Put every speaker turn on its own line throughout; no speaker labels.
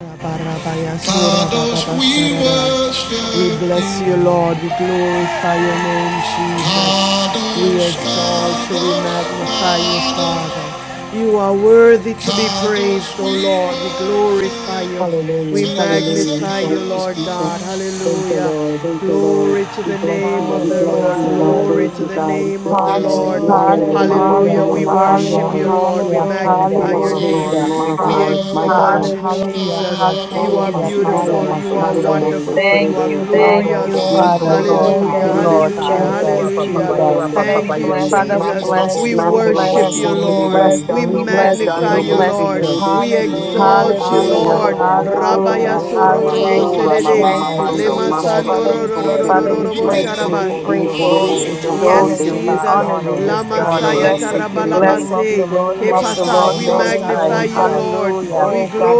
Fathers, we We worship. We bless you, Lord. We glorify your name, Jesus. We exalt you. We magnify you, Father. You are worthy to be praised, O Lord. We glorify you. Hallelujah. We
Hallelujah.
magnify you,
Thank you,
Lord
Jesus.
God. Hallelujah.
Thank you, Lord.
Glory to the name of
We
the
bless
Lord.
you and we
Glory
praise
to
you,
the
Hallelujah.
God.
name of the Lord.
We honor
Yes,
you and we lift
Hallelujah.
your
Hallelujah. We
name up on
worship hallelujah, you,
high.
Lord. We
Hallelujah.
magnify
King of
your
kings and
Hallelujah.
name.
Lord
We
of lords, my
exalt
God.
you, Jesus.
Hallelujah.
You are
Hallelujah. Thank
beautiful.
Naya
you,
You are
Bashando
Jesus.
Mose
wonderful. You are
Terebe.
Thank
glorious.
you,
Ye
Father.
Korobo
Thank
Si
Hallelujah.
you,
Terebe
Lord.
Sai.
Hallelujah.
Thank you,
Hallelujah.
O
Jesus.
Rapa Papa
Thank you,
Yende.
Father, we
Jesus.
bless
We
you.
Ma
We
worship
Korobo
bless
bless you,
So
you. We
Lord.
bless
Terebe.
We
you. We bless you.
magnify
We
Dando
you.
Mose
bless
Lord. We
you.
Terebe Si.
exalt
Ye
you,
Hallelujah.
Robo
Lord.
Bo Bo Bo Bo
Rabaya
Hallelujah.
Bo.
soro robo
O
Hallelujah.
Rama
sedede.
Thank
Mama
you,
Mando.
Lema
Ma
sando
Jesus.
Korobo
Father, ro
So
ro ro ro
Father,
Terebe
ro
we
ro ro
Si.
bo praise
bless you. We
sharabai.
Ye
praise you. We
Korobo So
exalt
Yes,
Terebe
you. We
Jesus.
Sai.
honor you
morning.
this
Lama saya
Shando
morning.
Blessed be
Mose Terebe.
Blessed be the name of the
Kepasa,
Lord
we
Most
Thank you,
High.
magnify you,
Jesus.
Lord. We Oh
Hallelujah.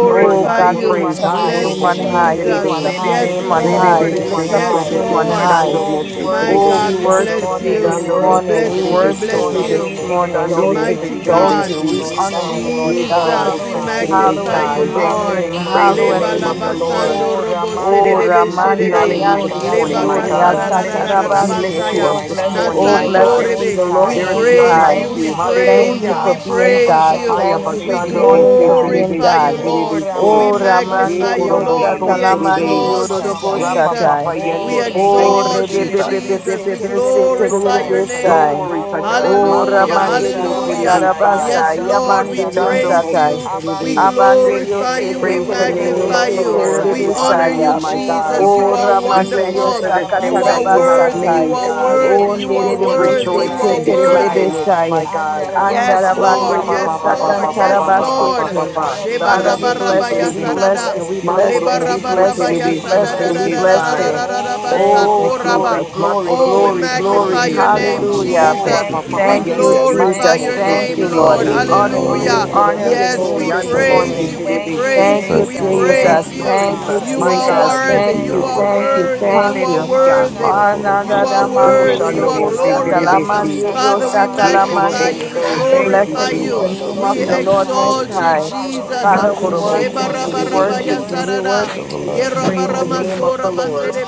He's worthy
Oh
to be
God,
you.
we lift
praised.
up your
Bless
name
Hakorobo
on
So
high.
Jesus.
We lift
Terebe.
up your
Yes,
name on
Rebe
high.
be
Lord.
We
be
lift
be be
up
Yes,
your
be be
name on
be.
Lord.
high.
Shando
Oh,
Mose
My
Oh,
God,
Terebe.
we
we bless
worship you
you. We
this
Shando Mose
morning.
bless
We
you We
Terebe
bless
worship
So.
you
you.
this morning.
Shando
We
Mose
Mighty
exalt
Terebe
God,
you.
Si.
We
Jesus,
honor you, Lord
we
Ye
God.
Korobo So Terebe
magnify
Hallowed be
you,
Sai.
your
Lord.
name.
Praise the
Leba
Hallowed
Lord.
name
be
of
laba
the
your
Lord.
sando
name.
Oh, robo Ramande, sedede
Oh,
We
Ramanda
honor you this
Yandi
Leba
morning, my
kasara
Kendoria
ra
God.
ra Satarabande,
We lift you
basaya.
up
Satarabasete.
morning,
this morning,
Oh,
my
Nasando
God.
blessed be
rebe. We
the Lord
There is
Most
praise
none
you,
like
High.
we
you.
Thank
praise you, we
you
Hallelujah.
for being
praise
God.
you.
Haya
Thank you
We
this
Bashando Mose
morning for being
Terebe
glorify
Si
you,
God.
Oh, Lord.
Terebe
We
So.
Oh,
Ye
magnify
Ramande
you,
korobo
Riosa
Lord.
so
We
Talamande
terebe.
exalt you,
Yorobo
Rapa
Jesus.
papa
Satai.
Oh, We
yende. Thank
Oh,
you,
exalt
Jesus.
Jesus. We
Rebebebebebebe
glorify your name.
Seterebesai.
Glory to God. Ma
Oh,
Hallelujah.
korobo
Ramande
so
Ribo
Hallelujah.
terebe sai.
Yes,
Sharabasai.
Lord, we
Yamande
Dando
praise
mo se
Riosatai.
you. We
terebe.
Abande
glorify
Riose
you. We
Praise the name
magnify
of the
you.
Lord.
We
We honor
honor you,
you,
Keterebesai.
my God.
Jesus. You
O
are
We
ramande
thank you
Dios
wonderful.
for this day
You
that
are
you have
worthy. You
made,
sakatarabasatai.
are
God.
O
worthy.
Yes,
You
We
are
nerere
will
worthy.
boste
rejoice
You
Lord,
are
and be
keterere
glad in
worthy.
it, my
bestai.
God.
Yes,
Oh,
Lord.
Andarabande
rabba,
Yes,
Dios
ba, ba, ba,
Lord.
ba, ba,
Yes,
ba, ba, ba,
Lord.
ba, ba,
sakantarabasete.
ba. Shando
Father, we
mo se
Shebarabaraba
bless you, we
terebe.
bless
yasarada.
you, we
Ma
bless you,
korobo
we
so
bless
Lebarabaraba
you, we
terebe, si
bless you, we
terebe
bless
sai.
you.
yasadadadadadadadadadadaba
Thank you,
Oh,
sakoraba.
glory,
Jesus.
glory,
Oh, we
Makorobo
glory,
si
magnify
glory.
your
terebe.
Thank
name,
you, Jesus.
Hallelujah.
O
Jesus.
Thank you,
rapa
We
papa
Jesus.
Thank you,
yende. Mando
glorify
Jesus.
mo
your
se
Thank
name,
you,
terebe
Lord.
Lord.
We
si.
Hallelujah.
honor you.
Ye
We
Hallelujah.
Hallelujah.
honor
korobo
your
Yes,
so
name
we
this
yando mo se
praise
morning.
you.
Hallelujah.
We
terebe si.
Thank
praise you.
you,
Thank
We
you, Lord.
Thank
Thank
praise
Jesus.
you,
you,
you.
Thank
Yeshua.
you,
Jesus.
You
My
are
Jesus.
God.
Thank
worthy.
you,
Thank
You
you,
are
Yahweh.
thank you,
worthy.
thank
You are
you.
Hallelujah.
worthy.
Rembara
Ananda
You
boroko
are
da
O
mandiri
worthy.
sakamanaka
You
shando
are
mo
rubu
se
vedete
sata la
glorious.
terebe
ikatos
si.
mandiri o
Father, we we
kalavahanda
sata
Ye
la
barata.
magnify
korobo
mandi.
you, we
so. Thank you,
Hallelujah,
glorify
Blessed
Shandakaya
be
you,
the
Jesus.
manaka
name
hallelujah,
of
we
the
glory.
vedese
Lord Most
exalt
ikalados.
you,
High.
yes, yes.
Jesus.
Ha
Father, we
Wonderful
Nikila
korobo
worship
Baba
counselor,
si
you, we
mighty
terebe
Siti
worship
God,
si.
Lama.
you, we worship
everlasting
Praise the
Father,
Hallelujah,
name of
Prince
the
of
Lord.
Peace.
hallelujah.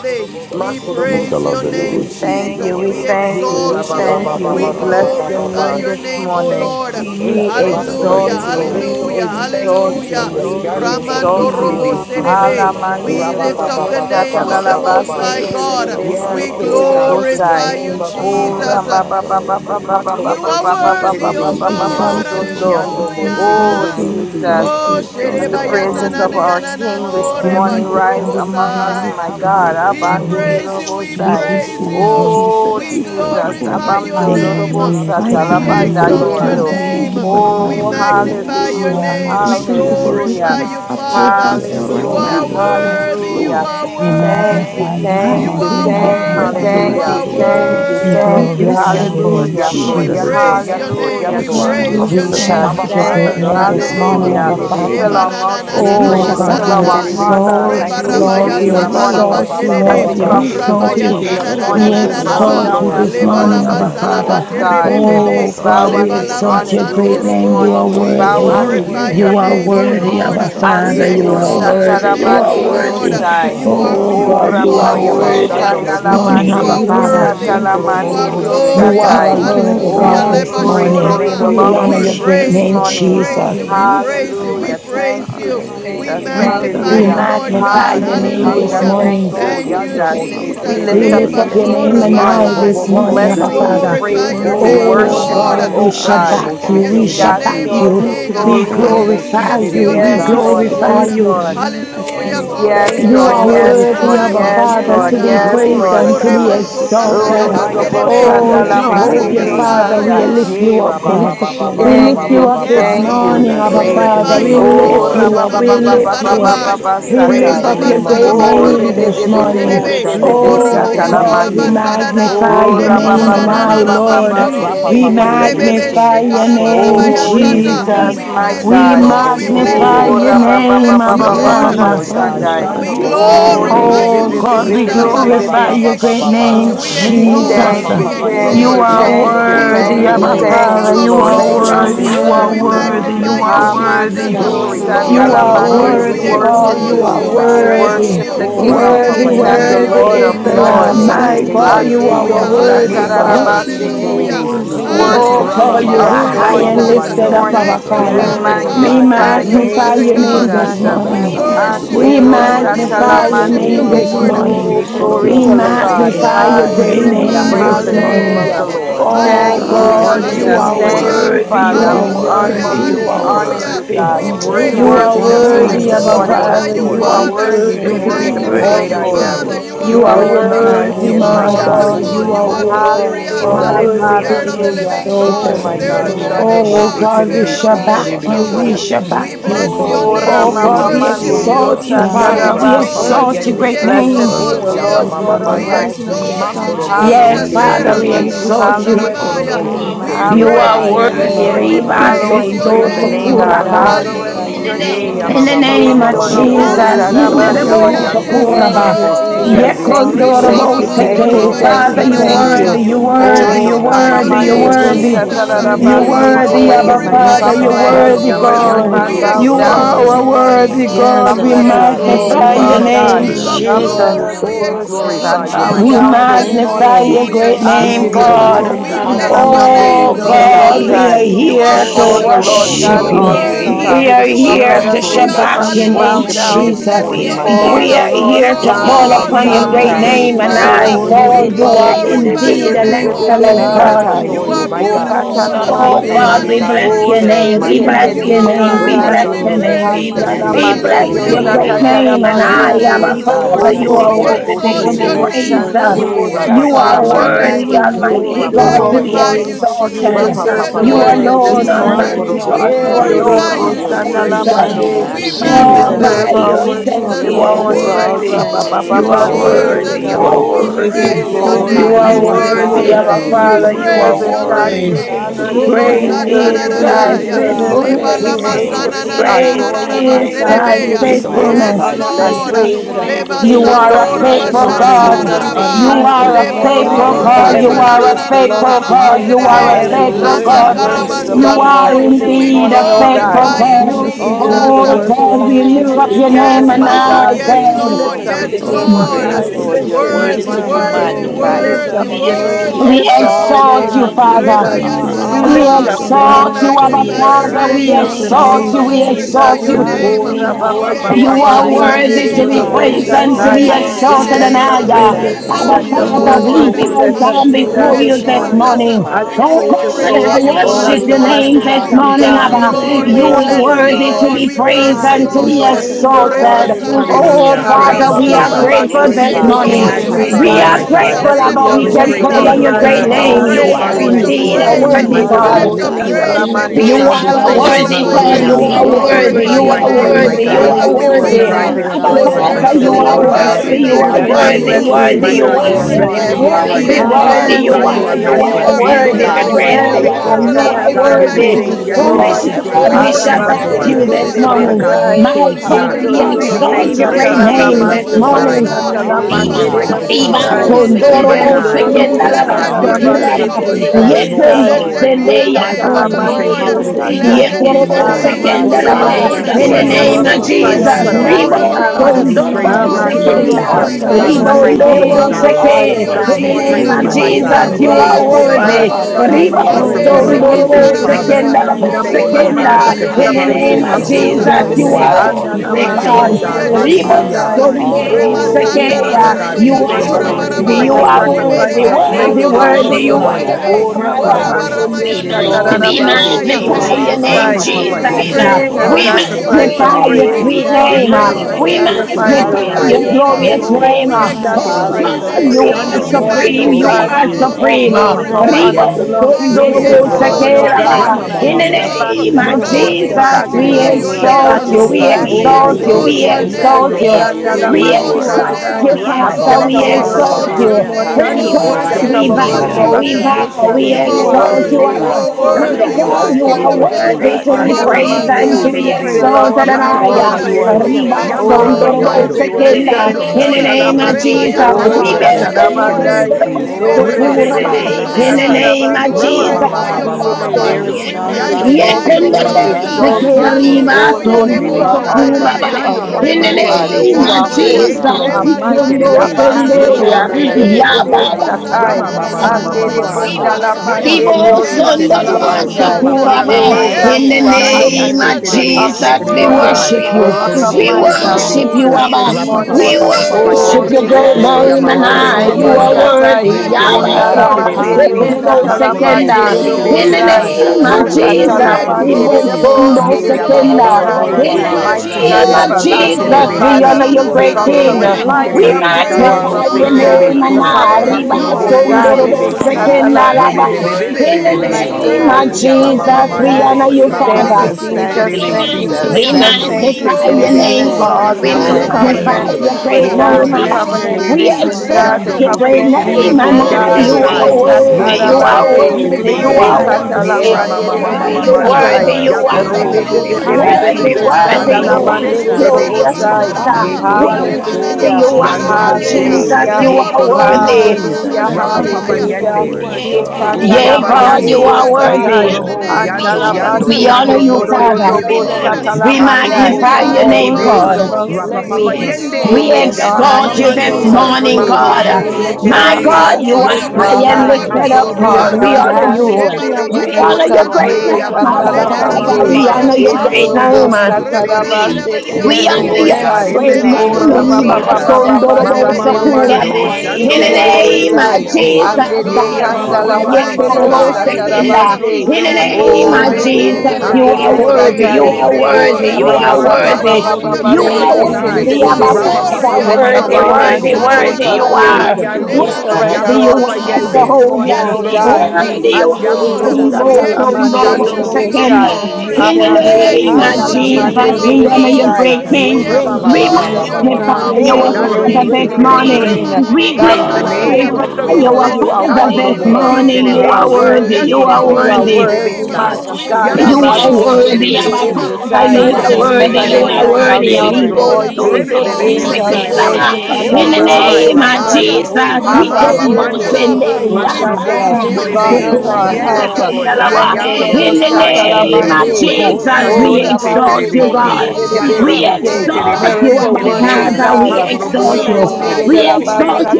We
Makorobo
praise
Glory,
si
Zikala
your name,
terebe
vedehe
glory,
si.
thank
shikila
Jesus.
you.
glory,
We
We
mados.
glory,
thank
Ye
you.
glory.
exalt
We
Yes,
rapa
We
you,
thank
Bless
papa
you.
Remada
you, we
we
We
papa
bless
papa
bless
you,
haramana
your
papa
kala
glorify
Jesus.
papa.
name
your
this
name, O
Thank
morning.
Lord.
you,
We
worship
We
Jesus.
worship you,
Shandaka
God.
Hallelujah,
exalt
We
Makorobo
you.
Yamanaka
so.
your
exalt
joy.
We
your
Rados,
hallelujah,
name,
Thank you,
exalt you.
hallelujah.
Jesus.
Jesus.
We
Ikavarese,
Yando
We
mose
Ramando
exalt you.
robo
Ikamamokoto,
magnify
terebesi.
your
Kasanda
serebe.
name,
Alamande
We
de
Rabba
Almighty
do
Lavarakata,
lift
ba
do
up
ba
bo
the
ba
God.
ba
sha
name
ba
ta la
ba
of the
la
ba ba
ba
Most
ba.
Ikalavende
se
We
High
te de
bless
Hese,
de
God.
de
you,
be
Ilamana
Yes,
se
We
te
Jesus.
de
Lord
Halavonda
de
God,
bo
Hosha,
in the
sai.
glorify you,
name of
Mighty
Shanda
O
God
ra
of
Jesus.
Jesus.
ba
Halamana
ba
Daniel,
ba
we
ba
Kalavende
ba
honor
ba ba
you.
Hese,
You
ba ba
Makorobo
are
ba ba
so
ba ba
Ikate
worthy,
ba
O
We
ba ba
terebesi.
ba
God,
exalt you,
Mikalavokoto,
sundo.
Yando
Jesus. We
mose
Shashahira
Oh
exalt
hallelujah.
you. We
terebesi.
Manakaradese,
exalt
Jesus.
you.
Oh,
We exalt
Let the
you
Shereba
this
praises
Yasana
of
morning.
Ivalavarokoto,
our
Yanana
King
your
this
no
We
Abba,
morning
your
magnify
rise
your
Father,
among
name,
us, my
Almighty
your
God.
God.
Creator of the heaven,
Abande
Hallelujah,
de
earth,
Praise
do
and
you,
bo
we
sea,
We
and
sai.
Jesus.
everything
bless
praise
your
in it.
name,
Hallelujah.
you.
Oh,
Jesus. We
Thank
thank you
Jesus.
you,
for
Glorify
Jesus.
another
your
Abando,
day.
name.
dorobo,
Hallelujah to
My
Thank
We
your
you
God,
for
we
your
name,
Thank
satalapanda,
you,
Abba
exalt
favor.
thank
your
Lord.
you.
yendo.
We
Father. We
name.
thank
honor
you for
you,
Thank you
We
for
God.
life
Oh,
your
this
grace.
magnify
morning.
We
your
honor
hallelujah,
you,
name.
We
Thank
We
you for
thank you
your
for
Jesus.
mercy.
hallelujah,
We
waking
glorify
us
you,
honor you,
up, clothing
and
Father.
us
your
in
Jesus.
our
We
You
right
honor
hallelujah,
are
mind
everlasting
you.
this
We
love
honor
and
morning.
you.
worthy. You
hallelujah.
Glory
forgiveness.
are
to
We
God.
Thank you,
Thank
magnify
you,
worthy.
you,
thank
Jesus.
You
God.
you,
We
are
Hallelujah.
thank you,
Thank
My
worthy.
you
magnify
for
You
you,
the
God,
thank
we
Hallelujah.
you,
are
gift
Lord.
of the
thank
Holy
thank
you.
you,
We
Spirit.
We
thank
worthy.
you.
Oh,
bless
glorify
yes,
your
your
Thank
name,
Lord.
name,
you
Hallelujah.
Yes,
for your
Lord.
We
Yes,
Jesus.
Jesus.
Lord.
conviction.
praise
Yes,
your
Lord. Yes,
name.
Hallelujah.
Oh
We
Thank you
Lord.
for
Thank
God,
you,
your
we
praise your
We shall
Jesus.
name.
exalt
protection.
Abba
you,
back
We
your
Thank
Father
great
Father,
you.
praise
And
name
God.
your
We
thank
Shando
this
you for
mose
name.
morning,
your
extol
Hallelujah.
you
Abba
direction.
today,
Father.
Fill
Shema
terebesi.
our
God.
na na
mouths
In
na
with
the
Ye
na
We
na
Oh
name
praise.
korobo
God,
of
Fill
we
shabak
so
you,
our
masarada.
Yahshua
hearts
Almighty
with
terebesai.
God.
exalt
Reba
you,
Great
thanksgiving
Lord.
rabaya
is
HaMashiach,
Ye
this
We
your
rabba
name.
satala
ba ba
morning.
ba
exalt you,
ba ba
As
basherede.
Lord.
ba
we
We
ba.
come
Mikato
Greater
before
exalt
to
you.
Rabaya
you
be
King
this
of
sarada
praised.
Makabarata,
da
Kings
morning,
We
da
we
da
and
da
Lord
bow
of
ba.
exalt
Hallelujah.
down
you
Lords.
and
this
we
Leba
Shidakaya
morning,
laba
worship
Abba
you,
salaba
Father.
Manaharades,
O God.
terebe
Hallelujah.
bebe.
We
Oh
Ileka
God,
bow
we
and
Leba
Shata
we
lama
exalt
honor
Baroho
your
you
sando
great
this
Jakoto,
name. You are
morning.
robo.
We
We
bow
Demina
worthy.
and we
glorify
lift
Haranda
Hallelujah.
You
your
up
are
your
Hasa,
name, O
name.
Hallelujah.
worthy,
Lord.
Abba
Thank you,
Rakati
We
Father. You
Jesus.
are
Elamanda
Anderiosa
exalt your
worthy.
Barete,
name.
You
Oh
are
Oh
God, we
Lord,
worthy.
thank you for
tarabanderiosa.
you
Shiakondo
setting
are
us
Oh
Hosho,
free
God,
Ora
this
you
beautiful,
are
you
Haya
morning.
are
panderio
Mikawa
worthy
bashando
hasta
this
mose
kandala
We
mahana
wonderful,
thank
morning,
you
you
for
Abba
are
terebe.
madetu
renewing
Father.
our
manderiosa
worthy,
viaha
Ye
minds this
you
korobo
are
so
mabokoto.
morning.
terebe
talamanderiosa
You
We
glorious.
are
tai.
sai.
a
thank you, Lord
Mamaka
worthy
Hallelujah.
God
Oh,
God,
salabere
this
Leba
glory,
Praise
shehila
the
morning.
glory
name
for
Shorama.
of
your
halarosh.
the
We
belongs
honor
to
We
your
Lord.
goodness
you
this
great
this
praise you,
name,
morning. We
we
morning.
thank you
Zabalabala
for
praise
your
Jesus.
you, we
kalaberete.
mercy,
praise you, we
Hallelujah.
Almighty
praise
Thank
God.
you,
you.
Ila
We
Jesus.
veheke
My
sivi
Thank
magnify
We
God,
you.
you,
my
Hallelujah.
marabosh.
Lord
God, we
magnify
God.
thank
your
you, Lord
name
Ha
God, that
this
Hallelujah.
you
Hallelujah.
korobo
Nakada
Thank
morning.
you,
so
encircle
Thank
kalamoho
us
you,
with
yando
your
Jesus.
mose
power,
sakarete.
We
Jesus.
We
lift up
terebe.
encircle
lift
your
Seba
us
up
with
your
Rika
your
name.
name
We
shala
glory,
and
Ye
honor
I
robo
you.
Shorabarabai.
bo
this
We
bo
mohokoto.
bo
morning,
bo
We
bless
Abba
you.
encircling
bo.
We
us
Father.
with your
glorify
Mokola
Yes,
praise
your
you.
bala
O
We
anointing,
name,
rama
hakala
Oh
worship
mama
Worship
Lord.
you,
you,
Almighty
rendesi.
God,
mando
we
oh
adore you,
shall
God.
Hallelujah.
God.
E
shando
back
magnify you,
mose
you,
Hallelujah
lift
we
To
to
you
your
terebe
kalavanda
up.
shall
God
back
bada
be
name,
si.
We
O
all
Hallelujah,
you,
the
thank
King.
you, Lord
hallelujah,
Ye
we
kalaborokoto.
glory.
God,
korobo
hallelujah.
si
glorify
Hallelujah to
Yeah,
you,
yeah,
your
terebe
Shikate
we
for
Yes,
name,
i
this
O
yeah,
sai.
da,
is
Lord.
the
da, da,
glorify
day
Lord.
Yes,
that
you.
the
la, ya,
Lord.
kalaborokoto.
la, la,
Lord
la,
has
Hallelujah,
Randa
made.
ya, la,
Yes,
conquering
Thank
la.
you,
You
Lord.
balakata
are
lion of
We will
the
Lord.
Yes,
worthy,
Lord.
tribe
rejoice
Abba
kalavarehese.
of
and
Yende,
Yes,
be
Father,
Lord.
to
glad
kiyende,
be
in
E
Judah.
Yes,
it.
Glory
praised
kushende,
Lord.
to
and
fasondo
to be
Glory
God.
hosho.
kiyende,
to
Oh,
Oh,
E
God.
you
do,
exalted.
do,
are
Haya
kalavanda
Basedebe,
Oh
worthy,
bashando
Oh,
God,
mose
I'm
haravarata.
glad
Jehovah,
yende,
that I
terebe.
can
Father, we
come
sandai.
Ikate,
lift
Yea,
you up,
to
ikate,
rabba, ba,
God.
lift
ba,
da,
up
da,
ba,
your
ya, da, da, da, da, da, yende, da, da,
ba, ba,
kashanda
We
ya,
name,
lift
da.
Thank
ba,
you
ba,
you.
varota.
ba,
up
Almighty
Yes,
this
ba.
God.
Thank
I'm
Lord,
you.
we
Vira
morning,
glad that
Abba
I'm
Praise
varahazo
the
Father.
glorify
Ye,
name
We
koto
your
of
able
all
the
to
Oh,
lift
robo
varese.
shout
you
Lord.
kushende,
up.
your
da,
We
da,
Vira
name,
ya,
lift
da, da, da,
you up.
Saraba,
Jesus.
hapardosha
rababababababababa
da, da,
We
ya,
Praise
I'm
lift
satai.
the
kiavaroto.
up
Rebalaba
da,
glad
your
name
that
da.
of
I'm
the
great
Oh,
Salabando
Lord.
able
name
sanda
to
Robo
this
call
varava.
Robo
upon
I
morning.
Oh,
that
Serebe,
worship you,
Shando,
great
rebebebebebebebebe
Mose,
adore
name.
you,
Oh,
Koramaya
Glory
God,
magnify
to
we
Talaba
Terebesi.
you,
satalamande.
lift
God.
you up.
Sadada,
magnify
Oh,
Yea,
your
Yamama,
name.
Lemanana
And
Hallelujah,
I,
hallelujah,
Hallelujah.
Nana
Mamando.
hallelujah.
rababababababa
Lord,
Hallelujah.
Rapa,
Masorobo,
we
Papa,
Thank you,
setererebe.
Yeah,
Yende.
Rebebe
Jesus.
yeah,
magnify
yeah, da,
Ha,
your
da,
Shekaraba
da,
Korobo,
da,
name,
da,
We
So,
Oh,
da,
praise
da,
your
Sata. We
Terebesi.
Jesus,
Jesus.
name,
my
bless
God.
Yea,
We
We
you,
God.
Lord.
bless
Korobo,
We
your
Yes,
So,
Thank
Lord,
bless
you,
magnify
name.
you,
Oh,
Lord.
your
yes,
Lord.
Terebesi.
Lord,
name,
yes,
We
You
Abba
Lord,
Thank
Lord,
Yes,
you,
yes.
rabababababababa
Father.
Lord
Iya
Lord.
glorify
da
God.
da
you,
shandai.
Thank
da
you,
God.
we
Shando,
We
Jesus.
Mose,
iya da da
Oh,
glorify
da da
extol
Terebe.
you,
Hallelujah.
you,
Oh
Thank
Jesus.
you,
God,
Jesus.
we
Yea,
da da
ya,
da
ba, ba,
da
Jesus.
ba,
da
glorify
Hallelujah.
rebebebebebebebebe.
ba,
We
da.
your
ba, ba,
great
ba,
exalt
ba.
name,
you,
high
we
Yes,
and
Jesus,
Hallelujah,
Oh,
we
exalt
Hallelujah.
you,
exalted,
Jesus.
Thank
we
Rapa,
worship
you,
you
Papa,
this
hallelujah, hallelujah,
thank
Hallelujah.
You
you,
Yende.
exalt
Ma,
morning,
are
you.
Thank
hallelujah,
you,
thank
Lord.
you,
Korobo,
King
hallelujah.
high
of
So,
worthy,
and
thank you,
Abba
We
Jesus.
glory,
Terebe.
Yes,
thank
exalted,
King
Father.
you,
of
exalt
You
like
Lord,
you,
Lord.
are
yes,
Lord.
Thank
Mighty
You
We
Isaiah
glory.
you,
are
saw
worthy.
God of
you.
yes,
Jesus.
You
lift
Oh,
you
are
Lord,
we
up,
yes.
Daniel,
worthy.
we
worthy.
Lord.
magnify
You
bless
you,
are
you
Glory to
Jesus.
this
Ikabosh
be
We
Amande
worthy.
praised,
thank
Glory
Dios,
you,
morning.
be to
Lord
your
You
Lord.
of
magnified,
sandala
You
and
are
name.
are
mande.
lords,
Great
Shandaka
worthy
We
we
lifted up. Thank
is
to
worthy,
Makorobo
you,
your
be
si
Lord
God.
worship
name,
exalt
You
Valahavade
praised,
you.
terebe
are
you,
Jesus.
God.
we
Lord.
We
sai.
Kete
praise
worthy.
Thank
worship
you,
you,
the
Hallelujah.
O
Lord
Kalavanda
King
Oh
we
of
rapa
God,
Worthy,
we
papa
Kings
Jesus.
There
Balokoto
is
and
yada
magnify
the
yende.
you
your
none
worthy
Lord
Hallelujah,
this
of
is
name,
like
the
you,
Lord
morning.
Chando
We
Lamb.
hallelujah,
Lords.
mo
God.
se
yada
My
you
Jesus.
hallelujah.
Medahalavadese
God,
terebe
this
you
Ande
si.
are
We
Dios,
Hallelujah,
morning.
Worship
Shandavalakana
bless
Ye
worthy,
your
God,
hallelujah,
God.
we
korobo
matchless
Hokoto
si
pray
name,
Yeshua,
to
you are
satarabaste.
hallelujah,
Lord.
terebe
praise the
We
si.
Lord.
Rendaka
worthy,
Thank you,
Oh
worship
Bahas
you.
Rama
God,
We
Thank
you
mama
hallelujah,
you,
are
Jesus.
mama
high
worthy
adore
to
you
and
mama
Sikate
Jesus.
be
Jesus.
this
Thank
lifted
mando.
Hallelujah.
up, our
morning.
Thank
praised,
you,
you,
We
Father.
Lord.
Yes,
God.
Glory
Father
Lord
be
Ikalabokoto
God.
We
to
Da
God,
da
in
magnify
the
Thank
da
you,
God.
da
My
da.
you,
magnify
God,
Father
your
from
name
the
We
name
God.
of
Jesus.
this
rising of
Randa
the
Jesus.
magnify
We
Yes,
morning.
vala
your
sun to
hala
Lord,
name,
the
worship
mana
Ande
going
We
you,
O
rise
down
Dios
of
kokoro
and
Lord.
chando
the
the
We
mo
Jesus.
se
sun
borosho.
magnify
to
same,
the
worship
your
going
terebe
You
you,
name
Satalamande.
down
are
your
and
si.
this
save.
Lord.
Shikala
name
bende
is
morning.
wonderful,
he
Oh,
Ye
We
se
glory
korobo
worthy.
We
to
ikala
Name of
the
the
so
Jesus. You
Lord
God.
are
is
manakata.
to
terebe
magnify
be
your
sai.
Your
marvelous,
praised.
great
E
name
Lord.
is
Hallelujah.
kala
glorify
name
Hallelujah,
Praise
your
bende
this
the
he
Yahweh.
ke
name
hallelujah,
Hallelujah.
of
morning.
Hallelujah.
the
name.
hallelujah,
rabaka
Lord.
My
shata.
Oh
Thank
hallelujah.
you,
He's
Jesus,
La
God,
Hallelujah,
we
your
God,
worthy
I
kala
to
you
be
name
Jesus.
bless
are
worship
is
you
Thank
praised.
you,
this
hallelujah,
you,
vokoto.
adore
worthy,
morning.
you,
you
Father.
You
We
are
are
We
Master.
Nikala
lift
magnify
worthy
honor
him
you,
hallelujah,
up
and
worthy,
to
bende
you.
this
be
se.
you
We
lift
are
you
Hallelujah.
up.
praised,
morning.
honor
Lord.
you,
worthy.
hallelujah.
We
God.
We
Ishaha
We
worship
praise
From
Glory
You
the
vohokosh.
the
you,
are
to
King
worship
of
you
rising
Father.
Hallelujah,
of
We
this
Kings
the
worthy,
Shala
God,
and the
Abba
vada
sun
hallelujah,
Lord
to
morning.
hala
of
glorify
the
Father.
you,
You
going
hallelujah.
Lords.
You
manete.
are
are
down of the
Father.
mighty
worthy
We
to
worthy
We
same,
to
you
be
Zikala
worship
receive
are
the
bada
Redeemer.
magnify
all
great
hala
you,
I
worthy.
praised.
We
glory.
am.
Father.
thank
You
vorokoto.
We
are
You
You
you.
are
There
are
is
worthy,
worthy
none
glorify
to
like
your
We
worthy,
You
him,
Ikase
are
receive
name,
my
my
all
bless you,
God.
Yes,
God.
Jesus.
praise.
wonderful.
We
You
Lord,
You
are
are
isato.
worthy
Jesus.
to
magnify
be
worthy.
your
You
name,
are
Hallelujah.
praised.
Manda
I
Lord.
glorious.
get
worthy to
Hallelujah.
Spirit
be
that
of the
karakata.
I
Hallelujah.
living
am your
God.
Oh,
exalted.
my
cushion,
Jesus,
Spirit Oh
Shandala
God.
of
you
that
the
I
are a
Hallelujah.
Shando
living
rakara
am
Mose
Oh
God.
rock.
not.
bedese.
God,
You
we
Terebe
Spirit
are
of
shall
the
Si
God, our
living
back
Terebe
you.
firm
God.
We
So.
Fakadedos
shall
Thank
back
We
foundation.
Oh
Yeah.
you,
bless
you.
your
Oh,
Makorobo
name.
imase.
Jesus.
Oh
So
We
God,
Terebe
we
Jesus, you
worship
Si.
Ramamamande
are
E
you. We
Dios
exalt
mighty
you,
exalt
Thank
frakatos
God.
you,
Yea,
Father.
You
the
We
are
Rapa Papa
rabase.
Almighty
makaboto.
worthy
you.
exalt
to
your
be
God.
We
Yende.
great
Blessed
name.
praised.
be
Randa
Oh,
exalt
the
vala
you.
Yama
Lord
We
Mama
lift
God
From
hakora
the
you
We
up
Mando.
this
rising
bokosho.
of
Almighty.
the
morning,
exalt Yes, you,
sun,
God.
Makorobo Si
Yes,
Hallowed
Jesus,
Jesus. Eh,
to the
Ina
be
Terebe
Father,
your
going
we
down
We
Si.
of
name.
the
manate.
lift
exalt
you
same,
up
you.
Yea,
Hallowed be
this
Manda
your
Korobo Si
name.
morning,
We
Terebe
baroshata.
You
God.
Hallowed
are
praise
be
Sai.
you,
your
your
name
worthy.
name.
Lord.
alone
We
are
Ikalahanda
We
Riba
worthy to
praise
be
Hallowed
bosho.
bless
your
be
your
Praise
sondo
your
praised.
the
name.
And
name,
name,
name
so
of
we
God.
the
sokuraba.
Shikalahanda
Lord.
Almighty
Hallowed
magnify
be
you
Varata,
your
God.
Hallelujah.
this
Yea,
name.
Yama
In
morning.
the
Sikita,
Mama
name
Mama
of
My
We
Ikabo,
Mando.
Yendorobo
God, we
Jesus,
glorify
in
thank
you
the
you
Oh,
for a
this
Zikarende,
Sharabande.
Rebo
Hallelujah,
new
Yabayando,
morning.
yes,
day,
Ye
Thank
Kalabahasa,
Sokuraba,
you,
God.
Korobo Si
We
Jesus.
Lord.
Ukosho,
Thank
exalt
you,
Terebesi,
you
Oh
thank
this
Yekondorobo
you,
Mahalakende,
Ye
God,
morning,
Rishoroboko
thank
we
you,
Seke,
Korobo
thank
rabaya
thank
you,
Si
Father,
you,
you
Jesus.
thank
Kalahanaboro,
God.
Terebe,
We
sararaya.
you.
worthy, you
thank
We
worthy,
you.
Oh,
Sando
Kolavadakata,
you
Precious
magnify
Father,
Mose
We
your
we
worthy, you
name,
thank
Kamamande
you for a
Terebesi,
Ishalabada
new
worship
worthy.
you,
Jesus.
beginning,
You
Ye
Halakalaboro
Jesus.
Koto,
worthy,
Almighty
Abba
Diosatarabasete.
God.
Rapapapayende,
Glorify
Father,
Come,
your
you
Vinamana
Magnificent
let
name,
us
Father,
Oh,
worthy,
Halavene
we
Lord.
worship
honor
God.
Vedete,
Yabayando,
We
Thank
you
and
Ye
you,
bow
this
You
Korobo
down
exalt
are
this
Si.
morning.
you,
a
Sanavalaha
we
Jesus.
morning.
worthy
exalt
Yes,
Kolavorosho,
God.
you,
Come,
We
we
Jesus,
let
Lord
you
us
are
God, in the
exalt
worship
magnify your
name
our
Hallelujah,
glorious.
of
you.
God.
name,
King
Shikate
Jesus,
Jesus.
of
Riki
hallelujah.
Come,
thank
Jesus.
you,
let
glory,
us
Avahosha,
we
Lord.
Oh, we
worship
glorify
exalt
and
you,
bow
my
Yes,
you.
We
Glory
down
God.
to
Lord,
this
Thank
God.
yes,
you,
magnify
morning.
your
Lord.
Hallelujah,
great
Jesus.
We
You
name,
are
give you
Jesus.
the
worthy to
Hey,
I
glory,
God.
be
We
the
worship
honor,
bless
praised.
you,
and the
your
Glory,
Shandakosha.
adore
name,
praise,
Oh,
And
my
so
Lord
we
God,
hallelujah,
God.
we are
bless
Andidodobosandalamandidodobosai,
God.
you
glory
You
to
are
this
here
Oh,
are
to
Before
God.
the
wonderful.
morning.
Thank
Lord
Yakorobo
you,
You
You
are
God
worship
the
are
So
We
our
you.
author
worthy.
Jesus.
Terebe.
exalt
Maker.
and
We
you
the
are
You
this
are
Come,
here
finisher
let
Yes,
to
of
us
morning.
all
Lord
glorious.
We
worship
things.
God,
shabak
hallelujah,
thank
we
and
your
you,
bow
name,
We
worship you
We
Lord.
this
down
We
praise
bless
Jesus.
you,
your
morning,
thank
my
Lord
before
name.
you.
God.
We
the
are
Lord
here
Jesus.
You're
You
to
are
Oh,
the
what
God
There
a
call
is
mighty
first
our
upon
and the
your
God
no
awesome,
we
great
one
Maker.
like
last,
serve.
Jesus.
name,
the
you
and
Hallelujah.
Father
We
this
God,
I,
Oh,
Bless
beginning and
your
angels
the
morning,
God,
name,
bow
you
end.
are
God.
before you
glorify
and
Jesus.
indeed
your
the
an
There
name,
is
oh
bright
heaven
and
no
excellent
and
one
earth
to
God.
morning
Lord.
satai.
You
adore
compare
you.
are Oh
star.
My
Oh,
to
Hallelujah.
God,
you,
beautiful
Thank you,
You
Almighty
are the
what
Oh,
a
katalamande.
God,
beyond
mighty
door
God.
we
to
Jesus.
God we
bless
Oh,
your
description.
salvation.
serve.
name.
My
We
We
bless
God.
rebesetere
You
your
Mm,
thank
name.
you,
God,
are
We
you
Oh,
are
worthy to
Almighty.
bless
besai.
be
your
Shando
We
Mose
name.
glorious.
praised.
thank
Thank
Terebe,
you,
Jesus,
you.
We
you
Jesus.
Si
are
Handalamande
bless
You're the
Terebe
Hallelujah.
your
We
awesome.
great
So.
rose of
name,
We
and
glorify
Sharon.
your
bless
I,
Yes,
you,
diosakatarabasete.
Abba
Lord
name,
God.
Jesus,
Lord.
Father,
O
Thank
you
Jesus.
are
you,
We
Makorobo
Jesus,
So
Jesus.
worthy
We
to
exalt
Jesus,
be
your
Terebe.
Korobobobobobo
we
bless you,
thank
praised.
our
name,
Uh,
you.
Lord.
Ye
Shandalebo
King.
We
We
Rapa
You
Papa
are
exalt
exalt
your
you,
We
our
Yende.
Satalamandai.
name.
worthy,
Savior.
You
You
Oh,
glorify
We
are
Almighty
you,
Rapa
deserve
God,
name,
all
to
Mm.
Papa
be
worthy.
magnify
God.
glory.
you,
Yende.
You
Jesus.
exalted.
Rapa
We
deserve
Jesus,
Papa
the
you
You
are
adore
We
you,
worship
Yende.
worthy. We
alone,
this
You
thank
are
you,
thank you,
morning.
worthy
Almighty
Jesus.
to
Makorobo
Lord,
We
be
Jesus.
God,
Si
you
We
for your
thank
Terebe
praised,
alone,
glorify
you.
you,
We
grace.
Lord.
all
Endorobo
Si.
You are
by
thank
We
worthy
you.
Jesus.
to
yourself,
be
Shando
thank
Sandalamande.
you,
We
Mose
You
We
See
Terebe
all
magnified.
magnify
Jesus.
So.
thank
by
deserve
We
you,
you.
our
Babokoto.
lift
Lord.
you
worship
yourself,
We
Thank
up,
you,
this
you
We
thank
are
Lord
Jesus,
you,
Lord.
morning.
we
God.
Lord.
O
exalt
We
worthy.
your
thank
exalt
you,
you,
You
name,
You
are
Lord.
are
Spirit
Mana
of
Rabababande.
the
Lord.
worthy,
worthy,
living
God,
Jesus.
you
Kavaraya
God.
and
are
Oh
we
We
O
We
give
God,
you
Zaketu.
give you
there's
worthy.
Oh,
praise
so
praise.
your
Father
glory.
many
God,
You
name.
We
we
We
are
Rebebebebebebe
give
You
things to
are
you
worship
give
praise
you
you
worthy,
this
Sete.
your
honor.
Abba
thanks
We
glorious,
name.
for,
morning.
We
give
You
you
Father, you
Jesus.
God.
We
are
deserve
praise
praise,
it,
give
your
you
God.
Lord.
Ni
worthy.
You
praise.
name.
But
deserve it.
this
Sahamosha.
Robo
You
Hallelujah.
Great
morning,
You
I
deserve
are
want
it.
to
is
You
thank you
Thank
thy
worthy
for
you,
Satadadaya.
to
deserve
be
life.
it.
God.
I
We
want
Leba
to
We
faithfulness.
thank
praised.
you
Lama
bless
You are
for
you
worship.
Sana
this
worthy to
We
Kavarata
na
life.
be
na na
morning.
Great
na
Kasete.
adore
na na
you,
glorified.
ba
We
You
my
are
is
God.
Thank
worthy
you
We
thy
praise
to
you
for
give
serebeya.
be
you
this
waking
glory,
us
morning.
Yes,
up
faithfulness.
Ikalavoroko
magnified.
and
honor,
We
and
Lord.
Blessed
clothing us
be
Stavarata.
in
praise.
the
worship
the
you
right
name of
Leba
the
We
this
You
lift
mind.
are
up
a
morning.
Lord.
Sando
the name
We
faithful
of
Rabashara Raba Shara
Blessed
ra
Rishalavahana
ra
be
God.
ra
exalt
the
Jesus
you
Hallelujah.
on
ba.
Monoto
this
name
You
My
high
of the
Kata.
are
this
morning.
a
Lord,
God,
Lebo
my
You
morning,
God
are
faithful
Robo
Zia
Thank
God,
for
you,
high
we
God.
Handa
You
and
every
Lord.
thank
Satana
are
na
lifted
a
Almighty.
praise
na
up.
you.
na na
You
Hoshokoto.
belongs
na
are
faithful
to
na ma
high
God.
and
you.
You are
Mima
a
exalted,
We
Every
serebe.
Lord.
Mama
faithful
bless
word
your
Lama
of
Hallelujah.
God.
holy
And
Katavara
worship
Karaba
so,
Hallelujah.
name,
You
belongs to
Besekita.
are
God.
God,
Glory
Sando.
you
we
to
this
will
We
your
indeed a
morning,
not,
oh
name.
Lord
My
faithful
God.
glorify
God,
God.
you,
lead
God.
You
Ikalavanavaro
us in the
We
deserve
Oh,
right
will
the
we
Oh
not
give
path,
Jesus.
you
the
Sakabarata
hold
worship.
God,
back
plain
we
glory,
our
we
path,
Kashete
lift
You
give
up
you
your
praises,
deserve
Almighty
Lord
honor,
Yes,
name
it,
we
and
God.
my
God.
We
give you
Lord.
I,
God.
praise
Yes,
praise.
We
Rashalavaron
you
God,
You are
lift
Lord.
because
up
you
Yes,
worthy
your
to be
deserve
Oh
name
Likate
our
on
Lord.
high.
God,
praised,
We
for
Lord.
lift
You
us,
are
praise.
I
your
You
Lihalabokoto
would
worthy
name
Worthy,
to
on
deserve
be
continue
our
to
high.
worthy,
glory.
follow
We
You
you,
magnified.
lift
walk
Gandavaraka
up
deserve
in your
worthy, worthy,
our
your name.
footsteps.
We
We
worship.
we
lift
Takalavedehese
up the
exalt
Oh
your
worthy.
exalt
name
Hishaka
you,
God,
of
name in
Let
the
us
Father.
you
Jesus.
earth,
Rebaya
are
continue,
Lord
We
God.
We
lift
awesome.
Almighty
There
We
up
is
Ibalabedete
the
sararara. We
none
God.
name
exalt
exalt
of
your
you,
like
Abba
name
magnify
in
you.
Jesus.
the
your
We
Shandakaya
Father.
earth.
We
lift
We
up
Strive for
the
name.
Thank you,
exalt
name
exalt
more,
you.
We
your
of
Varakavedokoto
We
God.
name,
glorify
Jesus.
exalt
Jesus.
your
Lord.
strive
you.
for
name.
Ora
more.
ba
you.
Hallelujah.
ba
Lord,
ba
you
We
I
ba
are
You
Viastatamahalabosha
We
ba
are
exalt
higher
More
magnify
of
than
your
sande
your
bless
every
worthy
de
name
you,
to
do
name.
you.
be
do
God.
God.
bo
We
More
Shikalahana
of
We
praised
situation.
your
You
and
bless
to
are
manaka
you,
satan.
be
praise
higher
Lord.
than
your
We
We
vizese.
every
exalted
anointing.
and
send
bless
name.
up
you,
We
higher.
Lord.
praises,
circumstance,
we
love
Abba
Oh,
Lord.
Zabalabalaha
send
you,
up
Father,
God.
You
worship,
So
are
More
we
Lord.
of
kalabaroto.
we
we
your
worthy
bow
send
to
lift
up
your
grace.
down
be
More of
Hallelujah,
name
Judah
before
your
Yes,
on
this
you
praised,
this
Lord.
Jesus.
high,
power.
Shikalabedehete
morning.
Lord.
Yes,
Lord,
You
morning.
Oh,
are
As
Father
We
Lord.
the
kalabarata.
Oh
We
God.
put
praises
awesome.
the
God,
name
go
glorify
I
of
Oh,
up,
Randa
the
And
you,
so
Father
Oh,
Lord.
so
God.
does
worship
we
the
Help
your
balakata
God.
us
Lord
name
not
blessings
magnify
to
this
God,
kalabese.
be
you,
come
We
We
you
bless
morning,
You
God,
are
down.
the
Abba.
praise
ordinary
you.
We
Lord. We
We
in
word.
You
Lekalavondo
this
are
Christians,
bless you,
worship
magnify
hour,
hosho.
you.
you,
God.
worthy to
Lord.
Lord.
Lord.
be
We
We
Hallelujah.
bless
praised
you,
worship
Ikalavende
and
God,
to
we
you,
Yeah,
But
be
vinda
Lord.
Lord. We
pray,
barosh.
my
The
hallelujah.
God,
Rema
worship
exalted.
world
Oh,
that
is
sanda
you
the
will
you.
Father,
Lord
Ikashe
Worship
and
Oh
the
Hallelujah.
you.
receive
Ba
our
Thank
ba
Father,
you,
fullness
ba
we
ba
worship,
are
ba
Jesus.
help
shikalamonokoto.
thereof.
ba
us to
grateful
Magnify
Lord
we
be
this
you.
sande
receive
de
Father
our
de
We
You.
de
exalt
morning.
God,
de
you.
Shashahira.
de
We
praises,
magnify
lift
We
you,
Ah,
Lord.
up
sai.
are
We
extraordinary.
my
hallelujah,
Manda
yeah,
Judah.
God.
Let
We
grateful,
balaka
bless
the
lift
da, da,
you,
Abba.
up
da,
We
hallelujah.
We
glory
Lord.
of
Oh,
rohoto.
can
yeah,
the
da, da,
praise
Judah.
da, da,
call
you,
Lord
God.
on
We
your
Lord
da,
We
pray,
Oh
rise
great
God.
lift
Lord
up
among
yeah,
Oh,
da,
name.
God,
da, da,
Mikabedehe
us
we
there
You
God.
We
this
is
praise. We
kita
are
honor
none
thank
you
lift
you,
da,
this
up
da,
like
morning.
you.
indeed
That
Lord,
a
we
There
balakosho.
praise.
that
will
morning.
da.
is
you
And
worthy
My
are
de
the
not
de
none
We
God,
de
sit
we
God.
bo
like
lift
Alpha
Yeah,
lift
up
down
you.
and
Ah,
the
you
the
up.
praise.
yeah,
are
same
Omega,
way,
You
satalamande.
kashendebe.
all
God,
that
we
you
God.
are
are the
thank
You are
you.
Oh,
worthy,
so
beginning
But
praise
God.
we
and
Hallelujah.
You
ye
We
the
will
the
amazing,
are
Kashendebe.
rise
Lord,
There
Lord.
up
end.
is
glorify
worthy.
as
praise
none
You
true
your
like
him,
are
Kashendebe.
you,
name,
God,
praise
We
my
Lord. We
worthy.
him,
warriors,
you
we
You
are
will
God.
thank
praise
are
you,
not
him,
worship
be
Almighty
you.
From
Lord
the
amazing.
praise
We
worthy.
You
weary.
adore
him.
are
rising
God.
Father
of
you.
the
Abba
We
Oh,
God,
amazing,
sun
Praise
that
Spirit
Father,
magnify
ye
Lord,
of
until
you.
the
the
the
and
We
you
Oh
you
are
living
lift
are
going
Lord,
God,
you
let
that
God,
down
we
you
of
worthy.
will
awesome.
the
You
give
everything
are
us
very
that
magnify
the
And
hath
so
worthy.
you.
same.
we
breath
roar,
give you
We
praise
Yeah,
Worthy
My
da,
Almighty
you
God,
him.
praise
da,
you
da,
are
this
God.
are.
yeah, da, yeah,
Let
holy
glorify
Nika
and you
morning.
you.
are
We
You
everything,
Worthy,
will
righteous.
let
you
give
boshakata.
us the
worthy
are
exalt
you
God,
you.
Hallelujah.
warring
you
are.
are
everything,
You
let
Bless
You
spirit,
matchless.
are
your
are
name.
worthy.
Almighty
God,
everything,
The
beautiful.
let
you are
great
You
everlasting,
are
Yeah,
God.
Glory,
yeah,
I
Lord
am.
faithful.
everything
marvelous.
Father
You
that hath
are
God,
You
God,
are
breath
Oh,
from
you're
hallelujah.
We
You
the
will
worthy.
praise
give
give
glory
you
magnificent.
same
to
ye
us
Glory,
the
yesterday,
eyes
Yeah,
glory,
Lord.
Oh
to
today,
da,
God,
and
we
see,
hallelujah.
da,
Holy
da,
shall
everlasting
God,
and
Spirit
back
Glory,
Agabaste
da,
of
forevermore.
you
da,
spiritual
da.
this
God.
Makasoto.
forevermore.
Father
hallelujah.
morning.
eyesight.
God, you
Yes,
tererebesai.
change
My
Holy
not.
God,
Mighty
Spirit
Yendo
we
do
of
God,
do
we
Lord,
do
We
Hallelujah,
God.
thank
exalt
pray
you,
your
for
oh
Hallelujah.
name.
bostata
great
God,
hallelujah.
la
for
ba
Thank you,
spiritual
your
name
love
this
mandere
eyesight
O
Jesus.
morning.
divine.
this
You are
ostata
Lord
la
morning,
Oh,
my
you are
awesome,
God,
God.
mandere
God,
Mm,
righteous.
You
You
are
are
how
so
bostai.
that
holy.
Ribaso
worthy,
Shakabete
we're
my
Oh
able
excellent
my
to
God.
Keresho.
ndorobo
is
Yendo
God.
do
your
do
see,
Oh,
sekenda
Oh
name
God,
in
Hallelujah.
the
God,
blessed
bostata
labaso
you
be
all
la
are
the
things
the
the
that
King
earth,
name
baste
of
need
of
kuraba
to
the
Lord
We
be
kings and
Lord.
the
bless
Father
seen,
you
Lord of
God.
this
tererebesai.
yekondo
God.
lords.
Blessed
morning,
be
O
the
sende
Lord.
ya
My
name
Oh
God,
katala
of
We
the
baba
we
God, we
say
Lord.
pray
worship
manderio
baba
you
that
hallowed
our
be
ye
this
your
sanai.
ears
Blessed
will
holy
morning.
be
be
the
yekorobo
Ala
name.
Lord
open
yes,
up
We
name
God,
Oh
to
of
sekenda
we
Lord,
mandere
the
God,
de
hear
yes,
let
exalt
lift
laba
you
your
Lord.
our
everything
in
this
bestata
the
that
voice
Lord.
Menda
no
and
have
voices
name
morning,
your
rock
Baba
to
of
breath
Blessed
will
be
voice
Lord.
you
cry
the
Hokola
praise
out
this
you,
Jesus
We
only,
on
the
name
my
Hallelujah.
Borosha.
morning,
of
Lord.
the
ribo
magnify
Lord
behalf.
and
you
Lord.
Father,
that
God.
Thank
we
this
we
you,
will
sondorobo
be
praise
You
Ah,
you
able
in
are
morning.
Jesus.
the
to hear
You
manderio
are
worthy, oh
our
sekenda
Our
mountaintop.
from
my
Shakabale
satala
you,
God,
God.
we
sovereign
praises
libo
mande.
praise
God.
Hakalavado
Almighty
No
you
You
belong
You
in the
to
are
ndorobo
are
rock
Yeah,
Koto.
you.
God.
will
yeah,
valley.
la,
All
cry
la,
majestic
seke
of
worthy,
out
in
oh
our
la,
my
all
God,
this
in the
we
la,
the
morning
yeah,
King.
earth.
name
praises
praise
on
of
you,
Jesus
Mende
my
Glory
my
la,
belong
to
You
You
to
God.
Sehi
are
behalf.
Jesus,
you,
God.
are
We
you
la,
are
praise
Lord.
you,
Kalahosha.
Oh,
worthy,
glorious
oh
oh
Hallelujah.
I
my
God.
have
worthy.
King, and
made
Father
we
up
Lord.
We
in
give
God,
my
you
thank
there
Rimo
you
is
mind
for
Oh
to
Ande
being
praise.
none
God,
a
Shandaka
I
Rebo
worship
want
good,
to
the
like
hear
good
Lahola
sondorobo
There
you.
from
is
you
There
King,
this
is
father.
Sarabaya.
sekenda
none
Monokoto
none
morning,
made
We
We
lobo
like
up
God.
you,
thank
Bahira
before
in
you,
my
you,
oh
God. There
mind
none
God,
Bedese.
to
glorify
sekenda.
is
because
la,
your
lift
your
yeah,
In
up
none
the
behind
the
name,
like
you,
promises
name
you.
name
are
of
none
of
There
la,
I
is
la,
yea
need
Ikawado
and
a
none
Jesus,
la.
Jesus.
Judah.
Koto
you
like
word
amen.
are
you.
a
beside
And
from
you,
We
you,
Makabata.
worthy
Lord
thank
And
you,
so
my
Almighty
Father
God.
we
God.
God.
Hallelujah,
God.
You
praise you
Rimo
are
Shikate
Hallelujah.
this
Jesus.
God
Alamandirudurubushatai.
I need a
morning.
all
Venda
sondorobo
by
rhema
Oh, we
word
Oh,
We
Holorosho.
yourself.
Father
sekeya.
from
worship
you
God,
you,
worship
we
we
You
this
you
say,
are
this
You
worship
and
you,
morning,
hallowed be
we
Sikalavende
morning,
you
worthy.
your
bring
God.
You
a
God.
holy
are
alone,
name.
Lord
sacrifice
worthy.
We
of
Father
Sekalabadakata.
Have
God,
praise
Worthy,
your
Glory
this
to
way
glorify
are the
worthy.
this
you,
God.
You
morning.
Lord,
are
morning.
our
sovereign
because
Shalabohosho,
Oh,
Hallelujah.
you
Lord.
are
Father.
Hakorobo, si
Shikate,
awesome.
terebe,
Thank
We
si
you,
Glory,
We
Mihavohoso,
terebe,
glory,
Jesus.
You
so.
are
magnify
glory,
your name,
honor,
praise
awesome.
Rapa
Rabambandiriosatarabasetiriribesai.
you,
You
and
Mandavarakata,
papa
are
Have
Jesus.
we
Jesus.
your
dominion
yende.
Uh,
and
way,
We
awesome.
bring
You
a
God.
are
Vendavaresh,
power
We
Have
Mando
worship
is
your
you,
mo se
awesome.
sacrifice
way.
yours,
Lord.
of
magnify
Ika,
terebe,
your
We
We
praise.
se.
Almighty
sweet
Sahosha,
We
thank
name.
Ye
you,
Have
glorify
Uh,
Father.
bring
your
a
your
Lord.
korobo,
We
We
way,
so
name.
bless
sacrifice
you,
terebe,
of
We
Mandahalabokate,
magnify
Jesus.
magnify
sai.
Lord.
your
praise.
Hallelujah,
your
Iato,
name.
Ye
We
glorious
Oh
hallelujah,
name.
bring
We
korobo,
a
Uh,
Mokoti,
si
God, we
Oh
Isakar,
exalt
give
sacrifice
your
you
terebe.
of
God,
hallelujah,
name,
you
praise.
praise
We
are
this
Sando
God. We
give
mo
you
hallelujah.
se
morning,
Zakavahalavohos,
Glory
supreme.
oh
to
praise,
magnify
You
Glory
terebe,
God.
you,
to
are
Lord.
God.
your
si.
God. We
All
supreme.
name,
Ziakaka,
Uh,
glory,
Rapa
My
all
papa
glorify
God,
Sahosha,
you,
honor
if
Rimo
we
Kate,
yende.
Mm,
belongs
don't
to
God. We
you
Robo
praise you,
bo
this
Sundorobo
bo
God, the
morning,
bo.
glory
exalt you,
oh
to
rocks
your
God.
will
God. We
Sakeraba.
Rama
cry
name.
lift
In
We
mama
Vendabavakalavoroko,
out,
you
shall
the
Lord.
up,
mando.
back
name
your
We
of
God.
don't
name,
God,
we
want
We
Makorobo,
shall
Vendavakatosh,
si
rocks
back
Jesus, we
crying
you,
magnify
out
terebe.
Kilivahala
we
your
for
We
shall
us.
name.
And
Menete,
back
exalt
so
Sando
you.
we
you.
mo
majesty,
We
se
Lord, we
we,
magnify
Oh,
terebe,
exalt
we,
you
you.
we,
si.
exalt
this
Shandakayavana
We
God.
your
we
Ye
morning.
kalavosa.
name.
exalt
rebebebebebebe,
you.
korobo,
magnify
Lord,
your
we
so
We
sandala
name,
We
terebe,
lift
exalt
you
Lord.
manderio
your
up
sai.
this
exalt
sai.
name.
you,
morning.
Rabba
We
ba
Father.
accept
ba
Lord,
We
we
ba
bless
our
you
ba ba
this
ba
worship
exalt
exalt
this
ba.
your
morning.
you.
Hallelujah,
name.
morning.
We
Oh
Dando
Lord,
bo
hallelujah,
we
se
God,
Accept
worship
we
you
our
in the
terebe
this
exalt
name
worship
hallelujah.
bow,
your
of
si.
as
morning,
we
a
name.
Jesus.
Ye
God.
bow,
signal
You
we
and
korobo
You
are
so
are
favor.
our
Glory
exalt
worthy.
to
you,
You
terebe.
are
glorious
Abba.
God,
King,
Oh,
our
glory
worthy.
Dando
My
to
You
bo
are
se
God,
righteous
God,
you are
King,
glory
terebe
to
wonderful.
si.
rebebebebebebebe,
worthy
God,
to
You
our
be
Ye
are
glory
sandala
holy
to
praised
korobo
King. We
glorious,
and
si
God.
to
mande.
give
exalted
you
be
oh
terebe.
praise.
Fill
Spirit of
We
the
our
exalted. And
give you
mouth
Rapa
living
I,
with
papa
Lord,
God.
uh,
you
praise.
are
praise.
We
yende.
To be
bless
Riba
Abba,
you,
Yama
great,
Oh,
Father,
faithful.
Lord
mama
we give
God.
Sondorobo
Lord,
you
We
mando.
magnified,
you
and
are
bless you,
praise.
lifted
Sekenda,
rebebebebebebe,
Dando
up.
mo
in
Lord.
the
se
loving.
Jesus,
sandala
I
name
we
terebe
of
Thank
worship
so.
you,
Jesus,
Remaya
you,
manderio
bless
Lord
Abba,
Lord.
Ha
robo
Lord,
God.
you're
Father,
korobo
Thank
we
you,
so
Ribende
Hallelujah,
give
Lord.
you
terebe
satalamandai.
tore.
Thank
hallelujah,
everlasting.
si.
you,
praise.
Sendorobo
We
Lord.
Oh,
Lord,
give
Liberebo
Rebe
you
In
Father
hallelujah.
be
the
be
name
be
God,
Sokuraba,
praise,
we
rebebebebe,
of
be
Abba,
be
in
be
Thank
just
the
sotarabaya.
be.
you,
Jesus.
Yes,
Father.
thank
We
you,
name of
Lord.
Lord,
Thank
Rama
Jesus,
you,
satarabasete.
Oh
Jesus.
Father
mama
glorify
God,
you,
God.
mama
we
Jesus.
We
Abba,
mama
Abba,
Father.
praise
There
exalt
you,
Hallelujah,
you,
mando.
is
we
We
Abba,
Oh
we
none
God,
Yando
we
praise
hallelujah,
Ye
like
mo
you,
thank
exalt
you,
magnify
we
you
se
you,
you,
for
We
we
kondoro
terebe
Lord,
praise
freedom
Father.
you,
none
this
si.
se
Lord,
exalt
glorify
we
like
you,
Ya
you,
you.
morning.
Jesus.
Lord.
glorify
korobo
kerima
Oh
you,
so
Hallelujah. Lord.
Lord,
Lord,
Freedom to
Lebo
you
sondo
You
In
terebe
the
and
are
are
that
worship
sai.
you
worthy,
awesome,
you.
sharadaya.
you
are
sokuraba.
you
are
Chando
name
are
of
mo
In
Reba
se
the
hallelujah.
Freedom
You
Jesus.
to
wonderful,
worthy,
are
terebe
the
call
you
name
upon
you
are
si.
Yes,
one
your
of
are
name.
Lord,
samandaraya.
true
Ye
worthy.
holy,
yes,
Freedom
you
God.
to
Jesus,
are
Lord,
korobo
I
Lema
si
exalt
worship you.
your
mighty.
thank
ikondo
you,
name.
terebe.
Have your
Hallelujah,
You
Robo
way
sandarararararaba
Abasoto
are
bo
in
sendeya.
the
bo
our
Jesus.
bo
Thank you
bo
hallelujah,
serebe.
lives,
lily
for
bo
we
of
bo
the
Ya
pray,
bo.
ba
rebebebebe
Thank
valley.
hallelujah.
Kopa
freedom
ba
you,
this
God.
You
ba
are
Lord.
the
satai.
Rama
sandanana.
ba
ma
Thank
morning,
bright
Yes,
ma
you,
ba.
and
ma
God,
you
God.
Lord,
are
you
Andere
morning
you
are
Libo
did it
worthy.
mando.
kondala
star.
again,
awesome.
and
Ye
You are
I'm
Glory
pandere
not
korobo
Ribo
to
Thank
si
you,
Yes,
crushing
God.
the
glorious.
You
yada,
terebe
da,
sondoro
are
da,
Jesus.
And
the
so
robo
Hallelujah.
sotoraba
osatalamandai.
da,
we
Thank
Jesus.
you,
In
give
baba
beginning
you
the
sokuraba.
da,
Lord.
Oh
da,
praise.
and
Yes,
ramando.
the
name
God,
We
In the
yada,
you
Thank
are
you,
da,
end.
Thank
Sando
high
exalt
da.
you,
mo
Jesus.
Jesus,
your
name
and
of
name
we
lifted
on
terebe
Jesus.
up
worship
si
high.
you.
Eh,
Jesus,
this
Thank
yada,
we
da,
terebe
you,
We
wa, da,
morning.
sai.
da,
mighty
worship
A
you.
exalt
yada,
God.
Hallelujah.
rock
your
of
da,
Korobo
We
name
Glory
my
da,
so
on
to
You
yada.
your
are
terebe
high.
worship
Lord.
you,
name.
si.
We
salvation
worthy.
this
Abba.
You
We
worship
Rapa
are
pa pa
Yes,
morning.
We
pa
bless
pa
worthy,
Lord,
you,
yes,
Lord. You
worship
Oh,
God.
are
Glory
you,
your
We
to
yende.
Lord,
your
yes,
great
worthy.
bless
Oh
rebebebe,
name.
Lord.
you,
ya
Lord.
name,
ma
and
ma
Lord.
ma
We
Glory
You
I.
to
are
You
your
are
worthy
Hallelujah.
mando.
to
name.
Eh,
be
setere,
glorify
Ye
da,
worthy.
you,
da,
praised.
da,
Abba,
terebe
na,
Onda la
si
na,
Hallelujah.
Lord.
na,
You
Rabba,
na, na,
terebe
are
na,
manderi
yada,
o
Hallelujah.
si.
sokurabo
worthy.
sata
Ma
Hallelujah.
da,
la
We
yada, da,
Hallelujah
korobo
to
yada,
You
the
sekenda.
pandere
so
da.
are
do
King
Thank you,
of
exalt
In
terebe
you,
the
bosai.
worthy.
Kings.
sai.
name name
Jesus.
Lord.
of
O
Hallelujah
we
Yando
to
Yes,
the
mo
kata
You
la
Lord,
are
Lord
Jesus,
of
terebe
exalt
Worthy,
pandere
awesome.
de
oh
si.
Lords.
You
hallelujah,
God
are
Ibosondo
hallelujah,
Ye
bosere
you,
ya
de
awesome,
Almighty
ba
de
ba
God.
You
ba
We
Sekenda.
hallelujah.
Lord.
are
ba ba
Jesus.
besai.
ba ba
You
We
in
worthy,
glorify
are
ba.
the
Lord.
you,
You
Mighty
are
God.
worthy.
God,
name
Yando
exalt
of
mo
worthy.
you,
se
Your
You
You
are
everlasting
Jesus,
name,
Lord.
are
terebe
we
worthy.
Father,
si.
We
honor
awesome,
your
You
the
are
Ye
great
ruler.
King.
You
korobo
conquering
You
worthy.
si
are
are
lion
We
of
terebe.
the
worthy.
You
divine,
Sando
You
tribe
and
praise
are
are
mo
we
magnify
of
your
se
your
give
worthy,
you
Judah,
worthy.
terebe
name.
name,
We
Father.
You
and
the
You
so.
praise.
are
are
Ha
praise
covenant
worthy.
worthy.
You
your
are
korobo
Oh,
our
keeping
so
name.
You
Aribasondo
God,
are
worthy
matchless
Robo
Ebo
terebe
is the
king,
We
worthy.
and
si.
we
sata
Lamb.
la
give
Jesus.
Sekenda
you
praise
Rebe
Oh,
be
mande.
Laba.
be
your
praise.
be be
worthy,
be
name
in the
be
We
Ni
be.
You
My
worthy,
are
name of
God,
worthy.
praise
Oh
worthy.
kalaverehe
we
ya
your
You are worthy. You
ma
balavokoto.
are
give
ma
you
ma
Jesus,
name.
worthy.
we
You are
mando.
honor
praise.
Thank
worthy.
you,
you,
You
Ma
Father,
are
Thank you,
Father.
korobo
awesome,
Jesus.
so
Lord.
Thank
Jesus.
you,
terebe
Thank
Thank
Manda
you,
you,
si.
Jesus.
We
Jesus.
Thank
Yando
barakata.
Jesus.
you,
mo
Thank
We
you,
se
magnify
it
your
is
We
Jesus.
terebe
Jesus.
name,
Jesus,
bless
so.
oh
your
The
God.
God,
name
We
Ya
it's
Lord,
glorify
pa
spirit
the
this
the
Oh,
of
pa
is
pa
to
cancer
name
man
of
morning.
like
magnify
be
is
covenant
the
a
yende.
that,
your
hallelujah.
but
candle
Lord.
you
praised.
great
keeping
Ye
are
to the
Glory
We
God,
name,
to
the
korobo
your
Lord.
You
worthy.
bless
Abba.
si
are
your
covenant
name
name.
Hallelujah.
We
this
terebe.
keeping
Thank
God,
morning.
exalt
the
Hallelujah,
you,
Sando
your
magnificent.
mo
Jesus.
great
covenant
Jesus.
You
We
are
terebe
name,
si
and
keeping
I,
Glory
Yes,
God,
terebe
magnify
Hallelujah.
to
you
Thank
glorious.
your
your
Spirit,
you,
Ebo
are
sai.
name
sweet
Ebosat
name.
this
Jesus.
Ye
worthy,
You
Glory
morning.
you
are
to
Hallelujah.
korobo
are
your
so
worthy
hallelujah.
name.
to
We
Arabase,
We
be
worthy,
keep
terebe
you
you
Thank
O
si.
are
high
glorify
you,
praised.
you
and
Hallelujah.
Jesus.
this
Ye
lifted
worthy,
Hallelujah.
up,
Rama
morning.
Oh,
Catalapandere
Mama
Lord.
Spirit
Mama
of
worthy,
Holy Spirit,
the
Hallelujah.
Mando.
sweet
worthy,
Hallelujah.
Robosatai,
Holy
Lord,
Spirit,
you
Ask and
High
Spirit
it
are,
of
and
shall
Yakorobo
be
the
Abba.
so
lifted
given
sweet
Lord,
to
up.
you.
Hallelujah.
Spirit of
Seek
Worthy,
terebesi.
the
Rebebebebebebebe
Hallelujah.
and
Holy
you
Spirit, we bind
Thank
worthy,
shall
us
Lord.
Chando
you,
Hallelujah.
with
you
this
find.
mose
are,
Hallelujah.
Hallelujah.
Jesus.
wickedness.
Sandalamandere
glorious
Knock
And
terebesi.
and
Hallelujah.
sai.
it's
they'll be
time
Father.
for
Ye
Hallelujah.
me
open
to
to
wake
Hallelujah.
korobo
up,
We
you.
Jesus.
God.
give
Worthy,
It's
so.
you
Hallelujah,
you
time
In the
glory.
for me to
Yando
Hallelujah.
are,
wake up.
name
It's
of
mose.
Hallelujah.
time
Jesus,
hallelujah,
for
you
Jesus.
us to wake up.
Ye
are
Hallelujah.
korobo
You are our
worthy.
si.
Hallelujah.
Hallelujah, Daddy.
soon
hallelujah,
and
It's
Rapa
Seek
Hallelujah.
coming
Papa
Hallelujah.
first
You
King,
the
Waking
are
and
hallelujah.
up
we
Yende.
kingdom
to
of
worthy.
lift
Ye
worship
up
God
your
you.
in
and
the
his
Oh,
name.
name
Yea,
Glory
yaba
You
of
are
There
to
righteousness,
God,
is
your
you
Candalamandere
yando.
In
no
worthy,
are
the
name.
God.
name
Ye
God
You
of
and
Osatai,
Jesus,
Glory
are
worthy.
like
in the
all
to your
unto
korobo
name
Jesus,
you,
things
worthy.
name.
shall
yando
of
be
Lord,
glory
Jesus,
yando.
to
added
King
We
Andalabaste
unto
of
We
God.
You
honor
are
Shando
Hallelujah.
you,
you.
kings and
mose
glorify
worthy.
Lord
Father.
you, We
of
terebe
Ketorodobo
Lord.
si.
lords.
Hallelujah.
We
magnify We
Ha
your
Mighty
Satalamandai.
name,
God,
korobo
You
you
magnify
We
are
magnify
si
your
are
you,
All
name,
worthy.
Magnify
terebe.
praise
worthy,
your
God.
You
and
Hallelujah.
are
Father.
name,
we
belongs to
Rapa
God.
We
bless
papa
worthy.
We
you.
you
Hallelujah.
this
We
yende.
We
We
You
Oh,
morning.
are
lift
bless
yama
your
our
glorify
worthy,
you,
mama
hands
exalt
name,
in
you
morning,
Lord.
Jesus.
You
this
mando.
are
total
Hallelujah.
Jesus,
Jesus.
God.
we
You
morning,
Ma
give
are
worthy.
praise.
Blessed
My
you
is the
korobo
God.
God,
We
Glorify
You
man
praise.
so
who
lift
are
worthy.
your
you
name.
are
My
walks
our
You
worthy,
not
terebe.
are
God,
oh
hands.
Jesus,
you
We
are
we
God.
Yes,
lift
You
in
are
give
wonderful.
the
high
Lord
our
you
and
You
Thank
God.
hands.
you,
are
worthy.
Ha
counsel
lifted
of
praise.
the
up,
We
korobo.
Jesus.
lift
You
glorious.
God.
are
We
our
ungodly,
Shando
honor
worthy.
mose
hands
you.
Hallelujah.
You are
Hallelujah.
terebe
We
in
worthy,
We
thank
Shebarabaraba
si.
honor
Lord.
you,
total
your
This
great
Lord.
Ye
earth
praise.
sananaya,
is
yaba
name,
full
And
Hallelujah.
ba
We
of
ba
Abba
your
nor
ba
Yes, yes,
ba ba
thank
stands
Father.
you,
ba
in
glory.
the
alabande.
We
lebarabaraba
ba.
Lord.
ya
We
honor
path
your
of
Hallelujah.
Ha
honor
Mighty
great
you,
sinners,
God,
tolobosa,
korobo
nor
you
Lord.
name.
are
Indorobosa
so
sits at the
worthy.
terebe.
seats
talabaste
of the
rebarabarabedio
You
We
Yes,
are
We
honor your
Lord
Thank
scornful.
sendeya,
God.
you,
teredorobosai.
bless
worthy.
In
you,
the
Jesus.
great
name
Lord.
But
You
name,
of
Ora
are
his
lemananondo
papa
Riba
We
robo
delight
Jesus.
papa
worthy.
robo
thank
papa
is
you,
Mama
Sondorobo
You
in the
are
mama
Lord.
sedebekaya.
You are
law
mando.
Sakuraba.
worthy.
of the
We
standeredoroboske
In
Shando
the
wonderful.
You
Lord,
You
are worthy.
mose
and
are
in
name
his
glorify
terebe
teredebesai.
of
you,
si.
You
law
glorious.
Jesus,
we
are
Father
Ye
shall
Anderio
worthy.
God.
Yeya ba ba
Thank
meditate
ba
We
you,
Ababa,
ba ba ba
kandalabande
ba
Lord,
Jesus.
magnify
Yekorobo
day
ba.
diosa
your
and night.
O
name.
Hallelujah.
Sekenda.
You
In
are
talabaste.
We
joshtore
the
We
mose
worthy,
shall
O
name
adore
Oh,
be
of
God,
your
like
you
a
terebe.
are
Jesus,
tree
name.
you
worthy.
Hallelujah.
planted
are
repepepepepe
by
You
Hakorobo
the
are
worthy,
si
rivers of
you
satai.
Hallelujah.
You are
are
water,
Thank
terebe.
you,
Oh,
worthy,
worthy,
O
who
you
pa
God,
Haya
pa
are
beautiful.
bears
ba
pa
You
Father, you
Jesus.
pa
are
fruit
are
pa
in
shando
worthy.
pa
its
pa
worthy.
mose
pa
You
season,
se
are
Thank
terebe
ke
whose
You
you,
te
are
de
wonderful.
sai.
leaf
de
You
worthy,
de
shall
are
Abba
not
worthy.
Rapa
wither.
pa
Jesus.
pa
We
Father,
pa
You
glorious.
lift
pa
are
up
pa
And
worthy,
pa
our
Glory
Yes,
worthy,
everything
hands
worthy,
we
in
be
yende.
you are
to
do,
worthy
total
you
God.
O
worthy,
ya
you
praise.
ba
we
are
are.
shall
We
Hallelujah.
worthy.
Thank
Ya
you,
prosper.
Worthy
pa
surrender
pa
all
you
to
pa
are,
you
Jesus.
this
yende.
Hallelujah.
Ye
morning,
Jehovah.
You
Yes,
O
are
Bless
korobo
Jesus.
your
God.
si.
worthy.
Worthy
Hallelujah.
name,
you
Yes,
Ande
Ya
are,
de
Lord.
You are
korobo
Jesus.
bosta
We
We
Ribo
Thank
Hallelujah.
give
so.
worthy.
you
you,
yes,
talamande
Lord.
de
praise.
Sondorobo
Shando
do
Thank
exalt
We
you,
give
Hallelujah.
you
yes, yes,
you,
Lord.
mose.
bostai.
yes,
Sekenda.
Mhm.
glory.
Ye
praise.
Thank
In the
you,
Amande
korobo
We
de
Jesus.
name
si.
You
of
Greater
are
exalt
kondala
is
you,
Ye
he
worthy,
Hallelujah.
yes,
mande
that
Jesus,
King
is
de
Thank
Lord.
korobo
we
in
of
de
you,
us
honor
si.
your
glory.
besai.
great
than
You
Jesus.
Ye
are
We
King.
he
ra
that
ba ba
is
Rain,
worthy.
in
We
ba
the
ba
exalt
Thank
Jesus,
ba
you,
ba
world.
you,
ba
rain,
Yes,
King
ba.
God.
Lord,
You
magnify
of
You
are
your
are
rain,
thank
Greater is
you,
glory.
Shando
Jesus.
worthy.
worthy.
rain,
Father
he
You
mose
this
that
rain,
is
are
in
rain,
terebe
Riba
You are
morning.
worthy.
rain.
me
si.
rama
You
mama
worthy.
are
We
than
God,
Praise the
you
he
worthy.
are
that
Hallelujah.
You
is
are
name
in the
of
mashadaya.
the
glorify
majestic.
We
We
worthy.
world.
your
Lord.
bless
You are
your
glorify
Father
You
you,
are
O
this
holy
Hakorobo
wonderful.
Lord.
si
worthy.
You
name.
morning.
are
You
You
Hallelujah.
are
are
terebe.
You
We
are
awesome.
worthy.
worthy.
bless
You
worthy,
are
your
Yakorobo
You
Lord,
are
holy
so
Jesus.
you
worthy.
name.
You
are
are
terebe
Mm,
worthy,
our
sai.
worthy.
rock,
mighty
Jesus,
We
we
bless
God.
You
You
bless you
are
Abba,
your
Yes,
Yakorobo
are
our
si
this
worthy,
Seke,
worthy,
fortress,
morning.
terebe
Abba
Terere,
glory.
si.
Father.
our
Besai.
You
Chando
are
mo
Jesus,
deliverer,
we
se
our
worthy.
Hallelujah.
Heaven
You
and
God,
terebe
holy
are
our
magnify
earth
si
you
bow
strength
worthy.
in
this
terebe
down
whom
yes,
we
so.
morning.
Libo
before
shall
Hallelujah.
Lord,
you.
name.
Rebe
trust,
yes,
be be
tondorobo
be
Lord.
our
be be
Angels
be
Hallelujah.
Jesus,
buckler,
be.
sekelaba.
we
worship and
We
and the
In
Oh,
the
exalt
bless
you
adore
you,
horn
you
of
Rabbi,
Hallelujah.
this
name
this
our
Lord. You are beautiful. You are wonderful. You are glorious. You
of
Rabbi,
morning.
are
morning.
Jesus,
salvation,
Robo,
You
and
high
Shama,
Abba,
are
and
our
ikondo
Hallelujah.
lifted
worthy
Seke,
to
Mamando.
be
Praise
Terere,
up.
high
God.
sende
We
praised.
tower.
Makorobo
Bosatai.
Hallelujah.
si
praise
There
yabaraba
your
is
God
Zia
name,
terebe.
is
Hallelujah.
none
our
like
sokorobo
Jesus.
you,
rondoho
Yes,
helper.
Lord.
Lord
There is
Thank
shakabara
God.
sekendalaba.
Yendo
you for
none
your
robo
like
In
Yakorobo
hemanete,
the
you,
love.
sai
sata
Lord.
name
zanda
Thank
terebe.
Hallelujah.
of
you for
balaha
your
We
Oh,
Jesus,
give
Oh,
chando
grace.
kolabadosh,
you
we
mo
Thank ah.
se
Rabba,
exalt
praise,
you
terebe
you,
for
Seke,
my
who
si.
you
God.
King. We
Terere,
shikalavanda
give you
We
are.
baraha
Yakorobo
praise,
si
Besete.
Mighty God, we
my
exalt
terebe
King.
you,
si
Miracle
our
adore
You
terebe.
working
you.
you
Father.
are
are
God.
We
We
Jehovah
Hakorobo
exalt you.
excellent
Lepon,
God
in
who
all
glorify
so.
the
Nerede,
We
you.
brought
earth,
Rabba,
thee
Lord.
out
exalt
Thank
of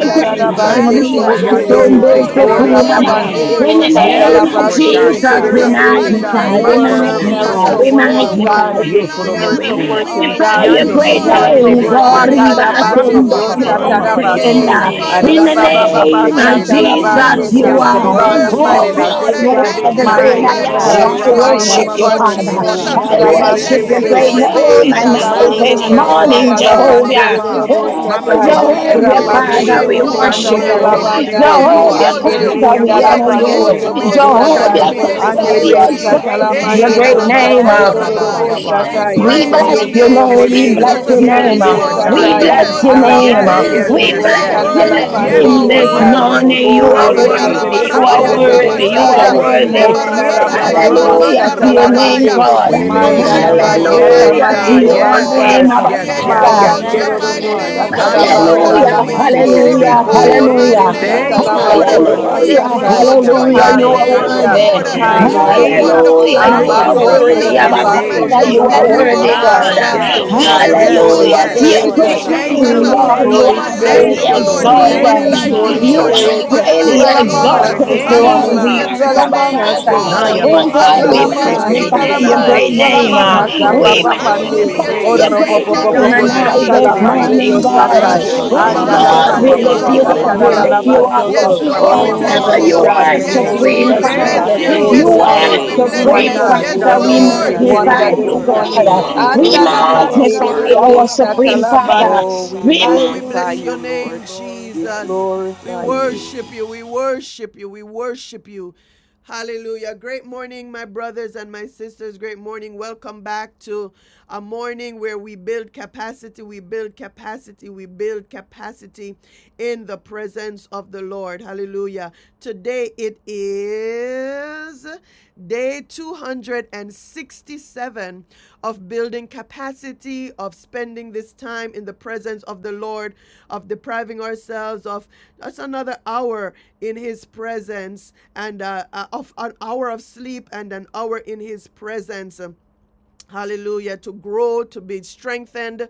the
great
land
We
of
Jesus.
name.
Egypt.
you.
Sete,
magnify
Riva
you.
you
Terere,
Yando
are
this
Mose
Sondo
Open
Lord.
morning.
You
thy
are
Ora
mouth
Lord of
Sokuraba.
wide
Hallelujah.
and
Terebesi.
babandere
I
Lords.
In the
shall fill it.
Thank
You're
Yes,
wakandala
name
you,
of
King
Lord
of
God,
baseke
Jesus,
Kings.
Fill
Spirit
we
us,
of
Jesus.
the
tererebe.
Lord.
Living God,
magnify,
Thank
we
Hallelujah,
you,
We're
Makorobo
Fill
Jesus.
us,
magnify,
So,
miracle
we
Jesus.
Lord.
You are
working
Oh,
magnify
God,
worthy.
conquering
Ye
you.
Fill us,
We
miracle
Korobosi.
Lord.
You
lion. We
working
are
magnify
God,
bless
your
worthy
you,
Yando
to
great
be
Ee
Mose
Lord.
miracle
You
name,
Terebe
praised.
are
working
God.
So.
mababakato
the
God.
Riva
kosha.
Hallelujah.
Almighty
Rapa
Abandere
Sondo
Papa
One.
Papa
Robo
Thank
Randa
Papa
We
you,
Yende.
kalahana
osatarabase,
Sekenda.
glorify
In
monokala
O
your
the
name.
Jesus.
Shando Mose
name
vendegerese.
of
Thank
Terebe
you,
Si.
Landa
Jesus,
Hallelujah. You
you
Jesus.
arababababasatarabasete.
boloho
are
are.
Thank
Yakurobo
God
you,
of
So
kolavado
worthy,
my
Oh
O
Terebe
koto.
God,
Jesus.
Si
Lord.
you
I
salvation,
thank
Terebe
are
Shanda
the
We
my
you.
great
Sai.
I
I
lavalahana
glorify
am.
deliverer,
O
you,
I
praise
manakala
Rama
your
my
God. We
Mama
worship
name,
Mama
you,
vendese.
helper
Lord
this
exalt
Father.
you,
Jesus.
Mando.
morning.
Ee
God.
I
We
We
Rebe
kalavana
lift
Bebe
worship
bless
you
your
up,
you,
Bebe
Arabasete.
boloso.
Bebe Be.
great
Lord
be be
Lord.
God.
Oh,
name
be.
You
and
are
Shanda
nala
night
My
O
this
God,
mandere
we
wonderful.
kalahana
Yaba
You
give you
morning,
are
Baba
boloso.
osatala
worthy.
Baba
praise. We
Baba
Jehovah.
pandere
give you
Ba.
dorobo
praise.
Oh,
We
satai.
give
Oh,
Makurobo
you
we
Si
Jehovah,
praise.
Lord, you
Rapandere
Terebe.
Father,
said
we
all
You
dorobo
that
are
exalt
the
you, we
Shando
worship you.
Mose
Father
worthy.
exalt you,
satalabandai.
we
Terebe
Almighty
You
God,
So.
are
Jehovah,
you are
exalt
Andere
Ye
Father,
worthy.
worthy.
you,
we
Yapa
we
kondala
Papa
honor
papa
pandere
you.
You
exalt
Yende.
You
you,
are
we
are
robo
O
exalt
worthy.
satai.
Shando
you,
Oh,
Jehovah,
You
we
worthy.
Mose
Father,
alone
Father,
O
are
Andere
we
exalt
Terebe
Lord.
you,
worthy.
Si.
we
exalt
exalt you.
osatala
And
your
Ye
Glory,
mandere
so
great
Eshanana
Yaba
we
Baba
name.
Baba
Jesus.
osatale
thank
Baba
you,
Baba
God.
robo
Oh,
Glory,
We
Baba.
Father,
thank
O
satai.
we
you,
We
Lord.
Praise
Lord.
bless
your
Makorobo
glory,
Yendo
your
so
name,
robo
name.
We
We
terebe.
bless
Jesus.
your
bless
sheketere
you
Yes,
name.
glory,
You
rebe
Mighty
uh,
this
Lord
are
God
God.
morning.
We
of
satai.
Yes,
Glory,
bless
wonderful,
Gideon,
your
you
God.
Ala
We
mighty
are
name.
Yes,
Jesus.
uh,
God
mandere
praise
yes,
of
you
worthy,
We
you
yes,
robo
Glory,
this
Daniel,
are
bless
yes.
mighty
your
sandala
morning.
worthy,
God
you
Yes,
of the
name
glory,
pandere
We
are
three
Lord.
this
osai.
Hebrew
Jesus.
worthy.
worship
Makorobo
boys.
morning.
you,
si
You
Glory,
O
are
God. You
Rebaya
rebe
are
terebe.
pe
worthy.
pe
You
pe
awesome.
pe
are
rabarabaya
pe pe
Hakorobo
pe
Mighty
worthy.
so
You
God,
are
sabataya,
satai.
mighty
terebe.
You
worthy.
are
God,
Ye
Ondala
awesome.
mighty
ya
You
lebarabarabaya
mama
are
God.
mandere
basota
Hallelujah
awesome.
mamando.
to
You
osatala
your
are
Shando
name,
bo
rabadaya.
mande.
awesome.
se
God.
We
There
terebe.
is
E
Mandala
none
glorify
like
your
you,
basata
Yes,
Abba
mighty
glory,
Hallelujah to
mamakoto.
Jesus.
God.
name,
Father.
mandere
O
your
You
Yes,
are
Lord.
basai.
name,
yes,
Abba
awesome.
yes,
We
Shiva
yes,
Father.
We
yes,
exalt
halamana
your
Mayandoro
yes.
thank you,
robo
mighty
kavete
Lord.
i
We
name, O
satala
Haya
kalados.
praise you,
Lord.
mandala
Hallelujah,
la
bastando
Lord. We
mo
We
se
mande.
bless you,
terebe
hallelujah,
Lord.
glorify
Oh,
si.
your mighty
Makalavende
hallelujah.
We
Rebecca
vele
name, O
Thank you,
glorify
Lord.
helahonda
you,
Talabande de
Lord.
Lord.
hosha.
We
We
Hallelujah,
Basatai.
Oh,
worship
exalt
you,
your
hallelujah,
King
mighty
you
of
yabayando,
are
name,
Sikate,
shando,
kings
O
Hallelujah.
bose,
worthy.
Lord.
and
terebe,
You
Lord
mikabosha.
of
are
si.
Hallelujah.
lords. We
Hallelujah,
wonderful, you
you
Banda
thank
are
are
you,
Abasa
Makorobo,
kata
so,
worthy.
glorious,
Tadada
you
Abba
Jesus.
are
ekete
Basto
terebe.
Father, you
Toro
majestic,
are
Yes,
Dodo
you
You
iyahandoho.
are
worthy,
are
Boshai.
God.
God,
marvelous.
yes,
Rika
God. You
Sweet,
God,
bahanda
There
sweet
alone
is
doho
yes,
are
Holy
Hallelujah,
God,
nobody
yes.
to
and
your
like
yokalabada
you
Spirit.
you.
alone
great
haza
are
Thank
Jesus,
you,
name,
worthy to
kabete.
Sweet
be
God,
Lord.
you are
Holy
nobody
praised.
like
Thank
Spirit.
Lika
highly
you,
you,
Lord.
We
Lord.
vehende
Thank
thank
Nobody
hesi
exalted.
you,
Sweet
you,
like
hisa
you,
God.
Holy
We
You
Lord.
Jesus.
are
thank
Spirit.
halabosha.
Nobody
you,
highly
like
Dwell
Lord.
you,
Glory be
among
Lord.
to
us
Alamana
your
exalted
this
halavanda
name.
throughout
Jesus,
morning.
the
Hallelujah
there
to
is
kolosho.
earth,
Dwell
your
no
Abba
one
name,
among us
O
like
this
you,
Father.
Shana
God.
Ah,
Lord.
morning.
Oh
kalabara
God,
yabashando,
Dwell
we
mose,
Oh
halamana
Hallelujah
among
to
God,
us.
we
your
magnify
Dwell
terebe,
kalavende.
give
name,
you
your
among
sai.
us.
O
great
praise.
Zi
Dwell
We
King.
give
among
name.
you
us.
kalaboro
We
Makorobo,
koso
praise.
Papa
We
so,
give you
Pandi.
Hallelujah
magnify
to
Oh,
your
kalahalabarata.
terebe.
your
praise.
Robo
name,
great
Si
Bobo
name
conquering
Bobo
Chando
and
mo
lion.
kalavende
Thank
I
he
you,
se
this
Lord.
terebe
morning,
Shatalabande
kilaboroto.
si.
We
Hallelujah,
Satai.
God.
lift
Thank
your
Oh,
you,
Rikate
hallelujah,
name.
raba
Oh
We
ba ba
lift
ba
God,
Jesus.
your
we
igalama
ba
We
hallelujah,
ba
lift
name.
ba
We
kata
you
exalt
ba
your
ba
up,
lift
we
name
your
hallelujah.
ba.
on
lift
name.
you
koto.
high.
up.
Yes,
Oh
Andalapanderiosatalalabasoto.
Oh, rapa
Lord,
Shikate
We
we
pa
Sweet
pa pa
bless
God,
exalt
pa
heavenly
Oh,
pa
you
you.
we
you,
pa
give
dove,
are
you
vihalavoso.
Yes,
yende.
Jesus.
glory, we
We
supreme,
Lord, we
give
Jesus,
you
bless
Thank
Shashahira
exalt
Father.
Jesus,
honor,
you.
you,
we
oh,
give
Yes,
you.
You
you
you
are
are
mandavada
Jesus.
a
Lord, we
sweet
praise.
We
Oh
halamana
bless
my
supreme,
you.
bless
wonder,
God.
kalate.
your
Yes,
You
Father.
are
name,
Chando
We
sweet,
mo
sweet
se
worthy,
Jesus.
you
Shashahira
wonder
are
magnify
terebe
this
si.
you,
worthy,
Hallelujah.
morning.
you
God.
are
ikatabalaho
We
worthy,
Glory
koto
you
be to
are
kala.
magnify
God.
worthy.
our
Glory be
Lord.
to
supreme
God.
Andalamanderiosatalaband-
Father.
Oh, we
We
Oh, we
magnify.
magnify
bless
Hallelujah.
you,
your name,
Lord. We
Jesus. We
glorify you.
worship you. We worship you. We worship you. Hallelujah. Great morning, my brothers and my sisters. Great morning. Welcome back to a morning where we build capacity. We build capacity. We build capacity in the presence of the Lord. Hallelujah. Today, Today it is day 267 of building capacity, of spending this time in the presence of the Lord, of depriving ourselves of just another hour in His presence, and uh, uh, of an hour of sleep and an hour in His presence. Um, hallelujah, to grow, to be strengthened.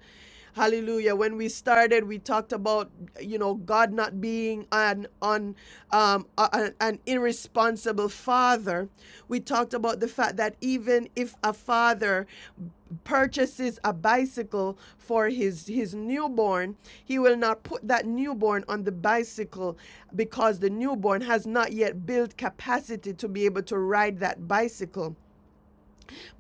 Hallelujah. When we started, we talked about, you know, God not being an on um, a- a- an irresponsible father. We talked about the fact that even if a father purchases a bicycle for his his newborn, he will not put that newborn on the bicycle because the newborn has not yet built capacity to be able to ride that bicycle.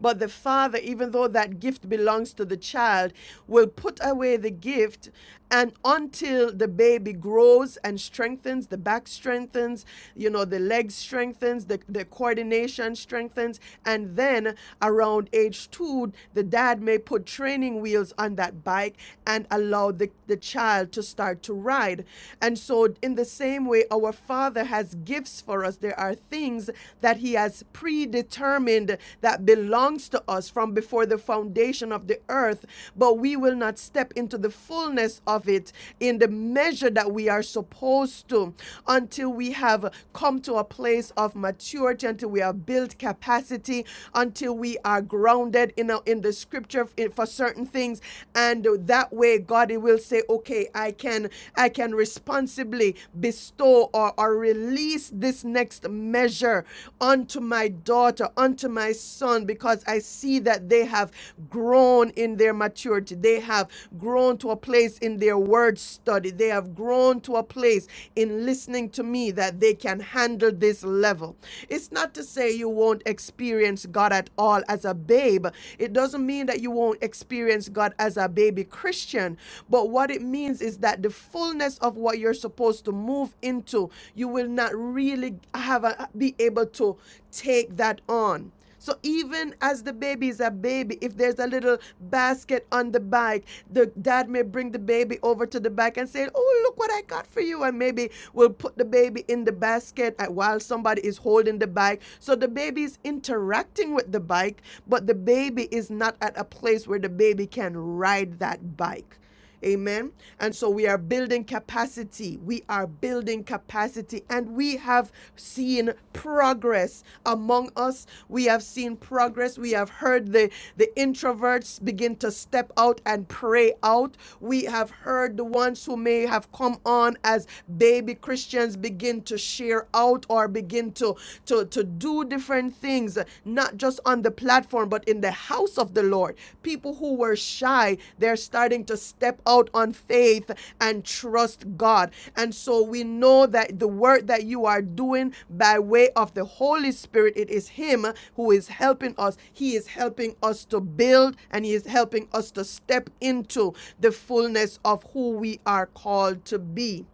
But the father, even though that gift belongs to the child, will put away the gift and until the baby grows and strengthens, the back strengthens, you know, the legs strengthens, the, the coordination strengthens, and then around age two, the dad may put training wheels on that bike and allow the, the child to start to ride. And so, in the same way, our father has gifts for us. There are are things that he has predetermined that belongs to us from before the foundation of the earth, but we will not step into the fullness of it in the measure that we are supposed to until we have come to a place of maturity, until we have built capacity, until we are grounded in, a, in the scripture for certain things. And that way, God will say, okay, I can, I can respond responsibly bestow or, or release this next measure unto my daughter, unto my son, because I see that they have grown in their maturity. They have grown to a place in their word study. They have grown to a place in listening to me that they can handle this level. It's not to say you won't experience God at all as a babe. It doesn't mean that you won't experience God as a baby baby Christian. But what it means is that the fullness of what you're supposed to move into, you will not really have a, be able to take that on. So even as the baby is a baby, if there's a little basket on the bike, the dad may bring the baby over to the bike and say, "Oh, look what I got for you," and maybe we'll put the baby in the basket uh, while somebody is holding the bike. So the baby is interacting with the bike, but the baby is not at a place where the baby can ride that bike. Amen. And so we are building capacity. We are building capacity. And we have seen progress among us. We have seen progress. We have heard the, the introverts begin to step out and pray out. We have heard the ones who may have come on as baby Christians begin to share out or begin to to to do different things uh, not just on the platform but in the house of the lord people who were shy they're starting to step out on faith and trust god and so we know that the work that you are doing by way of the holy spirit it is him who is helping us he is helping us to build and he is helping us to step into the fullness of who we are called to be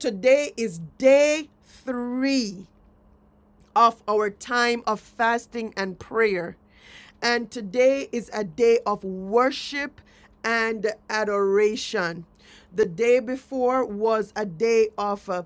today is day three of our time of fasting and prayer. And today is a day of worship and adoration. The day before was a day of uh,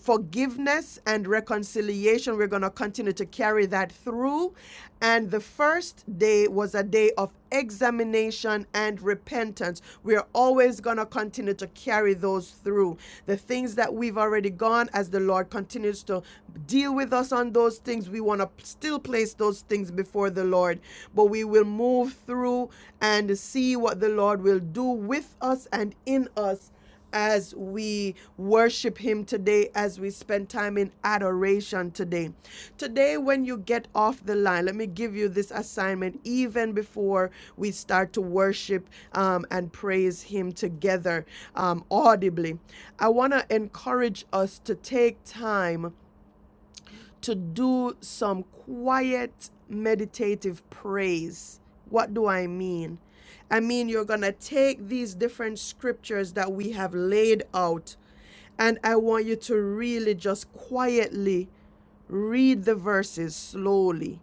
forgiveness and reconciliation. We're going to continue to carry that through. And the first day was a day of examination and repentance. We're always going to continue to carry those through. The things that we've already gone as the Lord continues to deal with us on those things. We want to still place those things before the Lord, but we will move through and see what the Lord will do with us and in us as we worship Him today, as we spend time in adoration today. Today, when you get off the line, let me give you this assignment even before we start to worship um, and praise Him together um, audibly. I want to encourage us to take time to do some quiet meditative praise. What do I mean? I mean, you're going to take these different scriptures that we have laid out, and I want you to really just quietly read the verses slowly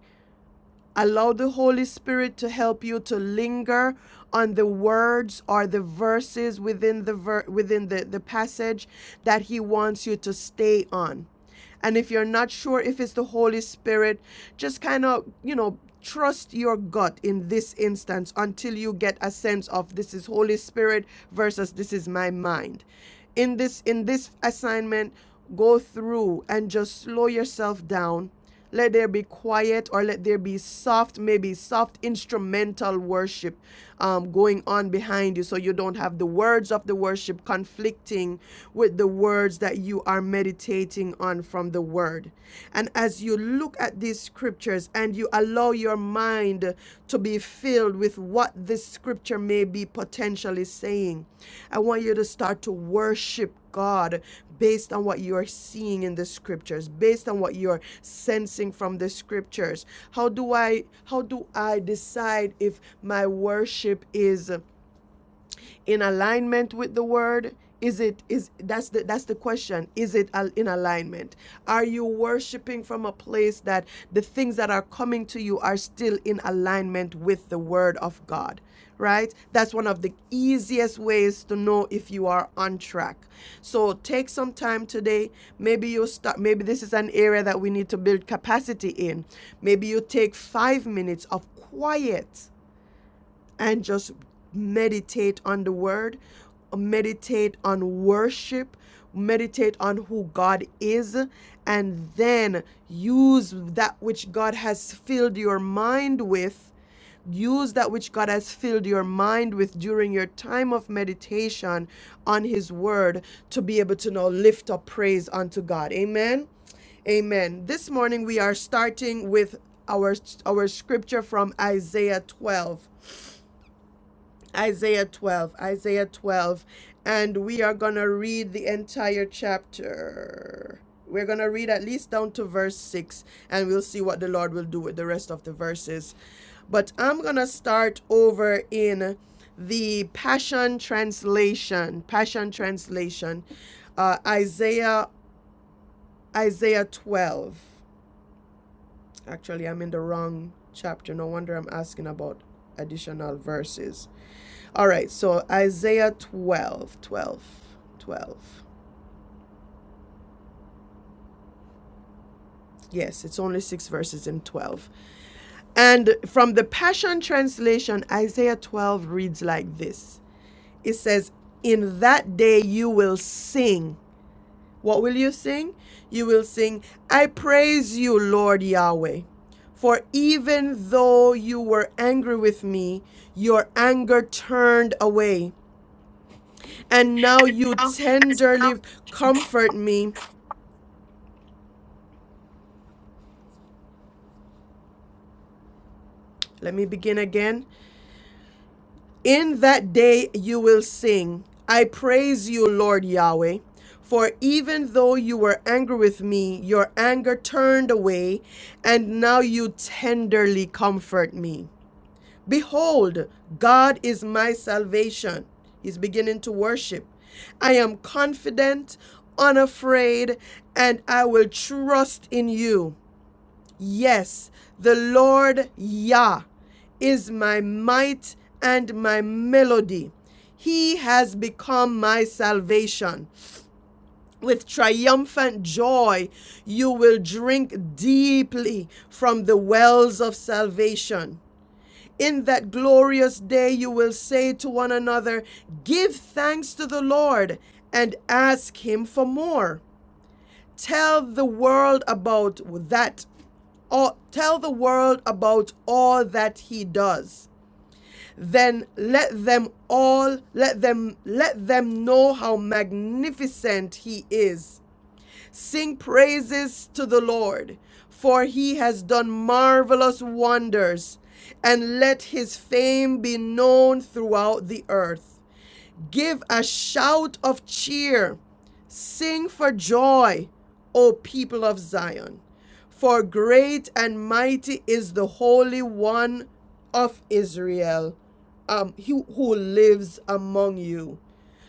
Allow the Holy Spirit to help you to linger on the words or the verses within the ver- within the, the passage that he wants you to stay on. And if you're not sure if it's the Holy Spirit, just kind of, you know, trust your gut in this instance until you get a sense of this is Holy Spirit versus this is my mind. In this in this assignment, go through and just slow yourself down let there be quiet or let there be soft, maybe soft instrumental worship um, going on behind you so you don't have the words of the worship conflicting with the words that you are meditating on from the word. And as you look at these scriptures and you allow your mind to be filled with what this scripture may be potentially saying, I want you to start to worship God based on what you are seeing in the scriptures, based on what you're sensing from the scriptures. How do I how do I decide if my worship is in alignment with the word? Is it is that's the that's the question. Is it in alignment? Are you worshiping from a place that the things that are coming to you are still in alignment with the word of God? right? That's one of the easiest ways to know if you are on track. So take some time today. Maybe you start, maybe this is an area that we need to build capacity in. Maybe you take five minutes of quiet and just meditate on the word, meditate on worship, meditate on who God is, and then use that which God has filled your mind with. Use that which God has filled your mind with during your time of meditation on His Word to be able to now lift up praise unto God. Amen. Amen. This morning we are starting with our, our scripture from Isaiah 12. Isaiah 12, Isaiah 12. And we are going to read the entire chapter. We're going to read at least down to verse 6, and we'll see what the Lord will do with the rest of the verses. But I'm going to start over in the Passion Translation. Passion Translation. Uh, Isaiah, Isaiah 12. Actually, I'm in the wrong chapter. No wonder I'm asking about additional verses. All right, so Isaiah 12, 12, 12. Yes, it's only six verses in 12. And from the Passion Translation, Isaiah 12 reads like this It says, In that day you will sing. What will you sing? You will sing, I praise you, Lord Yahweh. For even though you were angry with me, your anger turned away. And now you
Hallelujah.
tenderly comfort me Let me begin again. In that day you will sing, I praise you, Lord Yahweh. For even though you were angry with me, your anger turned away, and now you tenderly comfort me. Behold, God is my salvation. He's beginning to worship. I am confident, unafraid, and I will trust in you. Yes, the Lord Yah is my might and my melody. He has become my salvation. With triumphant joy, you will drink deeply from the wells of salvation. In that glorious day, you will say to one another, Give thanks to the Lord and ask Him for more. Tell the world about that or tell the world about all that he does then let them all let them let them know how magnificent he is sing praises to the lord for he has done marvelous wonders and let his fame be known throughout the earth Give a shout of cheer. Sing for joy, O people of Zion. For great and mighty is the Holy One of Israel, um, he who lives among you.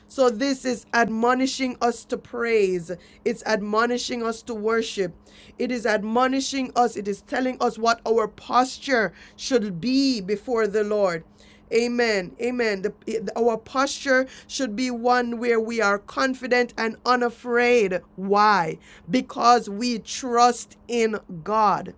So this is admonishing us to praise. It's admonishing us to worship. It is admonishing us. It is telling us what our posture should be before the Lord. Amen. Amen. The- it- our posture should be one where we are confident and unafraid. Why? Because we trust in God.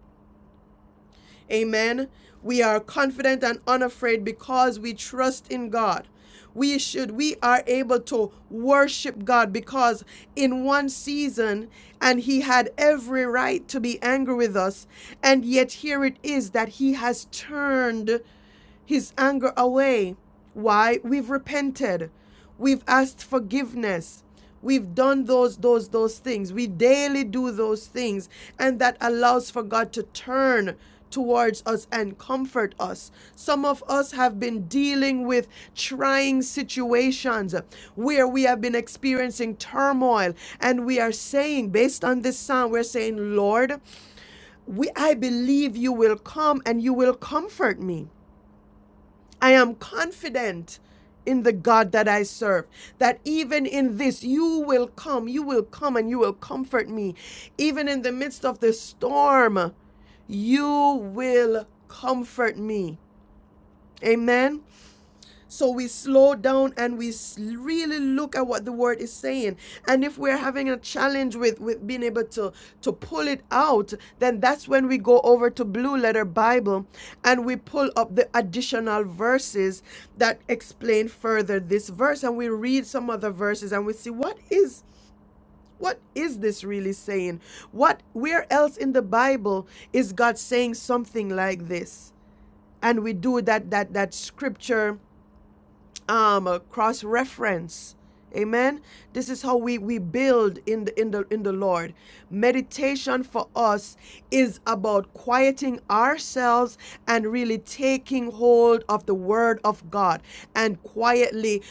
Amen. We are confident and unafraid because we trust in God. We should, we are able to worship God because in one season, and He had every right to be angry with us, and yet here it is that He has turned his anger away. Why? We've repented. We've asked forgiveness. We've done those, those, those things. We daily do those things. And that allows for God to turn towards us and comfort us. Some of us have been dealing with trying situations where we have been experiencing turmoil and we are saying based on this psalm we're saying Lord, we I believe you will come and you will comfort me. I am confident in the God that I serve, that even in this, you will come, you will come and you will comfort me. Even in the midst of the storm, you will comfort me. Amen. So we slow down and we really look at what the word is saying. And if we're having a challenge with, with being able to, to pull it out, then that's when we go over to Blue Letter Bible and we pull up the additional verses that explain further this verse and we read some other verses and we see what is what is this really saying? What where else in the Bible is God saying something like this? And we do that that that scripture um uh, cross reference amen this is how we we build in the in the in the lord meditation for us is about quieting ourselves and really taking hold of the word of god and quietly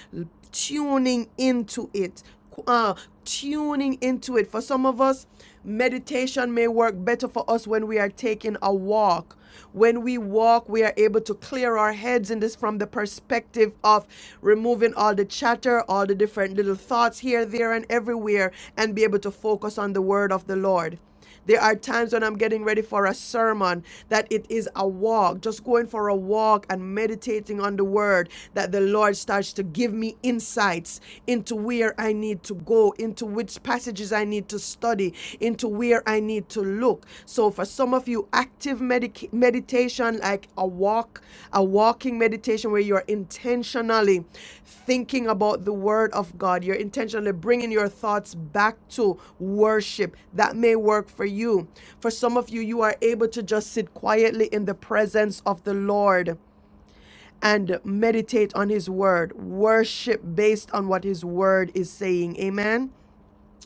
tuning into it uh, tuning into it for some of us meditation may work better for us when we are taking a walk when we walk, we are able to clear our heads in this from the perspective of removing all the chatter, all the different little thoughts here, there, and everywhere, and be able to focus on the word of the Lord. There are times when I'm getting ready for a sermon that it is a walk, just going for a walk and meditating on the word that the Lord starts to give me insights into where I need to go into which passages I need to study, into where I need to look. So for some of you, active medic- meditation, like a walk, a walking meditation where you're intentionally thinking about the word of God, you're intentionally bringing your thoughts back to worship. That may work for you. For some of you, you are able to just sit quietly in the presence of the Lord and meditate on his word worship based on what his word is saying amen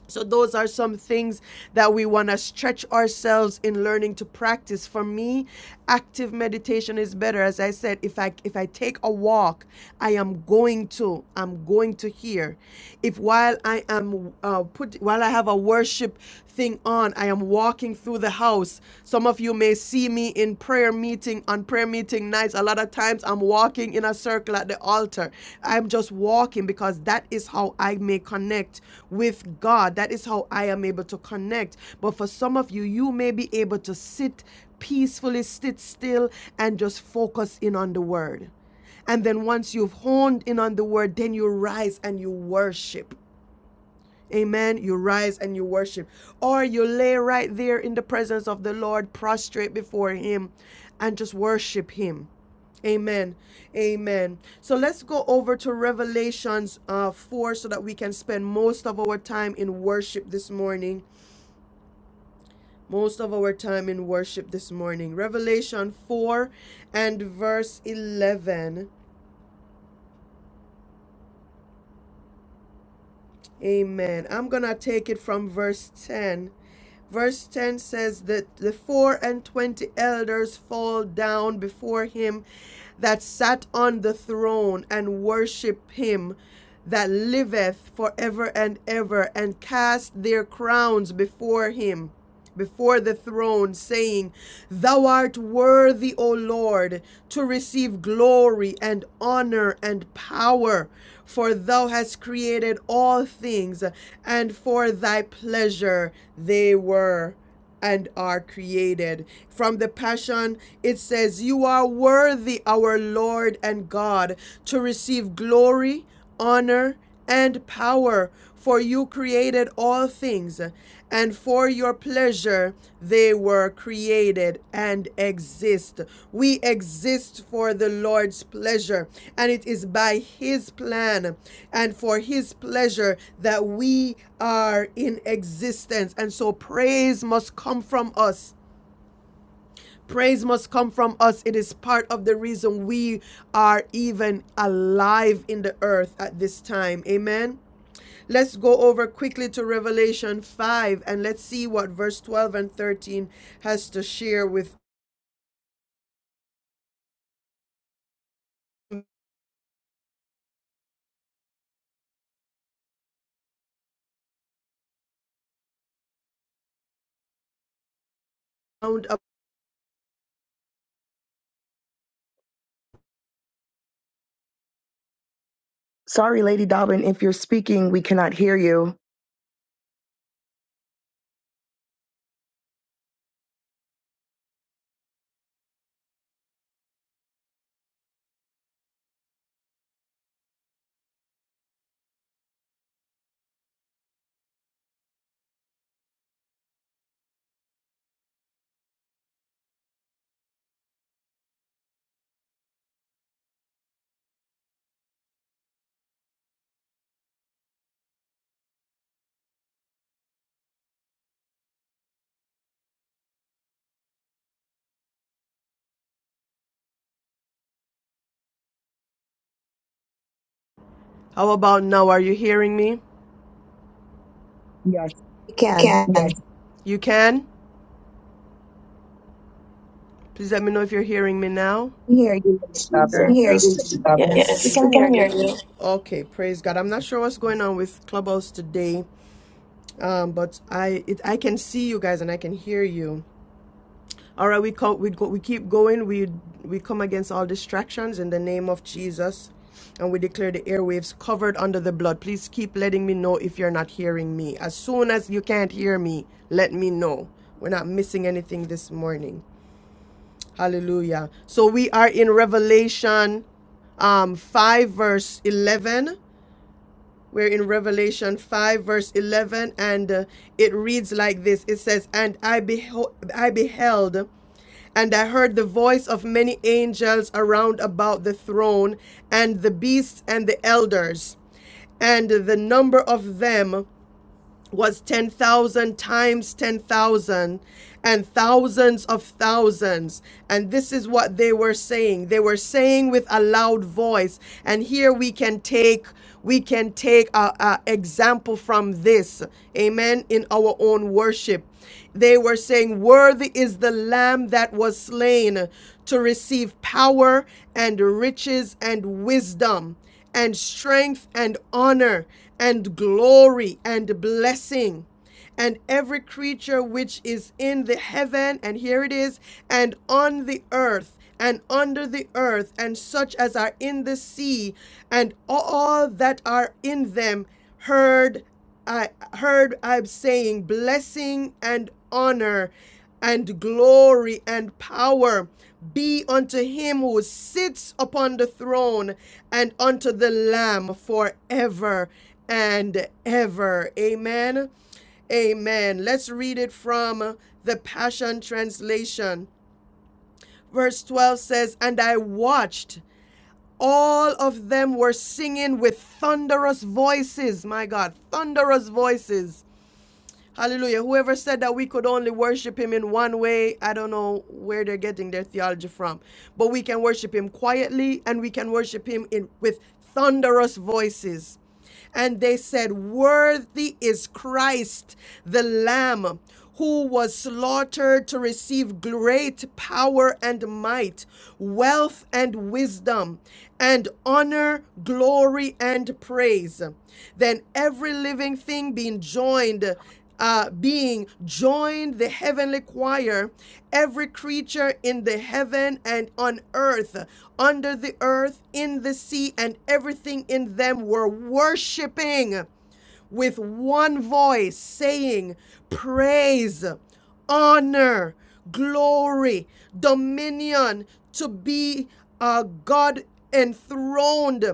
so, those are some things that we want to stretch ourselves in learning to practice. For me, active meditation is better. As I said, if I if I take a walk, I am going to I'm going to hear. If while I am uh, put while I have a worship thing on, I am walking through the house. Some of you may see me in prayer meeting on on prayer meeting nights, a lot of times I'm walking in a circle at the altar. I'm just walking because that is how I may connect with God. That is how I am able to connect. But for some of you, you may be able to sit peacefully, sit still, and just focus in on the word. And then once you've honed in on the word, then you rise and you worship. Amen. You rise and you worship. Or you lay right there in the presence of the Lord, prostrate before Him, and just worship Him. Amen. Amen. So let's go over to Revelations uh, 4 so that we can spend most of our time in worship this morning. Most of our time in worship this morning. Revelation 4 and verse 11. Amen. I'm going to take it from verse 10. Verse 10 says that the four and twenty elders fall down before him that sat on the throne and worship him that liveth forever and ever and cast their crowns before him before the throne, saying, Thou art worthy, O Lord, to receive glory and honor and power, for thou hast created all things, and for thy pleasure they were and are created. From the Passion, it says, You are worthy, our Lord and God, to receive glory, honor, and power, for you created all things, and for your pleasure they were created and exist. We exist for the Lord's pleasure, and it is by His plan and for His pleasure that we are in existence. And so, praise must come from us. Praise must come from us. It is part of the reason we are even alive in the earth at this time. Amen. Let's go over quickly to Revelation 5 and let's see what verse 12 and 13 has to share with. How
Sorry, Lady Dobbin, if you're speaking, we cannot hear you.
about now? Are you hearing me?
Yes.
We
You
can
can. You can? Please let me know if you're hearing me now.
hear
Yes, we can.
you.
We hear
Yes,
you.
we can.
Yes, we
Yes, we
can hear
can hear
you.
you. Okay, praise God. I'm not sure what's going on with Clubhouse today, um, but I it, I can see you guys and I can hear you. All right, we co- we go, we keep going. We we come against all distractions in the name of Jesus, and we declare the airwaves covered under the blood. Please keep letting me know if you're not hearing me. As soon as you can't hear me, let me know. We're not missing anything this morning. Hallelujah. So we are in Revelation um 5 verse 11 we're in Revelation 5, verse 11, and uh, it reads like this It says, And I, beho- I beheld, and I heard the voice of many angels around about the throne, and the beasts and the elders. And the number of them was 10,000 times ten thousand, and thousands of thousands. And this is what they were saying. They were saying with a loud voice. And here we can take we can take a, a example from this. Amen. In our own worship. They were saying, Worthy is the Lamb that was slain to receive power and riches and wisdom and strength and honor and glory and blessing and every creature which is in the heaven and here it is and on the earth and under the earth and such as are in the sea and all that are in them heard I heard I'm saying blessing and honor and glory and power be unto him who sits upon the throne and unto the Lamb forever and ever. Amen. Amen. Let's read it from the Passion Translation. Verse 12 says, And I watched. All of them were singing with thunderous voices. My God, thunderous voices Hallelujah. Whoever said that we could only worship him in one way, I don't know where they're getting their theology from. But we can worship him quietly and we can worship him in with thunderous voices. And they said, Worthy is Christ, the Lamb, who was slaughtered to receive great power and might, wealth and wisdom, and honor, glory, and praise. Then every living thing being joined uh, being joined the heavenly choir, every creature in the heaven and on earth, under the earth, in the sea, and everything in them were worshiping with one voice, saying, Praise, honor, glory, dominion to be uh, God enthroned